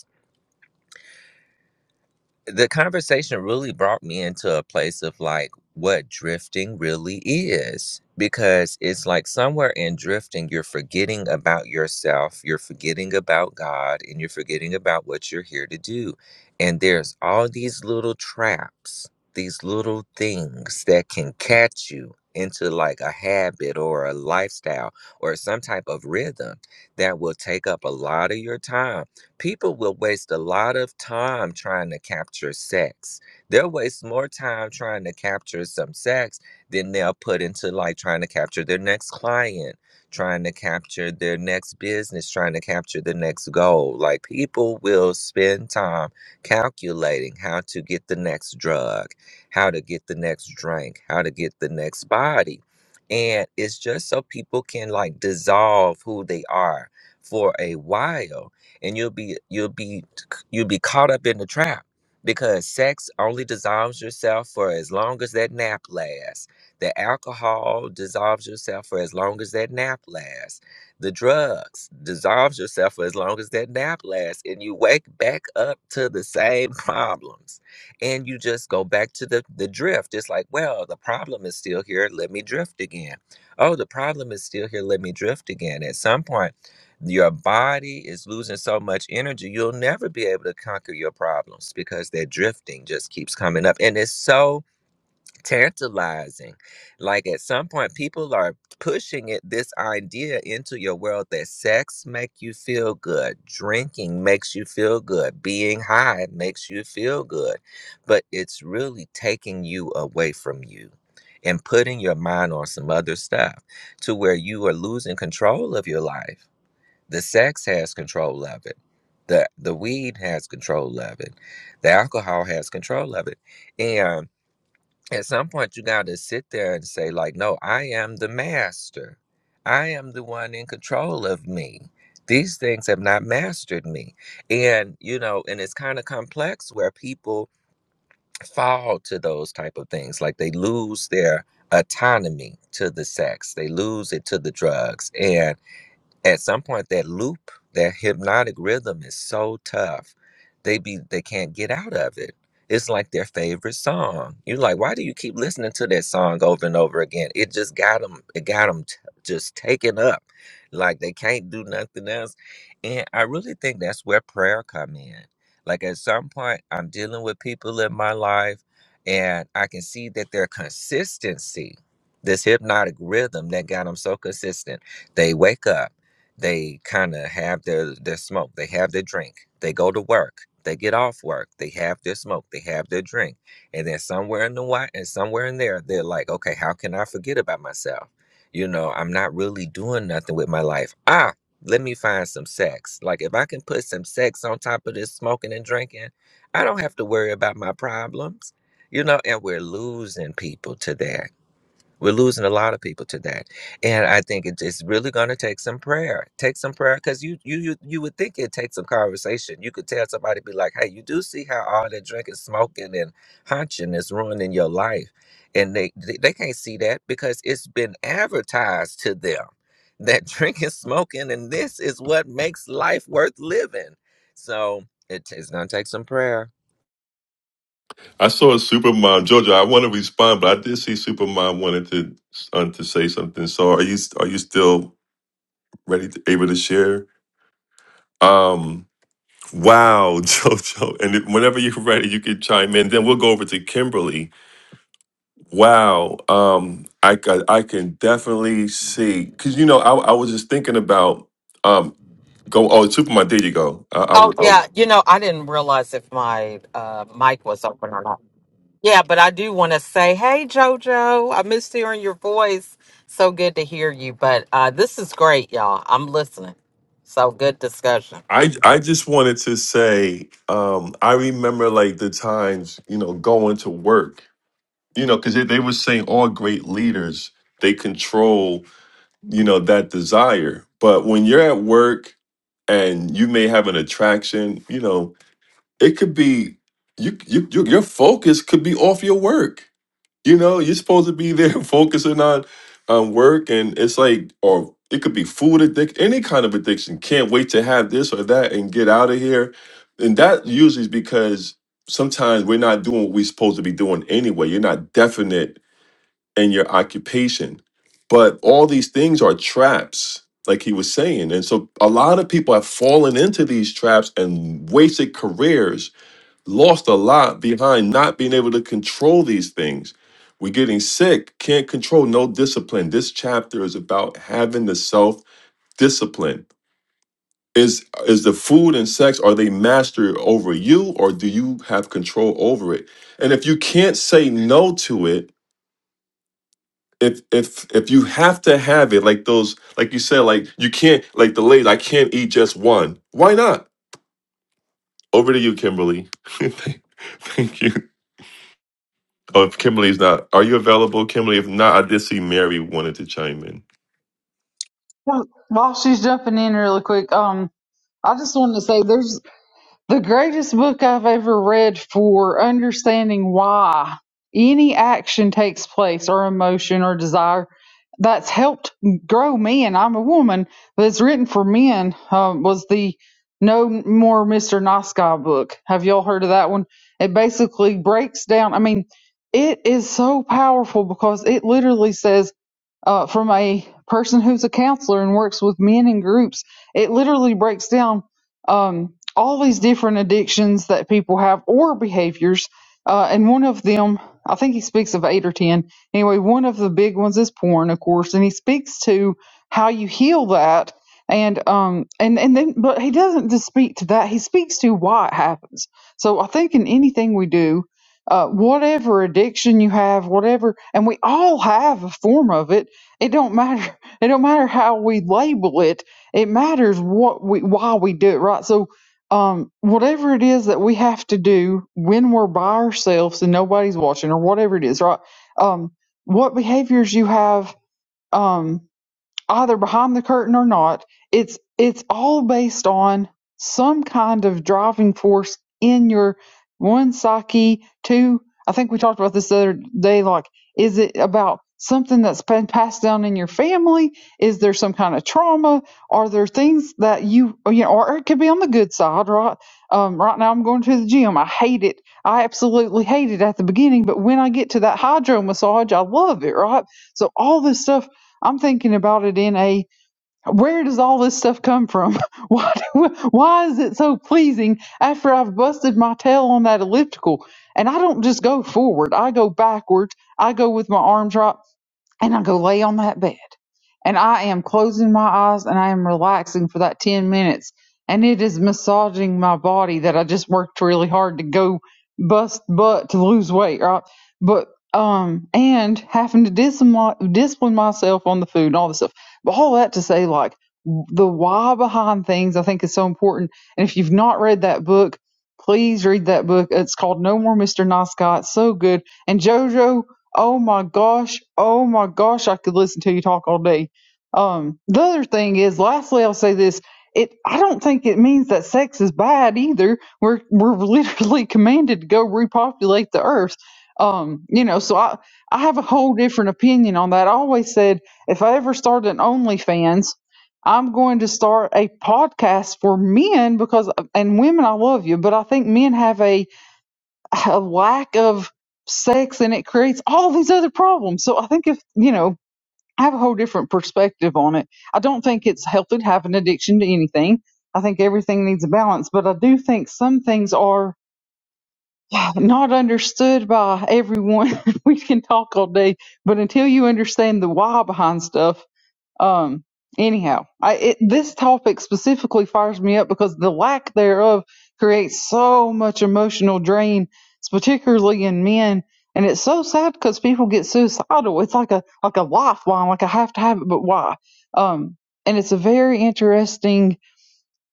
Speaker 10: the conversation really brought me into a place of like what drifting really is because it's like somewhere in drifting you're forgetting about yourself you're forgetting about god and you're forgetting about what you're here to do and there's all these little traps these little things that can catch you into like a habit or a lifestyle or some type of rhythm that will take up a lot of your time People will waste a lot of time trying to capture sex. They'll waste more time trying to capture some sex than they'll put into like trying to capture their next client, trying to capture their next business, trying to capture the next goal. Like people will spend time calculating how to get the next drug, how to get the next drink, how to get the next body. And it's just so people can like dissolve who they are for a while and you'll be you'll be you'll be caught up in the trap because sex only dissolves yourself for as long as that nap lasts the alcohol dissolves yourself for as long as that nap lasts the drugs dissolves yourself for as long as that nap lasts and you wake back up to the same problems and you just go back to the, the drift it's like well the problem is still here let me drift again oh the problem is still here let me drift again at some point your body is losing so much energy, you'll never be able to conquer your problems because that drifting just keeps coming up. And it's so tantalizing. Like at some point, people are pushing it this idea into your world that sex make you feel good, drinking makes you feel good, being high makes you feel good. But it's really taking you away from you and putting your mind on some other stuff to where you are losing control of your life. The sex has control of it. The the weed has control of it. The alcohol has control of it. And at some point you gotta sit there and say, like, no, I am the master. I am the one in control of me. These things have not mastered me. And you know, and it's kind of complex where people fall to those type of things. Like they lose their autonomy to the sex. They lose it to the drugs. And at some point that loop that hypnotic rhythm is so tough they be they can't get out of it it's like their favorite song you're like why do you keep listening to that song over and over again it just got them it got them t- just taken up like they can't do nothing else and i really think that's where prayer come in like at some point i'm dealing with people in my life and i can see that their consistency this hypnotic rhythm that got them so consistent they wake up they kind of have their their smoke they have their drink they go to work they get off work they have their smoke they have their drink and then somewhere in the white and somewhere in there they're like okay how can i forget about myself you know i'm not really doing nothing with my life ah let me find some sex like if i can put some sex on top of this smoking and drinking i don't have to worry about my problems you know and we're losing people to that. We're losing a lot of people to that, and I think it, it's really going to take some prayer. Take some prayer because you you you you would think it takes some conversation. You could tell somebody be like, "Hey, you do see how all that drinking, smoking, and hunching is ruining your life," and they they, they can't see that because it's been advertised to them that drinking, smoking, and this is what makes life worth living. So it, it's going to take some prayer.
Speaker 1: I saw Supermom Jojo. I want to respond, but I did see Supermom wanted to uh, to say something. So are you are you still ready to able to share? Um, wow, Jojo. And if- whenever you're ready, you can chime in. Then we'll go over to Kimberly. Wow. Um, I ca- I can definitely see because you know I I was just thinking about um go oh Supermom. There you go. I, I,
Speaker 6: Oh
Speaker 1: I
Speaker 6: yeah, you know, I didn't realize if my uh, mic was open or not. Yeah, but I do want to say, hey JoJo, I missed hearing your voice. So good to hear you. But uh, this is great, y'all. I'm listening. So good discussion.
Speaker 1: I I just wanted to say, um, I remember like the times, you know, going to work, you know, because they, they were saying all great leaders they control, you know, that desire. But when you're at work and you may have an attraction, you know, it could be you you, you your focus could be off your work you know, you're supposed to be there focusing on on work, and it's like, or it could be food addiction, any kind of addiction. Can't wait to have this or that and get out of here. And that usually is because sometimes we're not doing what we're supposed to be doing anyway. You're not definite in your occupation, but all these things are traps, like he was saying. And so, a lot of people have fallen into these traps and wasted careers lost a lot behind not being able to control these things. We're getting sick, can't control, no discipline. This chapter is about having the self discipline. Is is the food and sex are they master over you or do you have control over it? And if you can't say no to it, if if if you have to have it, like those, like you said, like you can't, like the lady, I can't eat just one. Why not? Over to you, Kimberly. thank thank you. Oh, if Kimberly's not, are you available, Kimberly? If not, I did see Mary wanted to chime in.
Speaker 2: Well, While she's jumping in really quick, um, I just wanted to say there's The greatest book I've ever read for understanding why any action takes place or emotion or desire that's helped grow me, and I'm a woman, but it's written for men, um, was the No More Mr. Nice Guy book. Have y'all heard of that one? It basically breaks down, I mean, it is so powerful because it literally says uh, from a person who's a counselor and works with men in groups. It literally breaks down um, all these different addictions that people have or behaviors. Uh, and one of them, I think he speaks of eight or 10. Anyway, one of the big ones is porn, of course. And he speaks to how you heal that. And um and and then but he doesn't just speak to that he speaks to why it happens. So I think in anything we do, uh, whatever addiction you have, whatever, and we all have a form of it it don't matter it don't matter how we label it it matters what we why we do it right so um whatever it is that we have to do when we're by ourselves and nobody's watching or whatever it is right um what behaviors you have um either behind the curtain or not it's it's all based on some kind of driving force in your one psyche two i think we talked about this the other day like is it about something that's been passed down in your family is there some kind of trauma are there things that you you know or it could be on the good side right um, right now i'm going to the gym i hate it i absolutely hate it at the beginning but when i get to that hydro massage i love it right so all this stuff I'm thinking about it in a where does all this stuff come from? Why do, why is it so pleasing after I've busted my tail on that elliptical? And I don't just go forward; I go backward. I go with my arms right and I go lay on that bed. And I am closing my eyes and I am relaxing for that 10 minutes. And it is massaging my body that I just worked really hard to go bust butt to lose weight, right? But, um, and having to discipline, discipline myself on the food and all this stuff. But all that to say, like, the why behind things I think is so important. And if you've not read that book, please read that book. It's called No More Mr. Nice Guy. It's so good. And JoJo Oh my gosh. Oh my gosh. I could listen to you talk all day. Um, the other thing is, lastly, I'll say this. It, I don't think it means that sex is bad either. We're, we're literally commanded to go repopulate the earth. Um, you know, so I, I have a whole different opinion on that. I always said if I ever start an OnlyFans, I'm going to start a podcast for men because, and women, I love you, but I think men have a, a lack of sex and it creates all these other problems. So I think if, you know, I have a whole different perspective on it. I don't think it's healthy to have an addiction to anything. I think everything needs a balance, but I do think some things are yeah, not understood by everyone. we can talk all day, but until you understand the why behind stuff, um, anyhow, I it, this topic specifically fires me up because the lack thereof creates so much emotional drain, particularly in men. And it's so sad because people get suicidal. It's like a like a lifeline. Like I have to have it, but why? Um, and it's a very interesting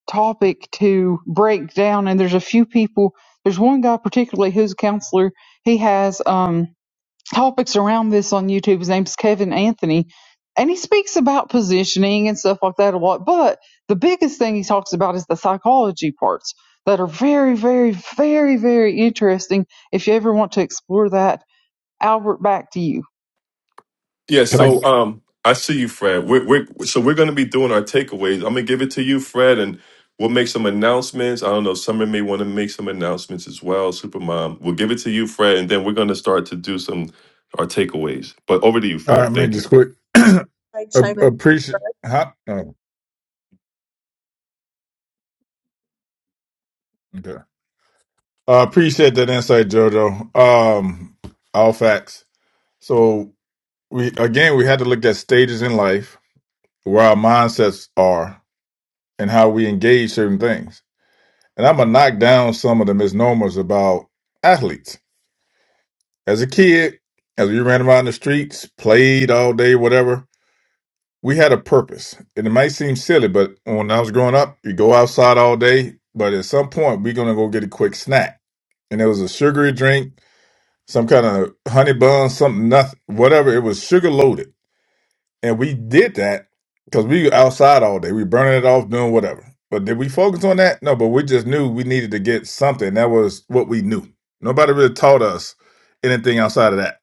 Speaker 2: topic to break down. And there's a few people. There's one guy particularly who's a counselor. He has um topics around this on YouTube. His name's Kevin Anthony, and he speaks about positioning and stuff like that a lot. But the biggest thing he talks about is the psychology parts that are very, very, very, very interesting. If you ever want to explore that, Albert, back to you.
Speaker 1: Yeah,
Speaker 5: Can I?
Speaker 1: so um, I see you, Fred. We're, we're so we're going to be doing our takeaways. I'm going to give it to you, Fred, and we'll make some announcements. I don't know. Summer may want to make some announcements as well. Supermom, we'll give it to you, Fred, and then we're going to start to do some our takeaways. But over to you,
Speaker 5: All right,
Speaker 1: Fred.
Speaker 5: make
Speaker 1: Thank you.
Speaker 5: this quick. A-
Speaker 11: I chime in?
Speaker 5: appreciate.
Speaker 11: first?
Speaker 5: Huh? Oh, okay. Uh, appreciate that insight, Jojo. Um, all facts. So we again we had to look at stages in life where our mindsets are and how we engage certain things and i'm gonna knock down some of the misnomers about athletes as a kid as we ran around the streets played all day whatever we had a purpose and it might seem silly but when i was growing up you go outside all day but at some point we're gonna go get a quick snack and it was a sugary drink some kind of honey bun something nothing whatever it was sugar loaded And we did that because we were outside all day. We burning it off, doing whatever. But did we focus on that? No, but we just knew we needed to get something. That was what we knew. Nobody really taught us anything outside of that.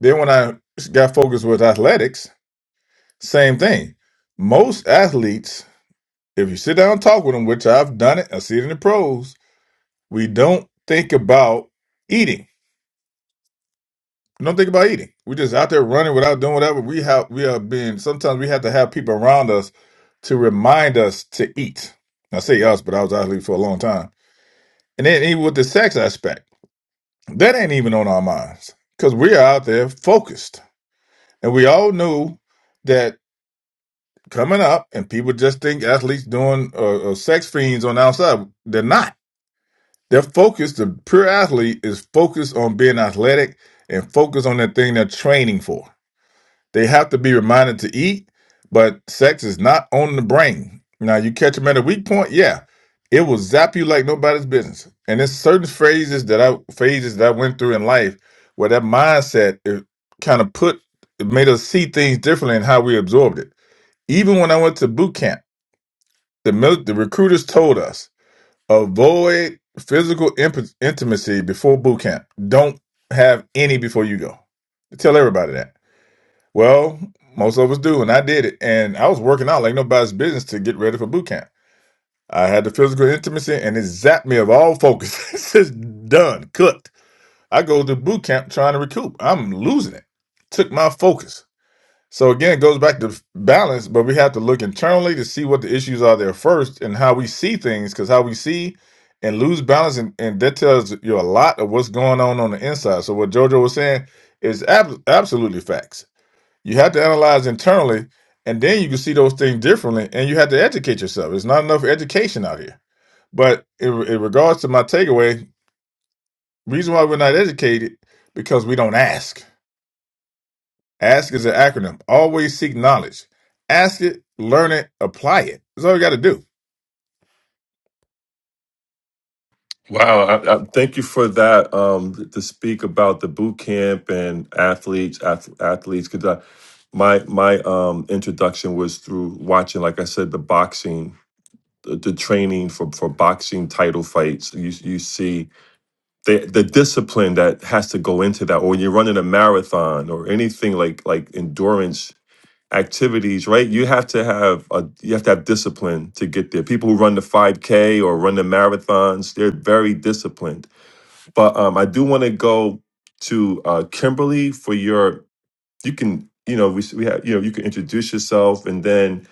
Speaker 5: Then when I got focused with athletics, same thing. Most athletes, if you sit down and talk with them, which I've done it, I see it in the pros, we don't think about eating Don't think about eating. We're just out there running without doing whatever. We have we are being sometimes we have to have people around us to remind us to eat. I say us, but I was out here for a long time. And then even with the sex aspect, that ain't even on our minds. Because we are out there focused. And we all knew that coming up and people just think athletes doing uh, uh, sex fiends on the outside. They're not. They're focused. The pure athlete is focused on being athletic and focused on that thing they're training for. They have to be reminded to eat, but sex is not on the brain. Now, you catch them at a weak point, yeah, it will zap you like nobody's business. And there's certain phrases that I phases that I went through in life where that mindset it kind of put it made us see things differently in how we absorbed it. Even when I went to boot camp, the mil- the recruiters told us avoid physical imp- intimacy before boot camp. Don't have any before you go. They tell everybody that well, most of us do, and I did it. And I was working out like nobody's business to get ready for boot camp. I had the physical intimacy, and it zapped me of all focus. it's just done, cooked. I go to boot camp trying to recoup. I'm losing it. Took my focus. So again, it goes back to balance, but we have to look internally to see what the issues are there first and how we see things, because how we see and lose balance, and, and that tells you a lot of what's going on on the inside. So what JoJo was saying is ab- absolutely facts you have to analyze internally, and then you can see those things differently, and you have to educate yourself. It's not enough education out here. But in, in regards to my takeaway, reason why we're not educated because we don't ask. Ask is an acronym. Always seek knowledge. Ask it, learn it, apply it. That's all you got to do.
Speaker 1: Wow, I, I, thank you for that. Um, to speak about the boot camp and athletes, ath- athletes, because my my um introduction was through watching, like I said, the boxing, the, the training for for boxing title fights. You you see the the discipline that has to go into that, or when you're running a marathon or anything like like endurance activities, right? You have to have a you have to have discipline to get there. People who run the 5K or run the marathons, they're very disciplined but um, I do want to go to uh, Kimberly for your. You can, you know, we we have, you know, you can introduce yourself, and then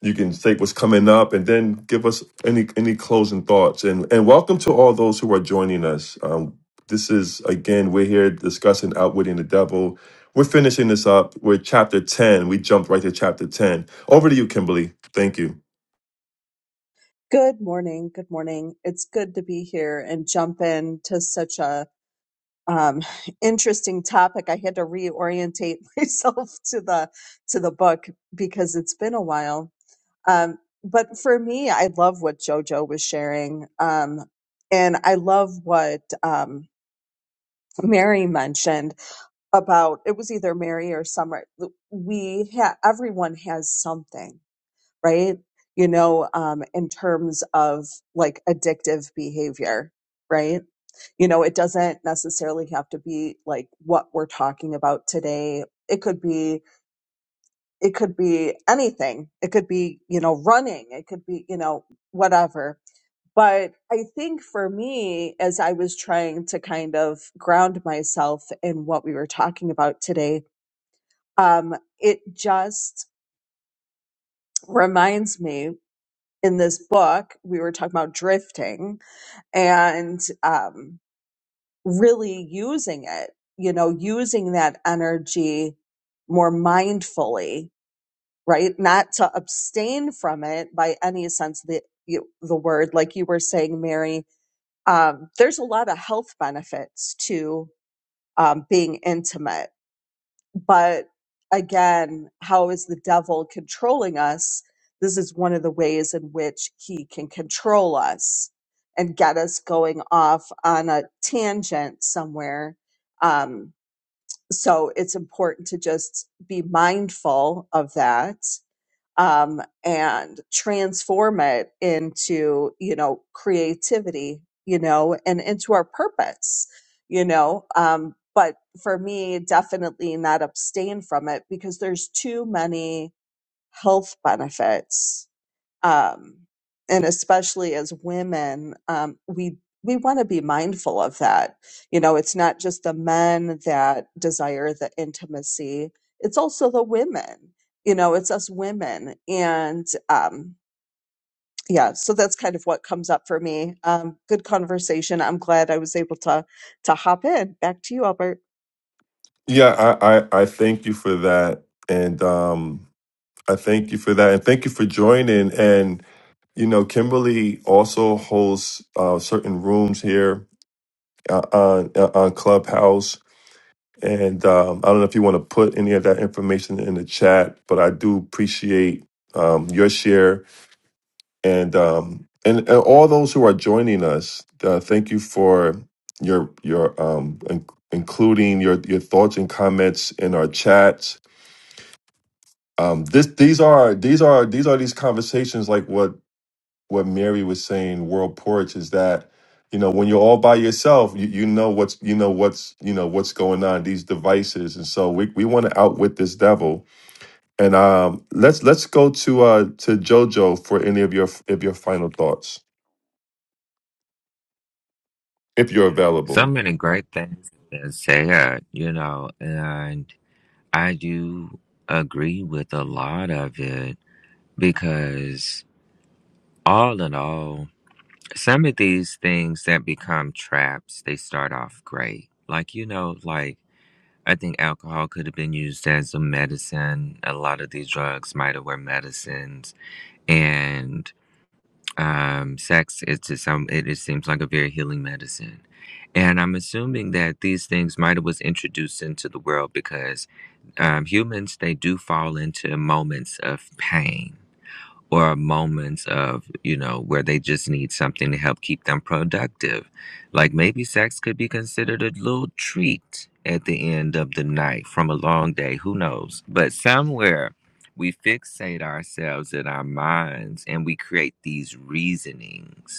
Speaker 1: you can state what's coming up, and then give us any any closing thoughts, and and welcome to all those who are joining us. Um, this is again, we're here discussing outwitting the devil. We're finishing this up. We're chapter ten. We jumped right to chapter ten. Over to you, Kimberly. Thank you.
Speaker 11: Good morning. Good morning. It's good to be here and jump in to such a um, interesting topic. I had to reorientate myself to the to the book because it's been a while. Um, but for me, I love what JoJo was sharing, um, and I love what um, Mary mentioned about. It was either Mary or Summer. We ha- everyone has something right? You know, um, in terms of like addictive behavior, right? You know, it doesn't necessarily have to be like what we're talking about today. It could be, it could be anything. It could be, you know, running. It could be, you know, whatever. But I think for me, as I was trying to kind of ground myself in what we were talking about today, um, it just reminds me in this book, we were talking about drifting and um, really using it, you know, using that energy more mindfully, right? Not to abstain from it by any sense of the, you, the word. Like you were saying, Mary, um, there's a lot of health benefits to um, being intimate but again, how is the devil controlling us? This is one of the ways in which he can control us and get us going off on a tangent somewhere. Um, so it's important to just be mindful of that um, and transform it into you know creativity you know and into our purpose you know um, but for me definitely not abstain from it because there's too many health benefits um, and especially as women, um, we we want to be mindful of that. You know, it's not just the men that desire the intimacy; it's also the women. You know, it's us women, and um, yeah. So that's kind of what comes up for me. Um, good conversation. I'm glad I was able to to hop in. Back to you, Albert.
Speaker 1: Yeah, I I, I thank you for that, and um, I thank you for that, and thank you for joining. And you know, Kimberly also hosts uh, certain rooms here uh, on uh, on Clubhouse. And um, I don't know if you want to put any of that information in the chat, but I do appreciate um, your share and, um, and and all those who are joining us. Uh, thank you for your your um, in- including your your thoughts and comments in our chats um this these are these are these are these conversations like what what Mary was saying, world porch, is that you know when you're all by yourself, you, you know what's you know what's you know what's going on these devices, and so we we want to outwit this devil. And um, let's let's go to uh to JoJo for any of your of your final thoughts, if you're
Speaker 10: So
Speaker 1: available.
Speaker 10: many great things to say, uh, you know, and I do agree with a lot of it because, all in all, some of these things that become traps, they start off great. Like, you know, like I think alcohol could have been used as a medicine. A lot of these drugs might have were medicines. And um, sex, it's just some, it, it seems like a very healing medicine. And I'm assuming that these things might have was introduced into the world because um, humans they do fall into moments of pain or moments of you know where they just need something to help keep them productive like maybe sex could be considered a little treat at the end of the night from a long day who knows but somewhere we fixate ourselves in our minds and we create these reasonings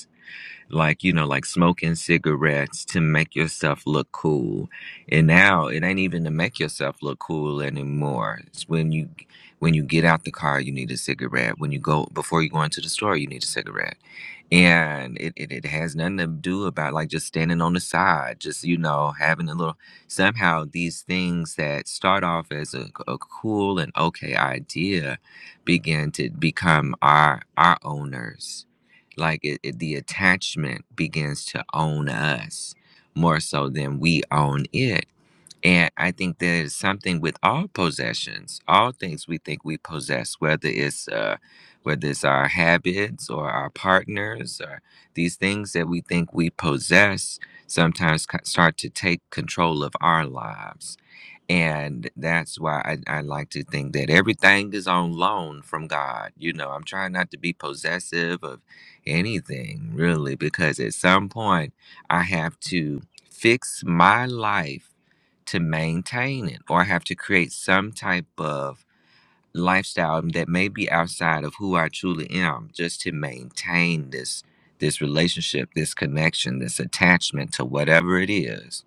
Speaker 10: like you know like smoking cigarettes to make yourself look cool and now it ain't even to make yourself look cool anymore it's when you when you get out the car you need a cigarette when you go before you go into the store you need a cigarette and it, it, it has nothing to do about like just standing on the side just you know having a little somehow these things that start off as a, a cool and okay idea begin to become our our owners like it, it- the attachment begins to own us more so than we own it and i think there's something with all possessions all things we think we possess whether it's uh whether it's our habits or our partners or these things that we think we possess sometimes co- start to take control of our lives and that's why I, I like to think that everything is on loan from God. You know, I'm trying not to be possessive of anything really, because at some point I have to fix my life to maintain it, or I have to create some type of lifestyle that may be outside of who I truly am just to maintain this this relationship, this connection, this attachment to whatever it is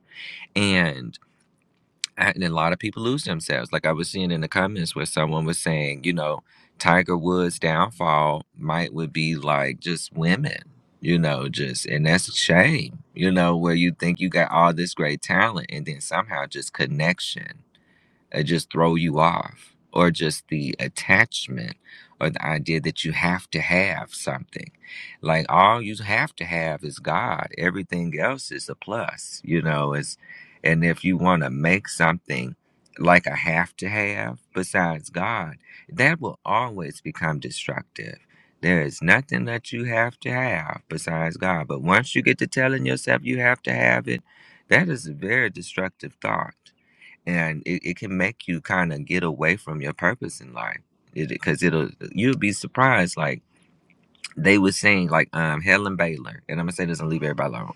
Speaker 10: and a lot of people lose themselves. Like I was seeing in the comments where someone was saying, you know, Tiger Woods' downfall might would be like just women, you know, just and that's a shame, you know, where you think you got all this great talent and then somehow just connection it just throw you off or just the attachment or the idea that you have to have something like all you have to have is god everything else is a plus you know it's and if you want to make something like a have to have besides god that will always become destructive there is nothing that you have to have besides god but once you get to telling yourself you have to have it that is a very destructive thought and it, it can make you kind of get away from your purpose in life because it, will you'll be surprised like they were saying like um helen baylor and i'm gonna say this and leave everybody alone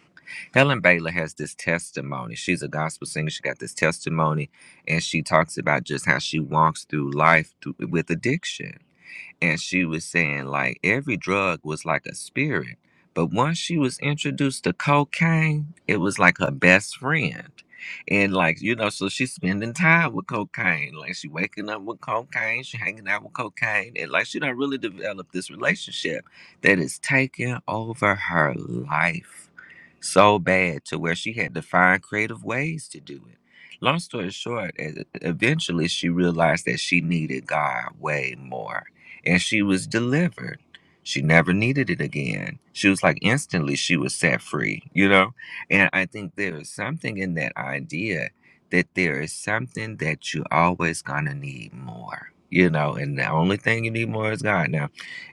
Speaker 10: helen baylor has this testimony she's a gospel singer she got this testimony and she talks about just how she walks through life through, with addiction and she was saying like every drug was like a spirit but once she was introduced to cocaine it was like her best friend and like you know so she's spending time with cocaine like she waking up with cocaine she hanging out with cocaine and like she done really developed this relationship that is taking over her life so bad to where she had to find creative ways to do it. Long story short, e- e-, eventually she realized that she needed God way more and she was delivered. She never needed it again. She was like instantly she was set free, you know? And I think there is something in that idea that there is something that you're always gonna need more, you know, and the only thing you need more is God. Now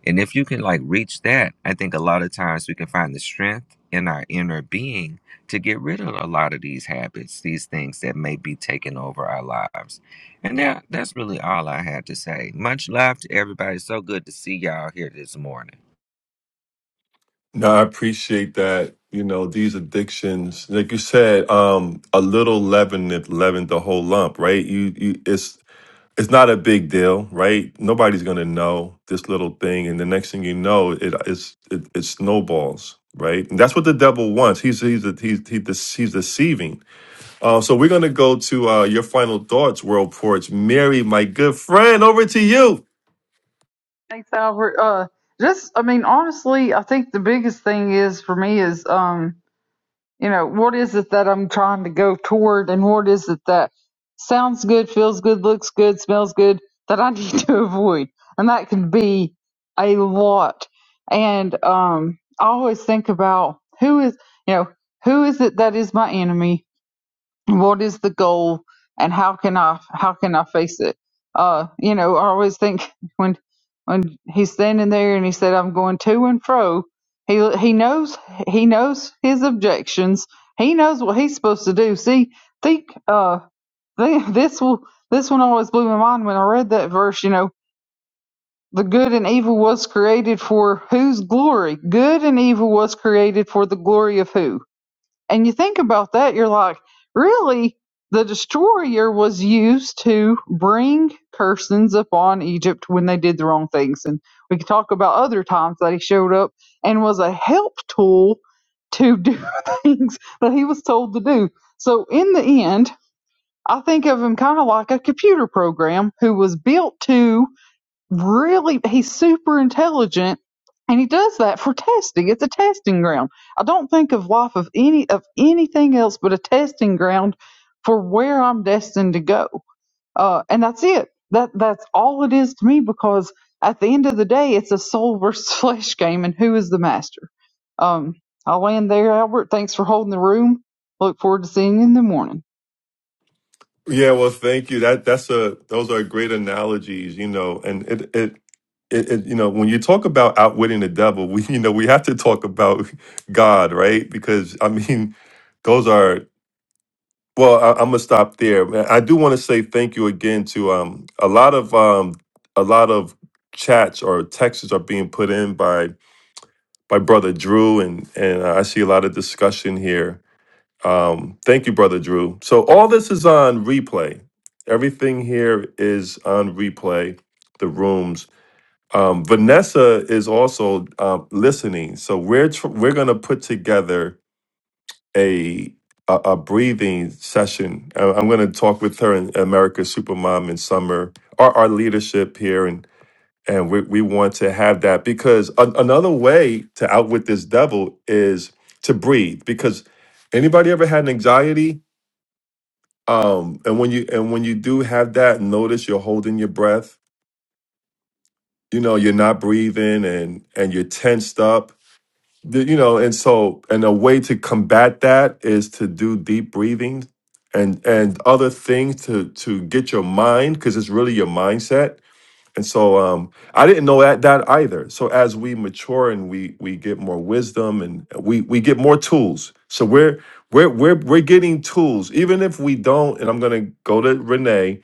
Speaker 10: and if you can like reach that, I think a lot of times we can find the strength in our inner being to get rid of a lot of these habits, these things that may be taking over our lives. And that, that's really all I had to say. Much love to everybody. So good to see y'all here this morning.
Speaker 1: No, I appreciate that. You know, these addictions, like you said, um, a little leaven it leavened the whole lump, right? You, you, it's it's not a big deal, right? Nobody's gonna know this little thing, and the next thing you know, it it's it, it snowballs, right? And that's what the devil wants. He's he's he's he, dece- he's deceiving. Uh, so we're gonna go to uh, your final thoughts, world porch, Mary, my good friend, over to you.
Speaker 2: Thanks, Albert. Uh, just, I mean, honestly, I think the biggest thing is for me is um, you know, what is it that I'm trying to go toward and what is it that sounds good, feels good, looks good, smells good that I need to avoid. And that can be a lot. And um I always think about who is you know, who is it that is my enemy? what is the goal and how can I how can I face it? Uh, you know, I always think when when he's standing there and he said I'm going to and fro, he he knows he knows his objections. He knows what he's supposed to do. See, think uh thi- this will this one always blew my mind when I read that verse, you know, the good and evil was created for whose glory? Good and evil was created for the glory of who? And you think about that, you're like, really? The destroyer was used to bring cursings upon Egypt when they did the wrong things. And we could talk about other times that he showed up and was a help tool to do things that he was told to do. So in the end, I think of him kind of like a computer program who was built to really he's super intelligent and he does that for testing it's a testing ground i don't think of life of any of anything else but a testing ground for where i'm destined to go uh, and that's it that that's all it is to me because at the end of the day it's a soul versus flesh game and who is the master um, i'll land there albert thanks for holding the room look forward to seeing you in the morning
Speaker 1: Yeah, well, thank you. That that's a those are great analogies, you know, and it it. It, it, you know, when you talk about outwitting the devil, we you know we have to talk about God, right? Because I mean, those are Well, I, I'm gonna stop there. I do want to say thank you again to um a lot of um a lot of chats or texts are being put in by by brother Drew and and I see a lot of discussion here. Um, thank you, brother Drew. So all this is on replay. Everything here is on replay. The rooms. Um, Vanessa is also uh, listening. So we're tr- we're gonna put together a a, a breathing session. I, I'm going to talk with her and America's Supermom in summer, our, our leadership here, and and we, we want to have that because a, another way to outwit this devil is to breathe. Because anybody ever had anxiety? Um, and when you and when you do have that, notice you're holding your breath. You know you're not breathing, and and you're tensed up The- you know and so and a way to combat that is to do deep breathing and and other things to to get your mind because it's really your mindset and so um i didn't know that that either so as we mature and we we get more wisdom and we we get more tools so we're we're we're, we're getting tools even if we don't and i'm going to go to renee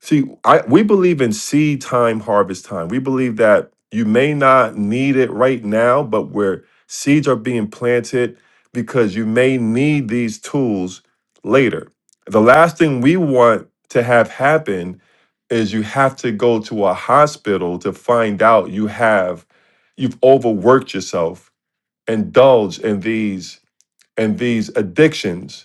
Speaker 1: See, I we believe in seed time, harvest time. We believe that you may not need it right now, but where seeds are being planted because you may need these tools later. The last thing we want to have happen is you have to go to a hospital to find out you have you've overworked yourself, indulged in these and these addictions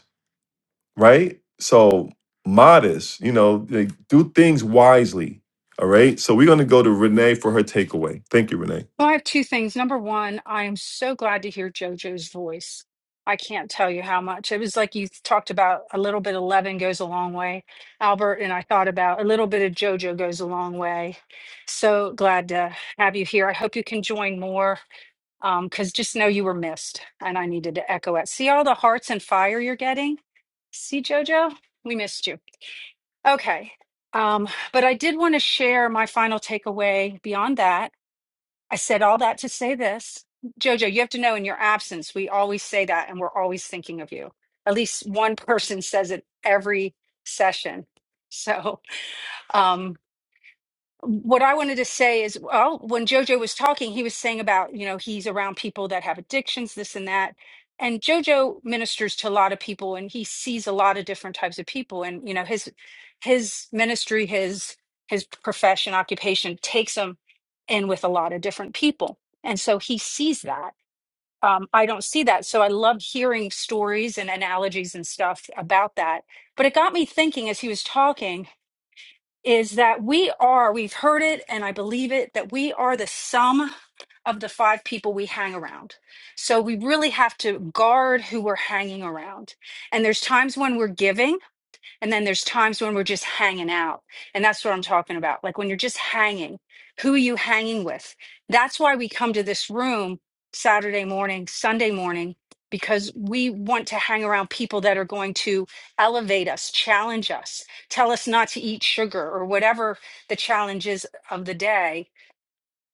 Speaker 1: right? So modest, you know, like, do things wisely. All right. So we're gonna go to Renee for her takeaway. Thank you, Renee.
Speaker 7: Well, I have two things. Number one, I am so glad to hear JoJo's voice. I can't tell you how much. It was like you talked about a little bit of Levin goes a long way, Albert, and I thought about a little bit of JoJo goes a long way. So glad to have you here. I hope you can join more. Um, cause just know you were missed and I needed to echo it. See all the hearts and fire you're getting? See, Jojo, we missed you. Okay. Um, but I did want to share my final takeaway beyond that. I said all that to say this. Jojo, you have to know in your absence, we always say that and we're always thinking of you. At least one person says it every session. So, um, what I wanted to say is, well, when Jojo was talking, he was saying about, you know, he's around people that have addictions, this and that. And Jojo ministers to a lot of people and he sees a lot of different types of people. And, you know, his his ministry, his his profession, occupation takes him in with a lot of different people. And so he sees that. Um, I don't see that. So I love hearing stories and analogies and stuff about that. But it got me thinking as he was talking is that we are, we've heard it and I believe it, that we are the sum of the five people we hang around. So we really have to guard who we're hanging around. And there's times when we're giving and then there's times when we're just hanging out. And that's what I'm talking about. Like when you're just hanging, who are you hanging with? That's why we come to this room Saturday morning, Sunday morning, because we want to hang around people that are going to elevate us, challenge us, tell us not to eat sugar or whatever the challenge is of the day.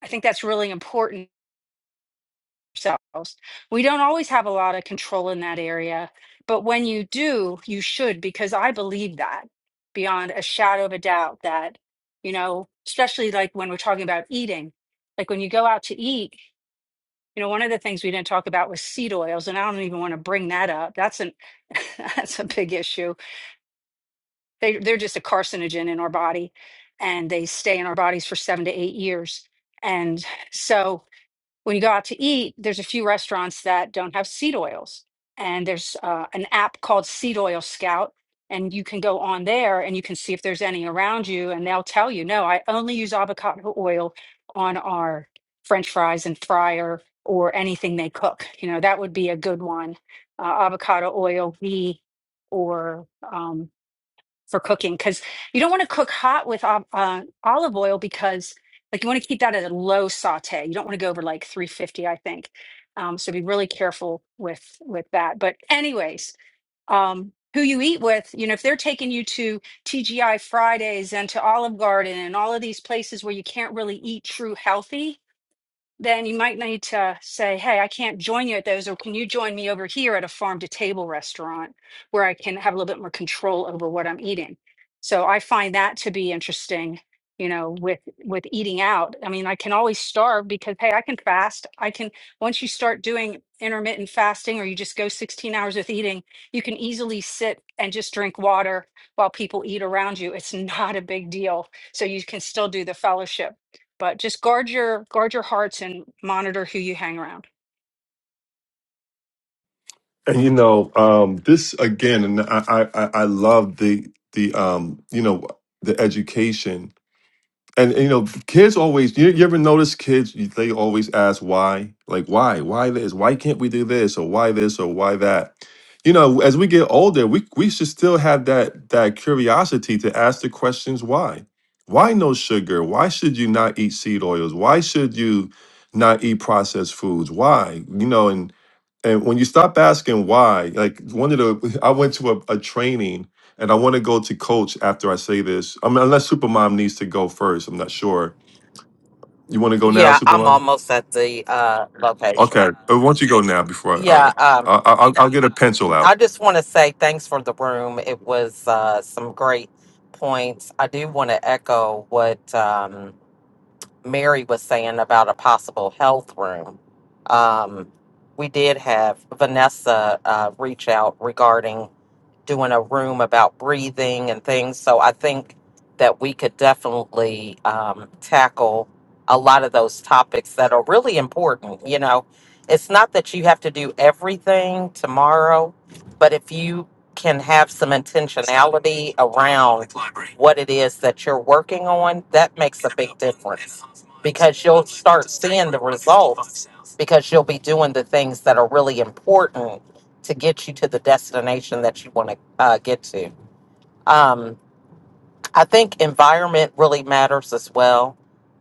Speaker 7: I think that's really important ourselves. We don't always have a lot of control in that area, but when you do, you should, because I believe that beyond a shadow of a doubt that, you know, especially like when we're talking about eating, like when you go out to eat, you know, one of the things we didn't talk about was seed oils, and I don't even want to bring that up. That's an that's a big issue. They they're just a carcinogen in our body and they stay in our bodies for seven to eight years. And so when you go out to eat, there's a few restaurants that don't have seed oils. And there's uh, an app called Seed Oil Scout. And you can go on there and you can see if there's any around you. And they'll tell you, no, I only use avocado oil on our French fries and fryer or anything they cook. You know, that would be a good one. Uh, avocado oil, ghee, or um, for cooking because you don't want to cook hot with ol- uh, olive oil because like you want to keep that at a low saute. You don't want to go over like 350, I think. Um, so be really careful with with that. But anyways, um, who you eat with, you know, if they're taking you to TGI Fridays and to Olive Garden and all of these places where you can't really eat true healthy, then you might need to say, hey, I can't join you at those, or can you join me over here at a farm to table restaurant where I can have a little bit more control over what I'm eating? So I find that to be interesting, you know, with with eating out. I mean, I can always starve because hey, I can fast. I can once you start doing intermittent fasting or you just go 16 hours with eating, you can easily sit and just drink water while people eat around you. It's not a big deal. So you can still do the fellowship but just guard your guard your hearts and monitor who you hang around
Speaker 1: And you know, um, this again, and I I I I love the the um, you know, the education and, and, you know, kids always. You, you ever notice kids? you- They always ask why, like why, why this, why can't we do this, or why this, or why that. You know, as we get older, we we should still have that that curiosity to ask the questions why. Why no sugar? Why should you not eat seed oils? Why should you not eat processed foods? Why? You know, and and when you stop asking why, like one of the, I went to a, a training and I want to go to coach after I say this. I mean, unless Supermom needs to go first, I'm not sure. You want to go now,
Speaker 6: Yeah, I'm
Speaker 1: Supermom?
Speaker 6: almost at the uh, location.
Speaker 1: Okay. But why don't you go now before? I, all
Speaker 6: Yeah,
Speaker 1: right.
Speaker 6: um,
Speaker 1: I, I, I'll, I'll get a pencil out.
Speaker 6: I just want to say thanks for the room. It was uh, some great points. I do want to echo what. Um, Mary was saying about a possible health room. Um, we did have Vanessa uh, reach out regarding doing a room about breathing and things. So I think that we could definitely um, tackle a lot of those topics that are really important. You know, it's not that you have to do everything tomorrow, but if you can have some intentionality around what it is that you're working on, that makes a big difference because you'll start seeing the results because you'll be doing the things that are really important to get you to the destination that you want to uh, get to. Um, I think environment really matters as well.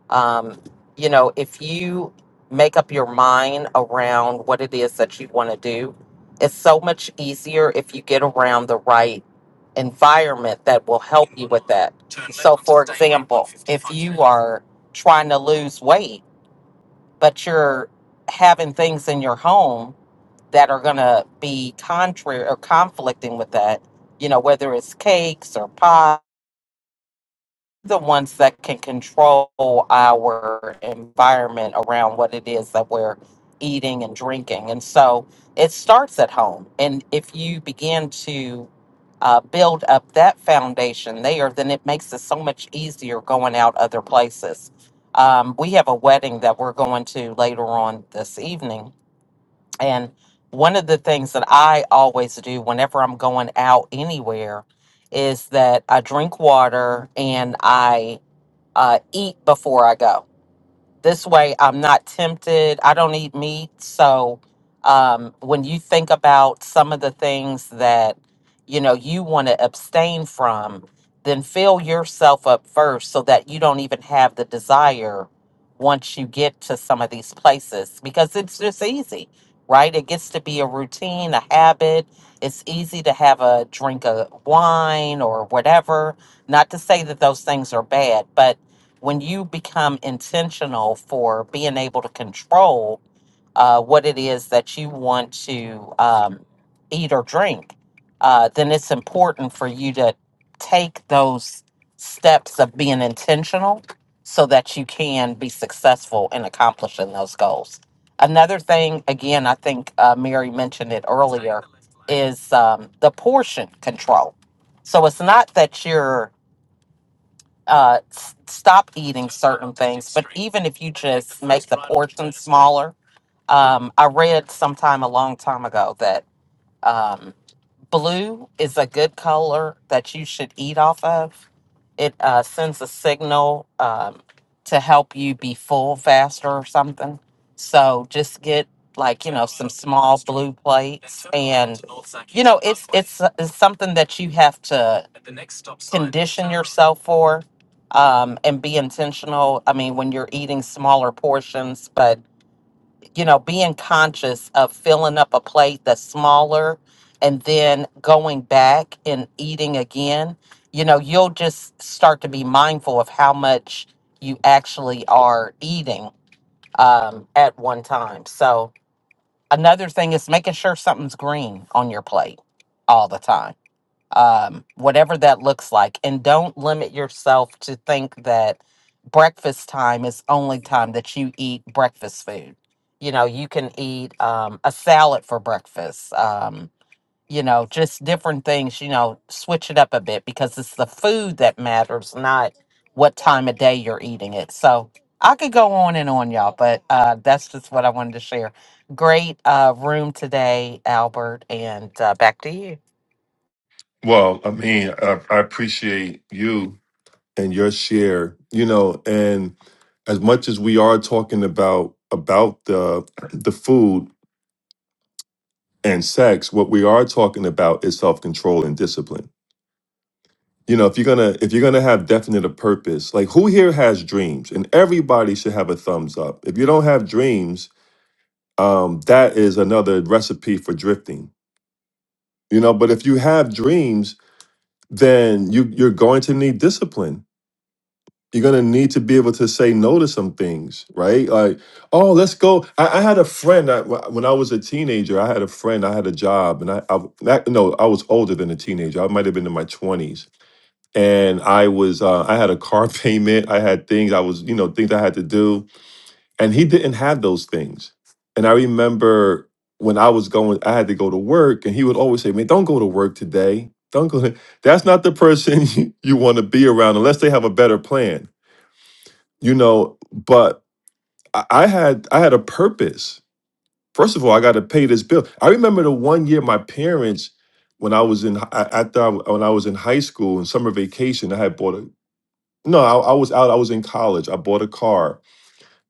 Speaker 6: Um, you know, if you make up your mind around what it is that you want to do, it's so much easier if you get around the right environment that will help you with that. So, for example, if you are trying to lose weight, but you're having things in your home that are going to be contrary or conflicting with that, you know, whether it's cakes or pie, the ones that can control our environment around what it is that we're eating and drinking. And so it starts at home. And if you begin to uh, build up that foundation there, then it makes it so much easier going out other places. Um, we have a wedding that we're going to later on this evening and one of the things that I always do whenever I'm going out anywhere is that I drink water and I uh, eat before I go this way, I'm not tempted. I don't eat meat. So, um, when you think about some of the things that you know you want to abstain from, then fill yourself up first so that you don't even have the desire once you get to some of these places because it's just easy, right? It gets to be a routine, a habit. It's easy to have a drink of wine or whatever. Not to say that those things are bad, but when you become intentional for being able to control uh, what it is that you want to um, eat or drink, uh, then it's important for you to take those steps of being intentional so that you can be successful in accomplishing those goals. Another thing, again, I think uh, Mary mentioned it earlier, is um, the portion control. So it's not that you're uh, s- stop eating certain things, but even if you just make the portion smaller, um, I read sometime a long time ago that. um, Blue is a good color that you should eat off of. It uh, sends a signal um, to help you be full faster or something. So just get like you know some small blue plates, and you know it's it's it's something that you have to condition yourself for um, and be intentional. I mean, when you're eating smaller portions, but you know, being conscious of filling up a plate that's smaller and then going back and eating again, you know, you'll just start to be mindful of how much you actually are eating um, at one time. So, another thing is making sure something's green on your plate all the time um, whatever that looks like. And don't limit yourself to think that breakfast time is only time that you eat breakfast food. You know, you can eat um, a salad for breakfast, um, you know, just different things, you know, switch it up a bit because it's the food that matters, not what time of day you're eating it. So I could go on and on, y'all, but uh, that's just what I wanted to share. Great uh, room today, Albert, and uh, back to you.
Speaker 1: Well, I mean, I, I appreciate you and your share. You know, and as much as we are talking about about the the food and sex, what we are talking about is self control and discipline you know if you're gonna if you're gonna have definite a purpose like who here has dreams and everybody should have a thumbs up if you don't have dreams um that is another recipe for drifting you know but if you have dreams then you you're going to need discipline you're going to need to be able to say no to some things right like oh let's go i, I had a friend I, when i was a teenager i had a friend i had a job and i, I not, no i was older than a teenager i might have been in my 20s and I was uh, I had a car payment, I had things I was you know things I had to do, and he didn't have those things. And I remember when I was going, I had to go to work, and he would always say, "Man, don't go to work today. Don't go. To-. That's not the person you, want to be around unless they have a better plan, you know." But I, I had I had a purpose. First of all, I got to pay this bill. I remember the one year my parents. When I was in hi- I- after I, when I was in high school in summer vacation, I had bought a. No, I, I was out. I was in college. I bought a car,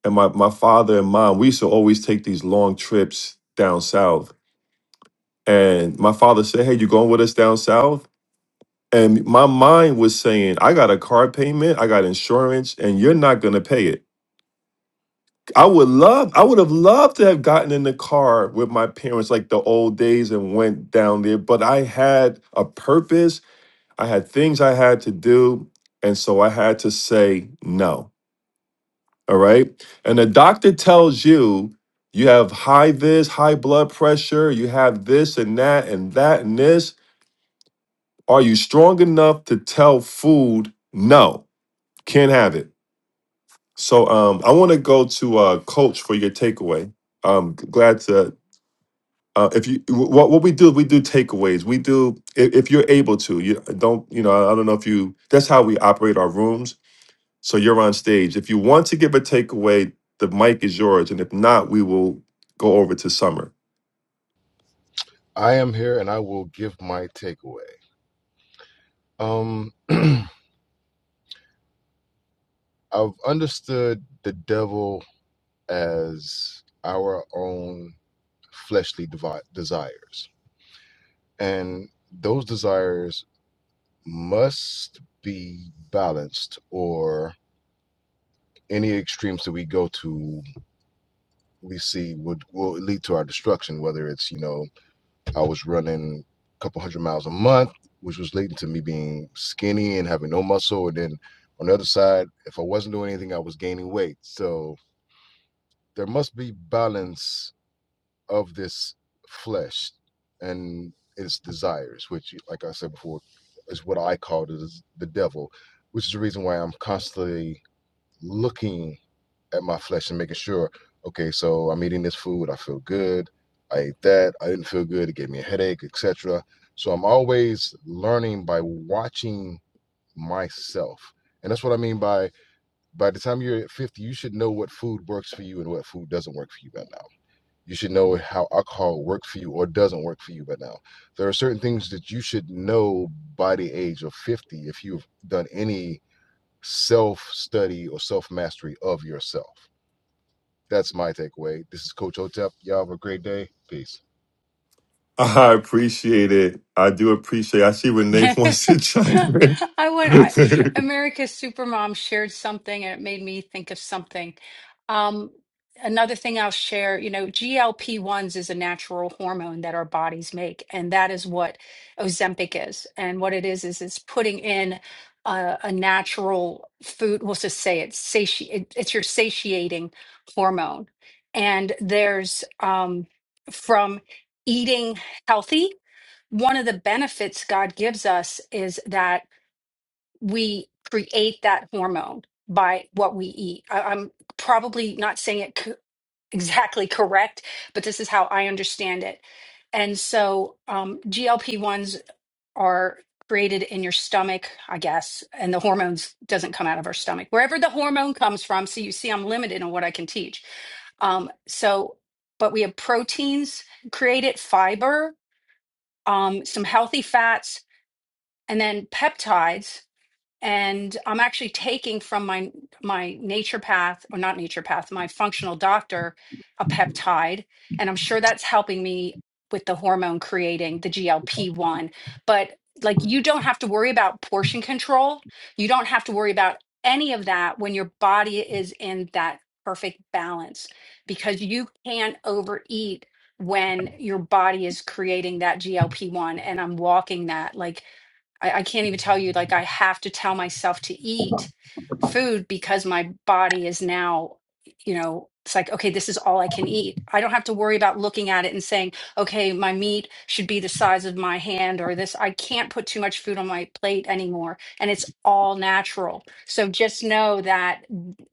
Speaker 1: and my my father and mom we used to always take these long trips down south. And my father said, "Hey, you going with us down south?" And my mind was saying, "I got a car payment, I got insurance, and you're not gonna pay it." I would love, I would have loved to have gotten in the car with my parents like the old days and went down there. But I had a purpose. I had things I had to do, and so I had to say no. All right. And the doctor tells you you have high this, high blood pressure, you have this and that and that and this. Are you strong enough to tell food no? Can't have it. So um I want to go to uh coach for your takeaway. Um glad to uh, if you wh- what what we do we do takeaways we do if, if you're able to you don't you know I don't know if you that's how we operate our rooms So you're on stage. If you want to give a takeaway, the mic is yours. And if not, we will go over to Summer.
Speaker 9: I am here and I will give my takeaway. Um I've understood the devil as our own fleshly devi- desires, and those desires must be balanced, or any extremes that we go to, we see would will lead to our destruction. Whether it's you know, I was running a couple hundred miles a month, which was leading to me being skinny and having no muscle, and then on the other side, if I wasn't doing anything, I was gaining weight. So there must be balance of this flesh and its desires, which, like I said before, is what I call the, the devil, which is the reason why I'm constantly looking at my flesh and making sure, okay, so I'm eating this food, I feel good, I ate that, I didn't feel good, it gave me a headache, etc. So I'm always learning by watching myself. And that's what I mean by by the time you're at 50, you should know what food works for you and what food doesn't work for you by now. You should know how alcohol works for you or doesn't work for you by now. There are certain things that you should know by the age of 50 if you've done any self study or self mastery of yourself. That's my takeaway. This is Coach Otep. Y'all have a great day. Peace.
Speaker 1: I appreciate it. I do appreciate I see Renee wants to chime in.
Speaker 7: I want I, America's Supermom shared something and it made me think of something. Um, another thing I'll share, you know, GLP-1s is a natural hormone that our bodies make, and that is what Ozempic is. And what it is is it's putting in a, a natural food. We'll just say it's sati it, it's your satiating hormone. And there's um, from eating healthy one of the benefits God gives us is that we create that hormone by what we eat. I, I'm probably not saying it co- exactly correct, but this is how I understand it. And so um, GLP 1s are created in your stomach, I guess, and the hormones doesn't come out of our stomach. Wherever the hormone comes from, so you see I'm limited in what I can teach. Um, so, but we have proteins created, fiber, um, some healthy fats, and then peptides and i'm actually taking from my my nature path or not nature path my functional doctor a peptide and i'm sure that's helping me with the hormone creating the glp-1 but like you don't have to worry about portion control you don't have to worry about any of that when your body is in that perfect balance because you can't overeat when your body is creating that glp-1 and i'm walking that like I, I can't even tell you, like, I have to tell myself to eat food because my body is now, you know, it's like, okay, this is all I can eat. I don't have to worry about looking at it and saying, okay, my meat should be the size of my hand or this. I can't put too much food on my plate anymore. And it's all natural. So just know that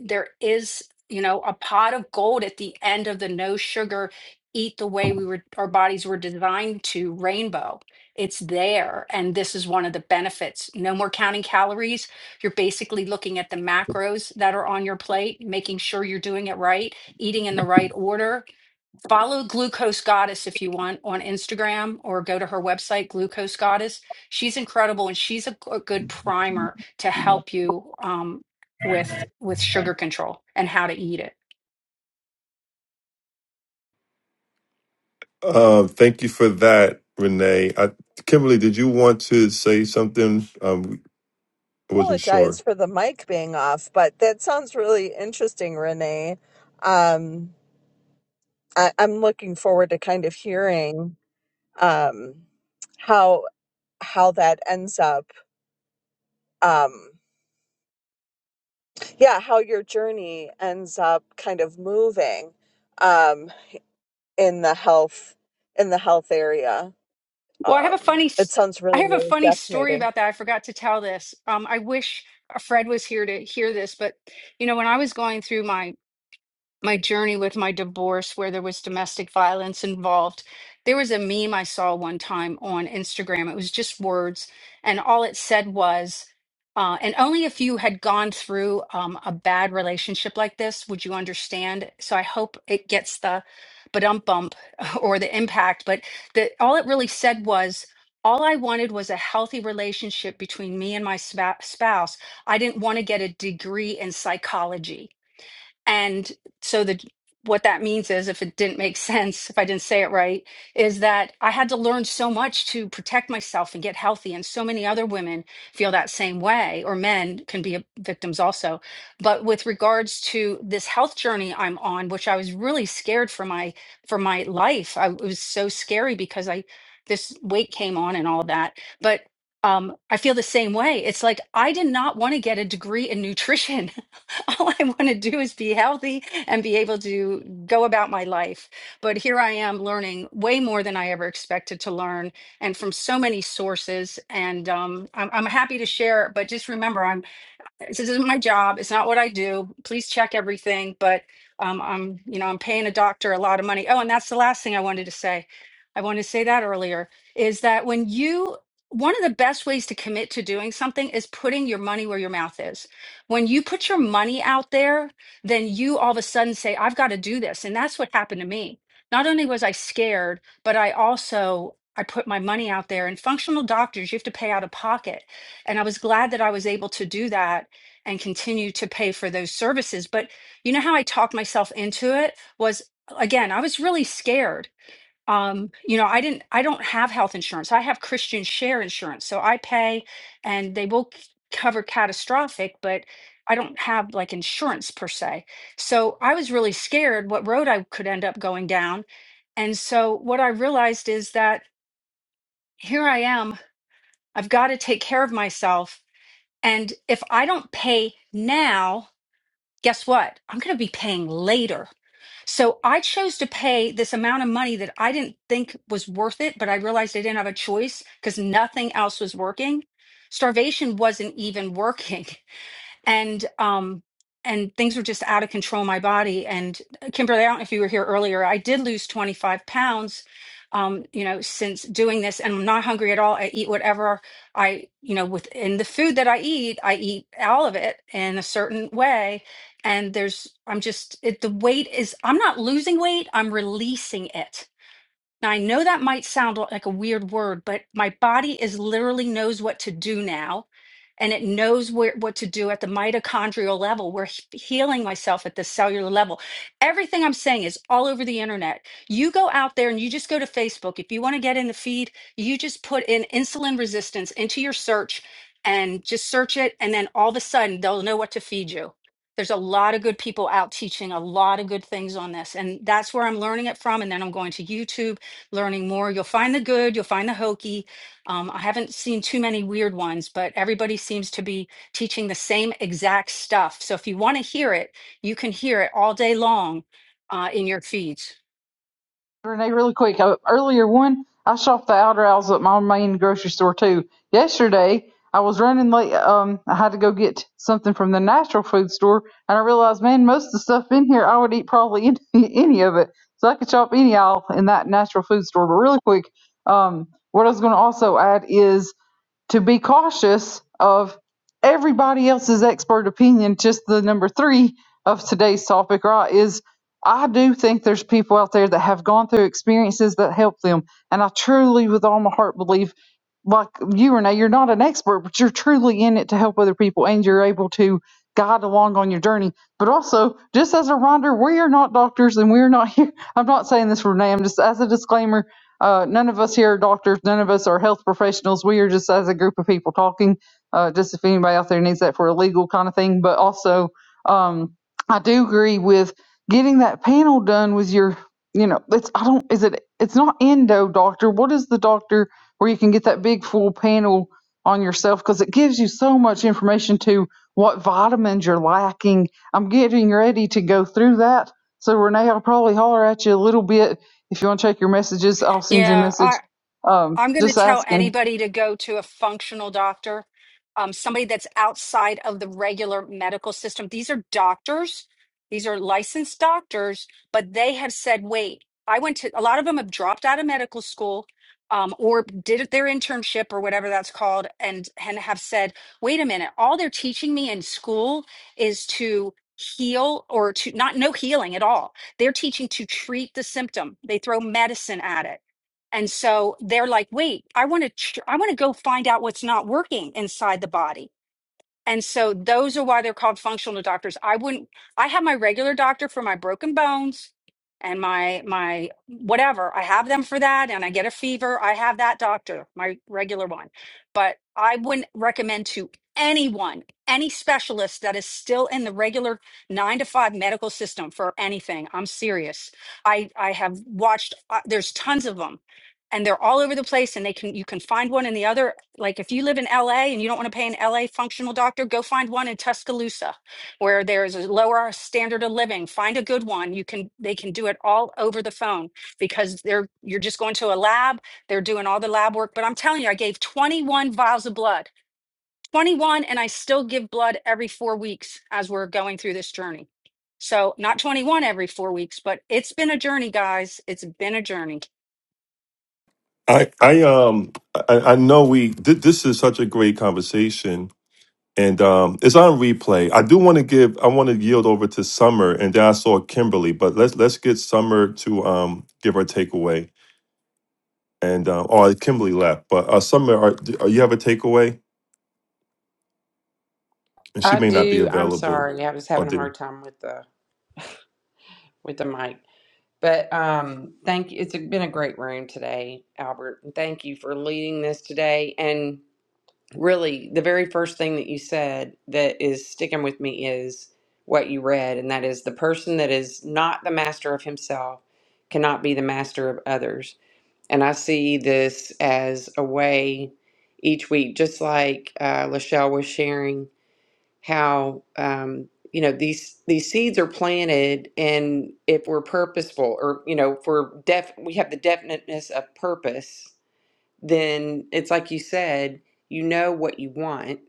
Speaker 7: there is, you know, a pot of gold at the end of the no sugar, eat the way we were, our bodies were designed to rainbow it's there and this is one of the benefits no more counting calories you're basically looking at the macros that are on your plate making sure you're doing it right eating in the right order follow glucose goddess if you want on instagram or go to her website glucose goddess she's incredible and she's a, g- a good primer to help you um, with with sugar control and how to eat it
Speaker 1: uh, thank you for that, Renee. I, Kimberly, did you want to say something? Um, I wasn't
Speaker 11: apologize
Speaker 1: sure.
Speaker 11: for the mic being off, but that sounds really interesting, Renee. Um, I, I'm looking forward to kind of hearing um, how how that ends up. Um, yeah, how your journey ends up kind of moving um, in the health in the health area.
Speaker 7: Well, I have a
Speaker 11: Um,
Speaker 7: funny,
Speaker 11: it
Speaker 7: st-
Speaker 11: sounds
Speaker 7: I
Speaker 11: really
Speaker 7: have a
Speaker 11: really
Speaker 7: funny story
Speaker 11: fascinating.
Speaker 7: about that. I forgot to tell this. Um, I wish Fred was here to hear this, but you know, when I was going through my my journey with my divorce where there was domestic violence involved. There was a meme I saw one time on Instagram. It was just words, and all it said was, uh, and only if you had gone through um, a bad relationship like this would you understand. So I hope it gets the but ump bump or the impact. But the, all it really said was, all I wanted was a healthy relationship between me and my spa- spouse. I didn't want to get a degree in psychology and so the what that means is if it didn't make sense, if I didn't say it right, is that I had to learn so much to protect myself and get healthy. And so many other women feel that same way, or men can be victims also. But with regards to this health journey I'm on, which I was really scared for my for my life. I it was so scary because I this weight came on and all that. But um, I feel the same way. It's like I did not want to get a degree in nutrition. all I want to do is be healthy and be able to go about my life. But here I am learning way more than I ever expected to learn and from so many sources. And um, I'm, I'm happy to share, but just remember, I'm this isn't my job it's not what i do please check everything but um, i'm you know i'm paying a doctor a lot of money oh and that's the last thing i wanted to say i wanted to say that earlier is that when you one of the best ways to commit to doing something is putting your money where your mouth is when you put your money out there then you all of a sudden say i've got to do this and that's what happened to me not only was i scared but i also i put my money out there and functional doctors you have to pay out of pocket and i was glad that i was able to do that and continue to pay for those services. But you know how I talked myself into it was again, I was really scared. Um, you know, I didn't I don't have health insurance. I have Christian share insurance. So I pay and they will c- cover catastrophic, but I don't have like insurance per se. So I was really scared what road I could end up going down. And so what I realized is that here I am. I've got to take care of myself. And if I don't pay now, guess what? I'm going to be paying later. So I chose to pay this amount of money that I didn't think was worth it, but I realized I didn't have a choice because nothing else was working. Starvation wasn't even working. and um and things were just out of control in my body and uh, kimberly i don't know if you were here earlier i did lose 25 pounds um you know since doing this and i'm not hungry at all i eat whatever i you know within the food that i eat i eat all of it in a certain way and there's i'm just it, the weight is i'm not losing weight i'm releasing it now, I know that might sound like a weird word, but my body is literally knows what to do now, and it knows where, what to do at the mitochondrial level. We're he- healing myself at the cellular level. Everything I'm saying is all over the internet. You go out there and you just go to Facebook. If you want to get in the feed, you just put in insulin resistance into your search and just search it, and then all of a sudden they'll know what to feed you. There's a lot of good people out teaching a lot of good things on this, and that's where I'm learning it from. And then I'm going to YouTube learning more. You'll find the good, you'll find the hokey. Um, I haven't seen too many weird ones, but everybody seems to be teaching the same exact stuff. So if you want to hear it, you can hear it all day long uh, in your feeds.
Speaker 2: Renee, really quick. Uh, earlier one, I shopped the outer aisles at my main grocery store too. Yesterday, I was running late. Um, I had to go get something from the natural food store, and I realized, man, most of the stuff in here, I would eat probably any, any of it. So I could shop any aisle in that natural food store. But really quick, um, what I was going to also add is to be cautious of everybody else's expert opinion. Just the number three of today's topic, right? is I do think there's people out there that have gone through experiences that help them. And I truly, with all my heart, believe, like you, Renee, you're not an expert, but you're truly in it to help other people and you're able to guide along on your journey. But also, just as a reminder, we are not doctors and we're not here. I'm not saying this for Renee, I'm just as a disclaimer. Uh, none of us here are doctors. None of us are health professionals. We are just as a group of people talking. Uh, just if anybody out there needs that for a legal kind of thing, but also, um, I do agree with Getting that panel done with your, you know, it's I don't is it it's not endo doctor. What is the doctor where you can get that big full panel on yourself because it gives you so much information to what vitamins you're lacking. I'm getting ready to go through that. So Renee, I'll probably holler at you a little bit if you want to check your messages. I'll send you a
Speaker 7: Yeah,
Speaker 2: message.
Speaker 7: I,
Speaker 2: Um,
Speaker 7: I'm going to
Speaker 2: just
Speaker 7: tell
Speaker 2: asking
Speaker 7: anybody to go to a functional doctor, um, somebody that's outside of the regular medical system. These are doctors, these are licensed doctors, but they have said, wait, I went to a lot of them have dropped out of medical school. Um, or did their internship or whatever that's called and and have said wait a minute all they're teaching me in school is to heal or to not no healing at all they're teaching to treat the symptom they throw medicine at it and so they're like, wait, I want to, tr- I want to go find out what's not working inside the body. And so those are why they're called functional doctors. I wouldn't, I have my regular doctor for my broken bones and my, my whatever. I have them for that and I get a fever. I have that doctor, my regular one. But I wouldn't recommend to anyone, any specialist that is still in the regular nine to five medical system for anything. I'm serious. I, I have watched, uh, there's tons of them and they're all over the place and they can you can find one in the other like if you live in LA and you don't want to pay an LA functional doctor go find one in Tuscaloosa where there is a lower standard of living find a good one you can they can do it all over the phone because they're you're just going to a lab they're doing all the lab work but I'm telling you I gave 21 vials of blood 21 and I still give blood every 4 weeks as we're going through this journey so not 21 every 4 weeks but it's been a journey guys it's been a journey
Speaker 1: I, I um I, I know we th- this is such a great conversation and um, it's on replay. I do want to give. I want to yield over to Summer, and then I saw Kimberly. But let's let's get Summer to um, give her takeaway. And um, oh, Kimberly left. But uh, Summer, are, do- are you have a takeaway? And she
Speaker 3: I
Speaker 1: may not be
Speaker 3: do. I'm
Speaker 1: available.
Speaker 3: sorry. I was
Speaker 1: I
Speaker 3: having a
Speaker 1: do.
Speaker 3: hard time with the with the mic. But um, thank you. It's been a great room today, Albert. And thank you for leading this today. And really the very first thing that you said that is sticking with me is what you read and that is the person that is not the master of himself cannot be the master of others and i see this as a way each week just like uh, lachelle was sharing how um, you know these these seeds are planted and if we're purposeful or you know if we're def we have the definiteness of purpose then it's like you said you know what you want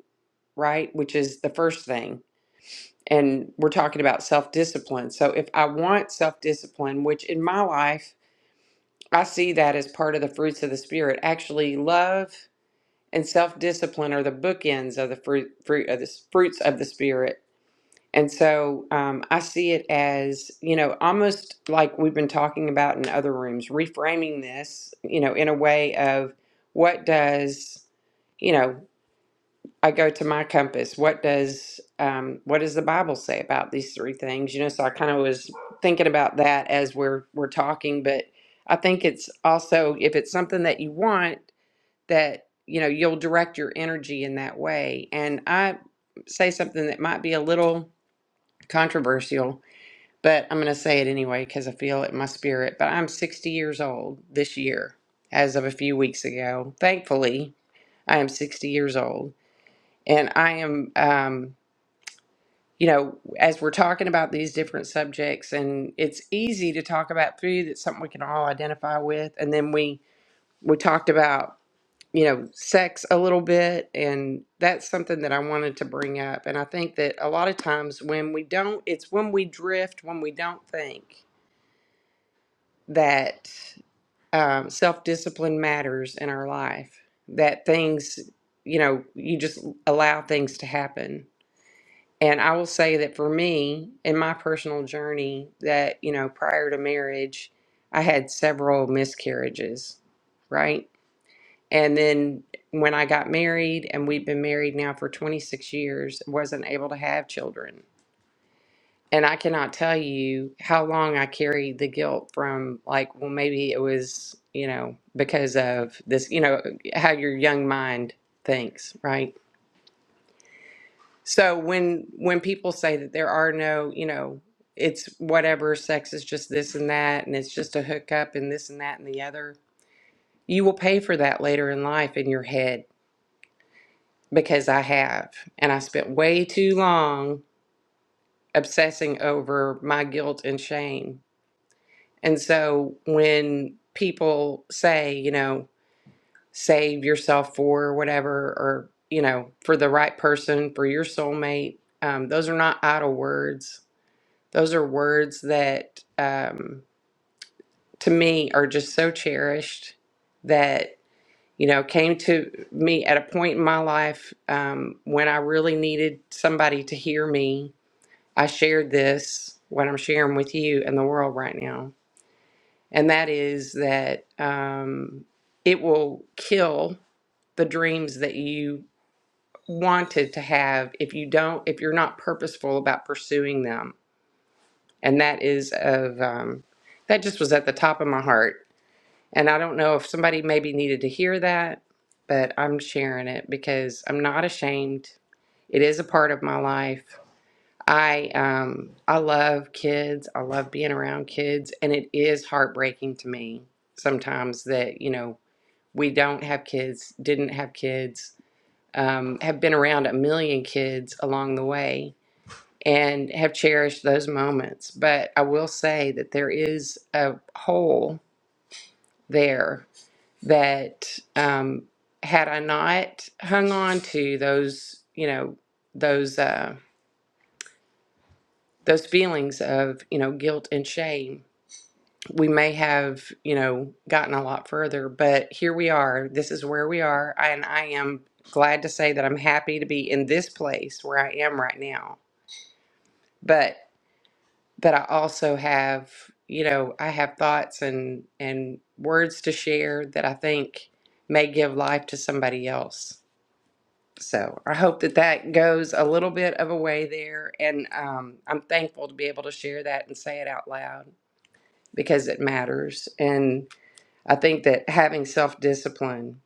Speaker 3: right? Which is the first thing. And we're talking about self discipline. So if I want self discipline, which in my life, I see that as part of the fruits of the spirit. Actually, love and self discipline are the bookends of the fruit, fruit of the s- fruits of the spirit. And so um, I see it as, you know, almost like we've been talking about in other rooms, reframing this, you know, in a way of what does you know. I go to my compass. What does um, what does the Bible say about these three things? You know, so I kind of was thinking about that as we're we're talking, but I think it's also if it's something that you want that you know you'll direct your energy in that way. And I say something that might be a little controversial, but I'm going to say it anyway because I feel it in my spirit. But I'm 60 years old this year, as of a few weeks ago. Thankfully, I am 60 years old and I am, um, you know, as we're talking about these different subjects, and it's easy to talk about food. That's something we can all identify with. And then we we talked about, you know, sex a little bit, and that's something that I wanted to bring up. And I think that a lot of times when we don't, it's when we drift, when we don't think that um, self discipline matters in our life, that things, you know, you just allow things to happen And I will say that for me, in my personal journey, that, you know, prior to marriage, I had several miscarriages, right? And then when I got married, and we've been married now for 26 years, wasn't able to have children. And I cannot tell you how long I carried the guilt from, like, well, maybe it was, you know, because of this, you know, how your young mind thinks, right? So when when people say that there are no, you know, it's whatever sex is just this and that and it's just a hookup and this and that and the other, you will pay for that later in life in your head because I have and I spent way too long obsessing over my guilt and shame. And so when people say, you know, save yourself for whatever or you know, for the right person, for your soulmate, um, those are not idle words Those are words that, um, to me, are just so cherished that, you know, came to me at a point in my life um, when I really needed somebody to hear me. I shared this, what I'm sharing with you and the world right now. And that is that um, it will kill the dreams that you wanted to have if you don't, if you're not purposeful about pursuing them and that is of um, that just was at the top of my heart and i don't know if somebody maybe needed to hear that but i'm sharing it because i'm not ashamed it is a part of my life i um i love kids i love being around kids and it is heartbreaking to me sometimes that you know we don't have kids didn't have kids um, have been around a million kids along the way and have cherished those moments. But I will say that there is a hole there that um, had I not hung on to those, you know, those uh, those feelings of you know guilt and shame, we may have you know gotten a lot further. But here we are. This is where we are, and I am glad to say that I'm happy to be in this place where I am right now. But. but I also have, you know, I have thoughts and and words to share that I think may give life to somebody else. So I hope that that goes a little bit of a way there, and um, I'm thankful to be able to share that and say it out loud because it matters. And I think that having self discipline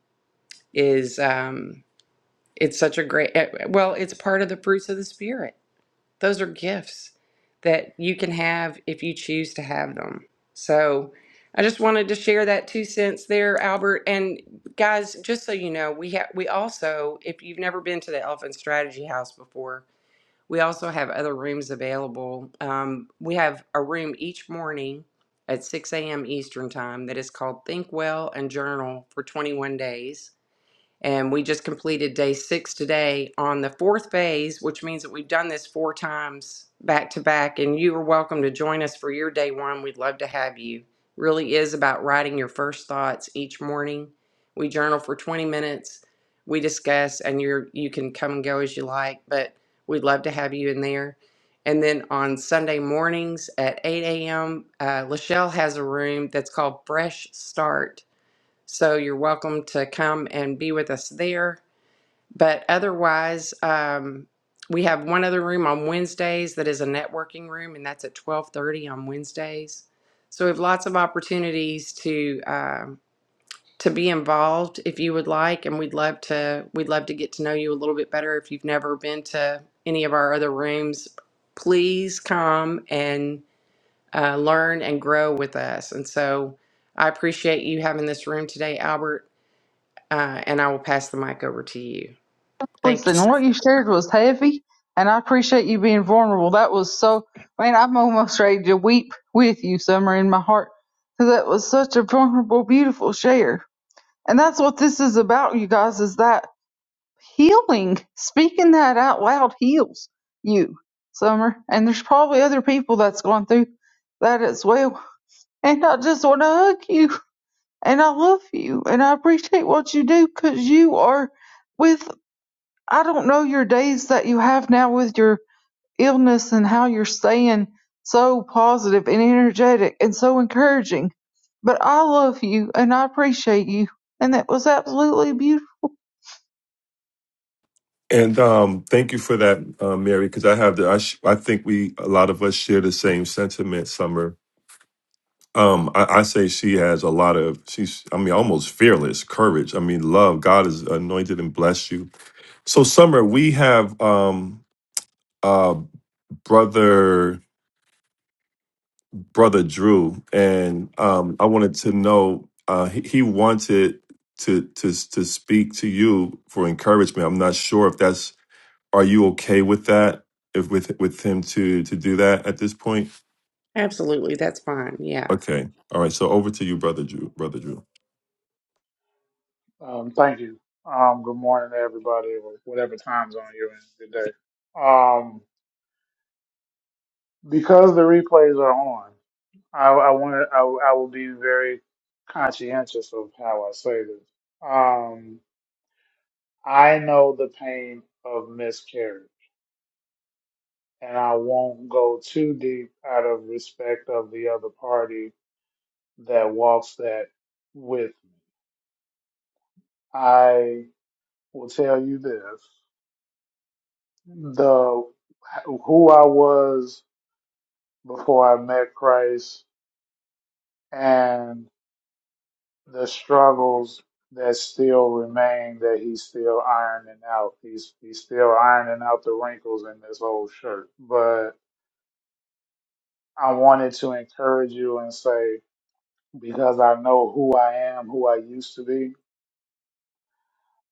Speaker 3: is um, it's such a great eh, well, it's part of the fruits of the spirit those are gifts that you can have if you choose to have them. So I just wanted to share that two cents there, Albert. And guys, just so you know, we have we also, if you've never been to the Elephant Strategy House before, we also have other rooms available. Um, we have a room each morning at 6 a.m. Eastern time that is called Think Well and Journal for 21 days and we just completed day six today on the fourth phase, which means that we've done this four times back to back. And you are welcome to join us for your day one. We'd love to have you. Really is about writing your first thoughts each morning. We journal for 20 minutes. We discuss, and you're you can come and go as you like, but we'd love to have you in there. And then on Sunday mornings at 8 a.m., uh, Lachelle has a room that's called Fresh Start so you're welcome to come and be with us there. But otherwise, um, we have one other room on Wednesdays that is a networking room, and that's at 12:30 on Wednesdays. So we have lots of opportunities to um to be involved if you would like, and we'd love to we'd love to get to know you a little bit better. If you've never been to any of our other rooms, please come and uh, learn and grow with us. And so I appreciate you having this room today, Albert uh, and I will pass the mic over to you. Thank you.
Speaker 2: Listen, what you shared was heavy, and I appreciate you being vulnerable. That was so, man, I'm almost ready to weep with you, Summer, in my heart, because that was such a vulnerable, beautiful share. And that's what this is about, you guys, is that healing. Speaking that out loud heals you, Summer. And there's probably other people that's going through that as well. And I just want to hug you, and I love you, and I appreciate what you do, because you are. with. I don't know your days that you have now with your illness and how you're staying so positive and energetic and so encouraging. But I love you and I appreciate you. And that was absolutely a beautiful
Speaker 1: And um, thank you for that, uh, Mary, because I have the. I, sh- I think we a lot of us share the same sentiment, Summer. Um, I, I say she has a lot of she's I mean almost fearless courage. I mean love. God has anointed and blessed you So Summer, we have um uh brother brother Drew and um I wanted to know uh he, he wanted to to to speak to you for encouragement. I'm not sure if that's are you okay with that? If with with him to to do that at this point?
Speaker 3: Absolutely, that's fine. Yeah.
Speaker 1: Okay. All right. So over to you brother Drew, brother Drew.
Speaker 12: Um, thank you. Um, good morning to everybody, or whatever time zone you're in today. Um, because the replays are on, I, I want I, I will be very conscientious of how I say this. Um, I know the pain of miscarriage, and I won't go too deep out of respect of the other party that walks that with. I will tell you this: the who I was before I met Christ and the struggles that still remain that he's still ironing out. He's he's still ironing out the wrinkles in this old shirt. But I wanted to encourage you and say, because I know who I am, who I used to be,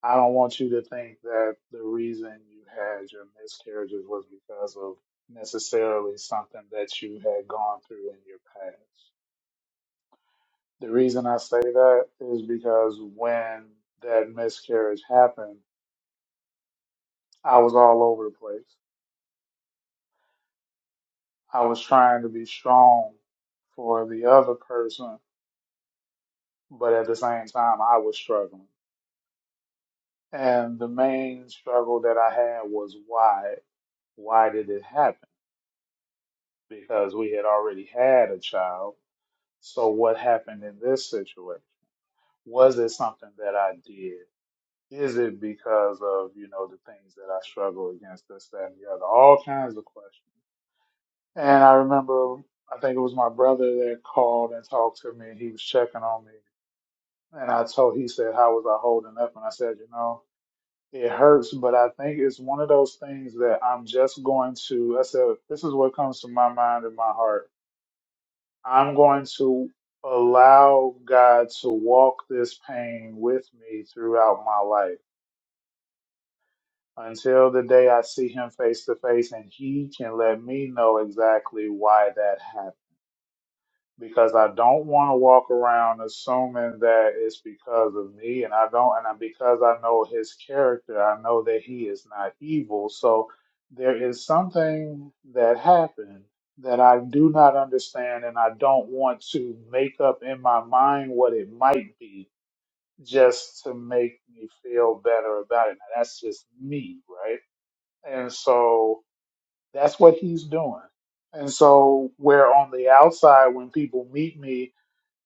Speaker 12: I don't want you to think that the reason you had your miscarriages was because of necessarily something that you had gone through in your past. The reason I say that is because when that miscarriage happened, I was all over the place. I was trying to be strong for the other person, but at the same time, I was struggling. And the main struggle that I had was why? Why did it happen? Because we had already had a child. So what happened in this situation? Was it something that I did? Is it because of, you know, the things that I struggle against, this, that, and the other? All kinds of questions. And I remember, I think it was my brother that called and talked to me. He was checking on me. And I told, he said, How was I holding up? And I said, You know, it hurts, but I think it's one of those things that I'm just going to, I said, This is what comes to my mind and my heart. I'm going to allow God to walk this pain with me throughout my life until the day I see him face to face and he can let me know exactly why that happened. Because I don't want to walk around assuming that it's because of me, and I don't, and I, because I know his character, I know that he is not evil. So there is something that happened that I do not understand, and I don't want to make up in my mind what it might be just to make me feel better about it. Now, that's just me, right? And so that's what he's doing. And so, where on the outside, when people meet me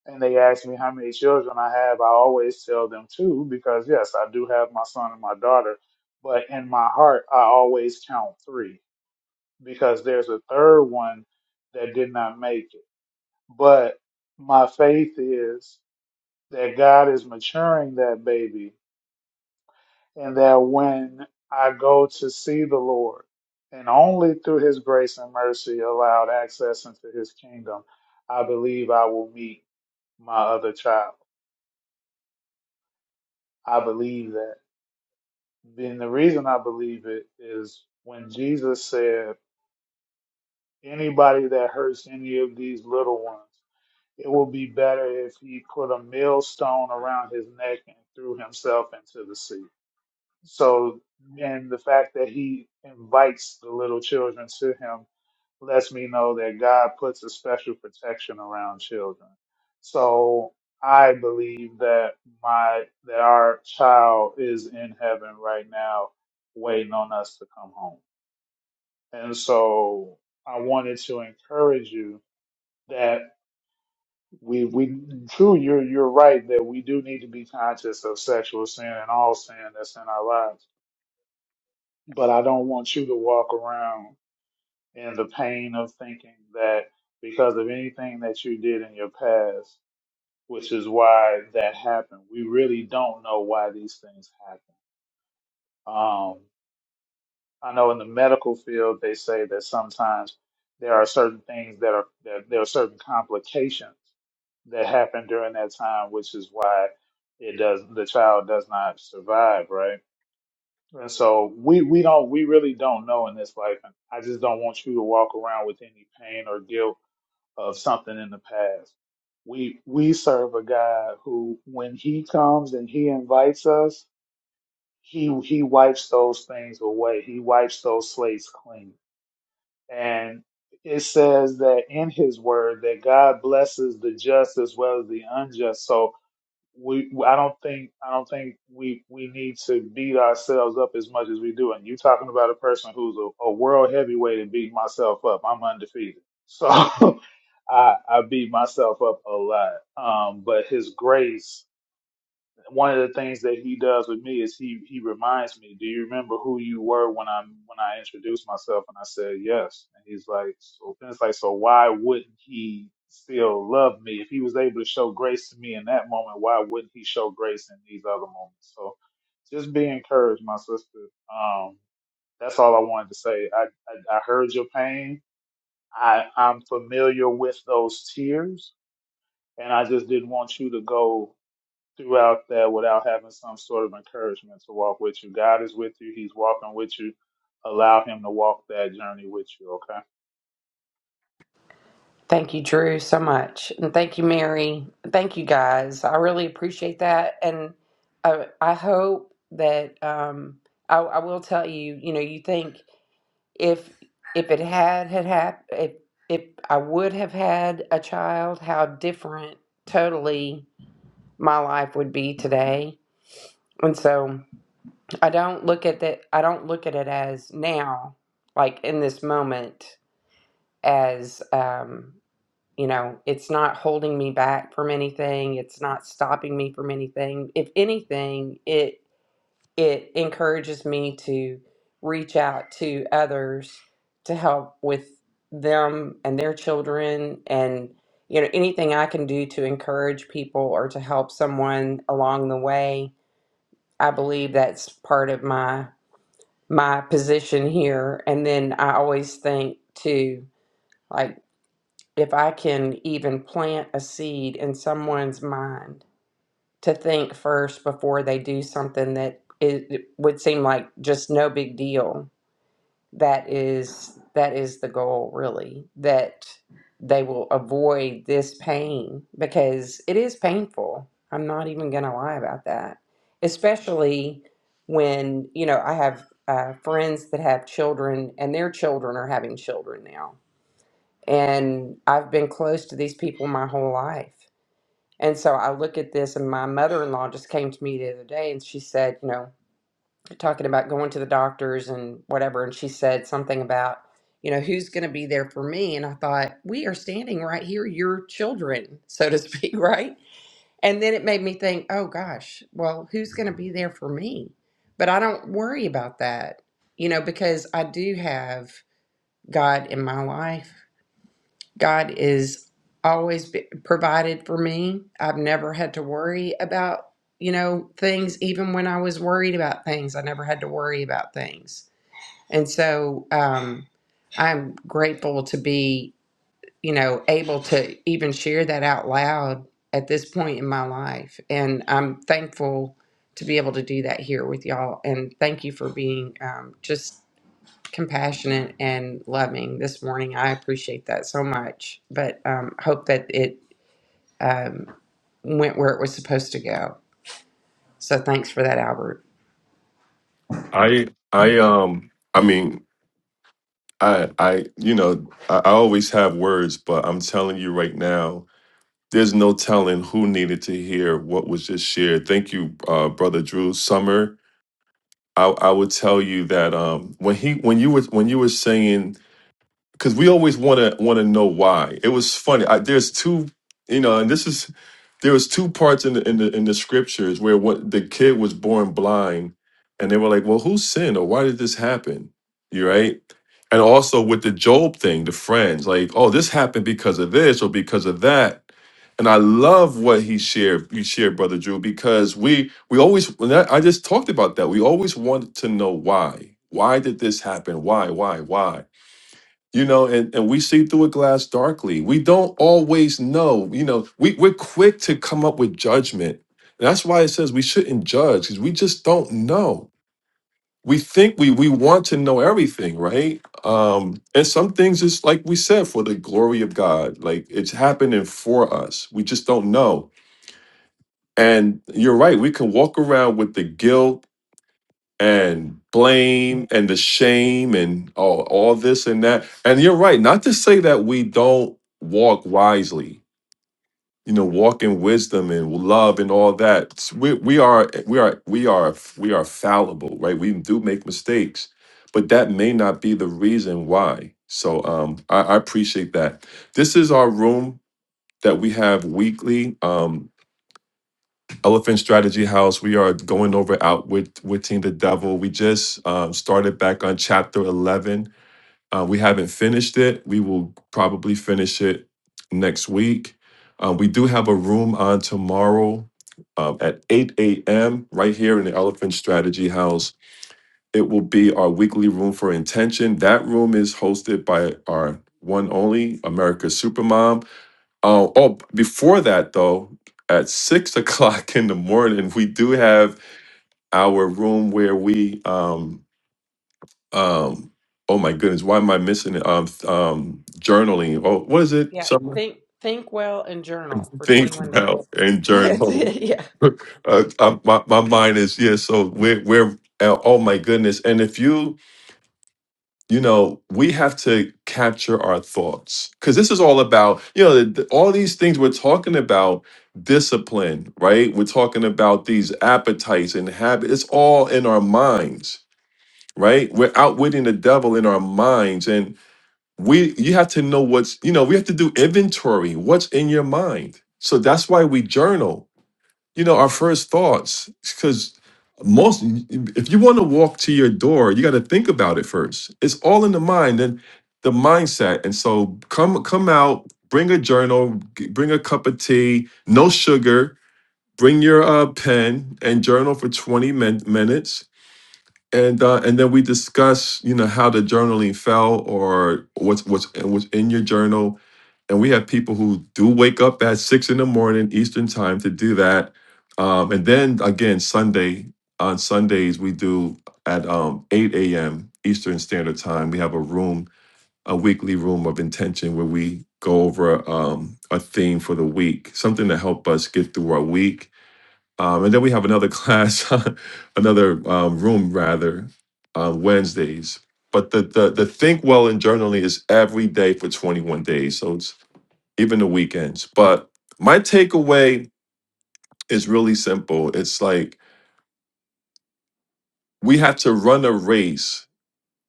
Speaker 12: and they ask me how many children I have, I always tell them two because, yes, I do have my son and my daughter. But in my heart, I always count three because there's a third one that did not make it. But my faith is that God is maturing that baby and that when I go to see the Lord, and only through his grace and mercy allowed access into his kingdom, I believe I will meet my other child. I believe that. Then the reason I believe it is when Jesus said, anybody that hurts any of these little ones, it will be better if he put a millstone around his neck and threw himself into the sea. So, and the fact that he invites the little children to him lets me know that God puts a special protection around children. So I believe that my that our child is in heaven right now, waiting on us to come home. And so I wanted to encourage you that we we true you're you're right that we do need to be conscious of sexual sin and all sin that's in our lives but I don't want you to walk around in the pain of thinking that because of anything that you did in your past, which is why that happened. We really don't know why these things happen. Um, I know in the medical field, they say that sometimes there are certain things that are that there are certain complications that happen during that time, which is why it does the child does not survive, right? And so we we don't we really don't know in this life. And I just don't want you to walk around with any pain or guilt of something in the past. We we serve a God who, when He comes and He invites us, He He wipes those things away. He wipes those slates clean. And it says that in His Word that God blesses the just as well as the unjust. So we I don't think I don't think we we need to beat ourselves up as much as we do. And you talking about a person who's a, a world heavyweight and beat myself up. I'm undefeated, so I I beat myself up a lot. Um, but His grace one of the things that he does with me is he he reminds me, "Do you remember who you were when I when I introduced myself?" And I said, "Yes." And he's like, "So then it's like, so why wouldn't he still love me if he was able to show grace to me in that moment? Why wouldn't he show grace in these other moments?" So just be encouraged, my sister. Um, that's all I wanted to say. I I, I heard your pain. I I'm familiar with those tears, and I just didn't want you to go throughout that without having some sort of encouragement to walk with you. God is with you. He's walking with you. Allow him to walk that journey with you. Okay.
Speaker 3: Thank you, Drew, so much, and thank you, Mary. Thank you, guys. I really appreciate that, and I, I hope that um, I, I will tell you. You know, you think if if it had had happened, if if I would have had a child, how different totally my life would be today. And so I don't look at that. I don't look at it as now, like in this moment, as um, you know, it's not holding me back from anything. It's not stopping me from anything. If anything, it it encourages me to reach out to others to help with them and their children and you know anything I can do to encourage people or to help someone along the way. I believe that's part of my my position here. And then I always think too, like if I can even plant a seed in someone's mind to think first before they do something that it it would seem like just no big deal that is that is the goal really that they will avoid this pain because it is painful i'm not even going to lie about that especially when you know i have uh, friends that have children and their children are having children now and i've been close to these people my whole life and so i look at this and my mother-in-law just came to me the other day and she said you know talking about going to the doctors and whatever and she said something about you know who's going to be there for me and i thought we are standing right here your children so to speak right and then it made me think oh gosh well who's going to be there for me but i don't worry about that you know because i do have god in my life God is always be- provided for me. I've never had to worry about, you know, things. Even when I was worried about things, I never had to worry about things. And so um, I'm grateful to be, you know, able to even share that out loud at this point in my life. And I'm thankful to be able to do that here with y'all. And thank you for being um, just compassionate and loving this morning. I appreciate that so much, but um, hope that it um, went where it was supposed to go. So thanks for that, Albert.
Speaker 1: I I um I mean I I you know I, I always have words but I'm telling you right now There's no telling who needed to hear what was just shared. Thank you, uh, brother Drew Summer. I, I would tell you that um, when he when you were when you were saying because we always want to want to know why. It was funny. I, there's two, you know, and this is there was two parts in the in the in the scriptures where what the kid was born blind, and they were like, "Well, who sinned or why did this happen?" You right, and also with the Job thing, the friends like, "Oh, this happened because of this or because of that." And I love what he shared. You shared, brother Drew, because we we always. and that- I just talked about that. We always want to know why. Why did this happen? Why? Why? Why? you know and, and we see through a glass darkly we don't always know you know we, we're quick to come up with judgment and that's why it says we shouldn't judge because we just don't know we think we we want to know everything right um and some things is like we said for the glory of god like it's happening for us we just don't know and you're right we can walk around with the guilt and blame and the shame and all, all this and that. And you're right, not to say that we don't walk wisely, you know, walk in wisdom and love and all that. It's- We, we are we are we are we are fallible, right? We do make mistakes, but that may not be the reason why. So um I, I appreciate that. This is our room that we have weekly. Um Elephant Strategy House. We are going over Outwit- Witting the Devil. We just um, started back on chapter 11. Uh, we haven't finished it. We will probably finish it next week. Uh, we do have a room on tomorrow um, at 8 a.m. right here in the Elephant Strategy House. It will be our weekly room for intention. That room is hosted by our one only America's Supermom. Oh, oh, b- before that though, at six o'clock in the morning, we do have our room where we um um oh my goodness, why am I missing it? Um th- um journaling. Oh, what is it?
Speaker 3: Yeah,
Speaker 1: Something
Speaker 3: think think well and journal for 21
Speaker 1: think now
Speaker 3: days.
Speaker 1: and
Speaker 3: That's
Speaker 1: journal.
Speaker 3: it, yeah,
Speaker 1: uh, uh, my my mind is yeah. So we're we're uh, oh my goodness, and if you you know we have to capture our thoughts because this is all about you know th- th- all these things we're talking about discipline right we're talking about these appetites and habits it's all in our minds right we're outwitting the devil in our minds and we you have to know what's you know we have to do inventory what's in your mind so that's why we journal you know, our first thoughts, because most, if you want to walk to your door, you got to think about it first. It's all in the mind and the mindset. And so come, come out, bring a journal, g- bring a cup of tea, no sugar, bring your uh, pen and journal for 20 min- minutes. And, uh, and then we discuss, you know, how the journaling fell or what's, what's, what's in your journal and we have people who do wake up at six in the morning Eastern time to do that. Um, and then again, Sunday on Sundays we do at um, eight a.m. Eastern Standard Time. We have a room, a weekly room of intention where we go over um, a theme for the week, something to help us get through our week. Um, and then we have another class, another um, room rather, on Wednesdays. But the, the the think well and journaling is every day for 21 days. So it's even the weekends. But my takeaway is really simple. It's like we have to run a race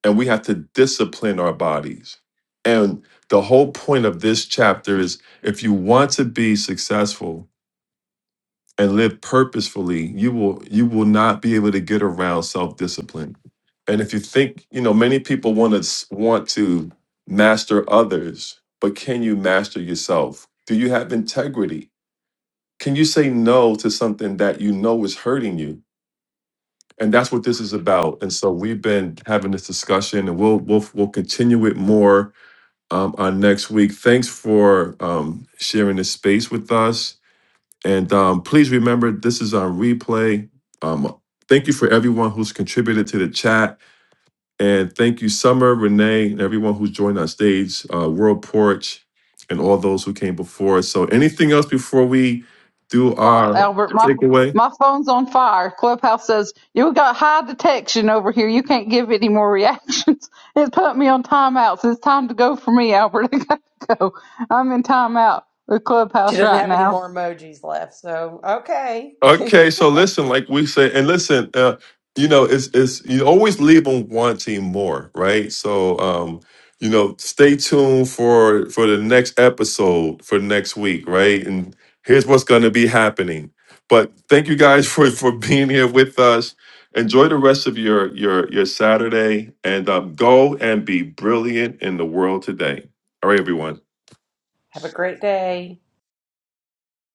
Speaker 1: and we have to discipline our bodies. And the whole point of this chapter is if you want to be successful and live purposefully, you will you will not be able to get around self-discipline. And if you think, you know, many people want to want to master others, but can you master yourself? Do you have integrity? can you say no to something that you know is hurting you? And that's what this is about. And so we've been having this discussion, and we'll we'll we'll continue it more um, on next week. Thanks for um, sharing this space with us, and um, please remember this is on replay. Um, thank you for everyone who's contributed to the chat, and thank you Summer, Renee, and everyone who's joined on stage, uh, World Porch, and all those who came before us. So anything else before we do
Speaker 2: thought,
Speaker 1: our
Speaker 2: Albert. My
Speaker 1: takeaway?
Speaker 2: my phone's on fire. Clubhouse says you got high detection over here. You can't give any more reactions. It put me on timeouts. It's time to go for me, Albert. I gotta go. I'm in timeout with
Speaker 3: she
Speaker 2: Clubhouse
Speaker 3: doesn't
Speaker 2: right
Speaker 3: have any
Speaker 2: now.
Speaker 3: more emojis left. So okay,
Speaker 1: Okay, so listen, like we say, and listen, uh, you know, it's it's you always leave them wanting more, right? So, um, you know, stay tuned for for the next episode for next week, right? And here's what's going to be happening. But thank you guys for for being here with us. Enjoy the rest of your your your Saturday, and um, go and be brilliant in the world today. All right, everyone.
Speaker 3: have a great day.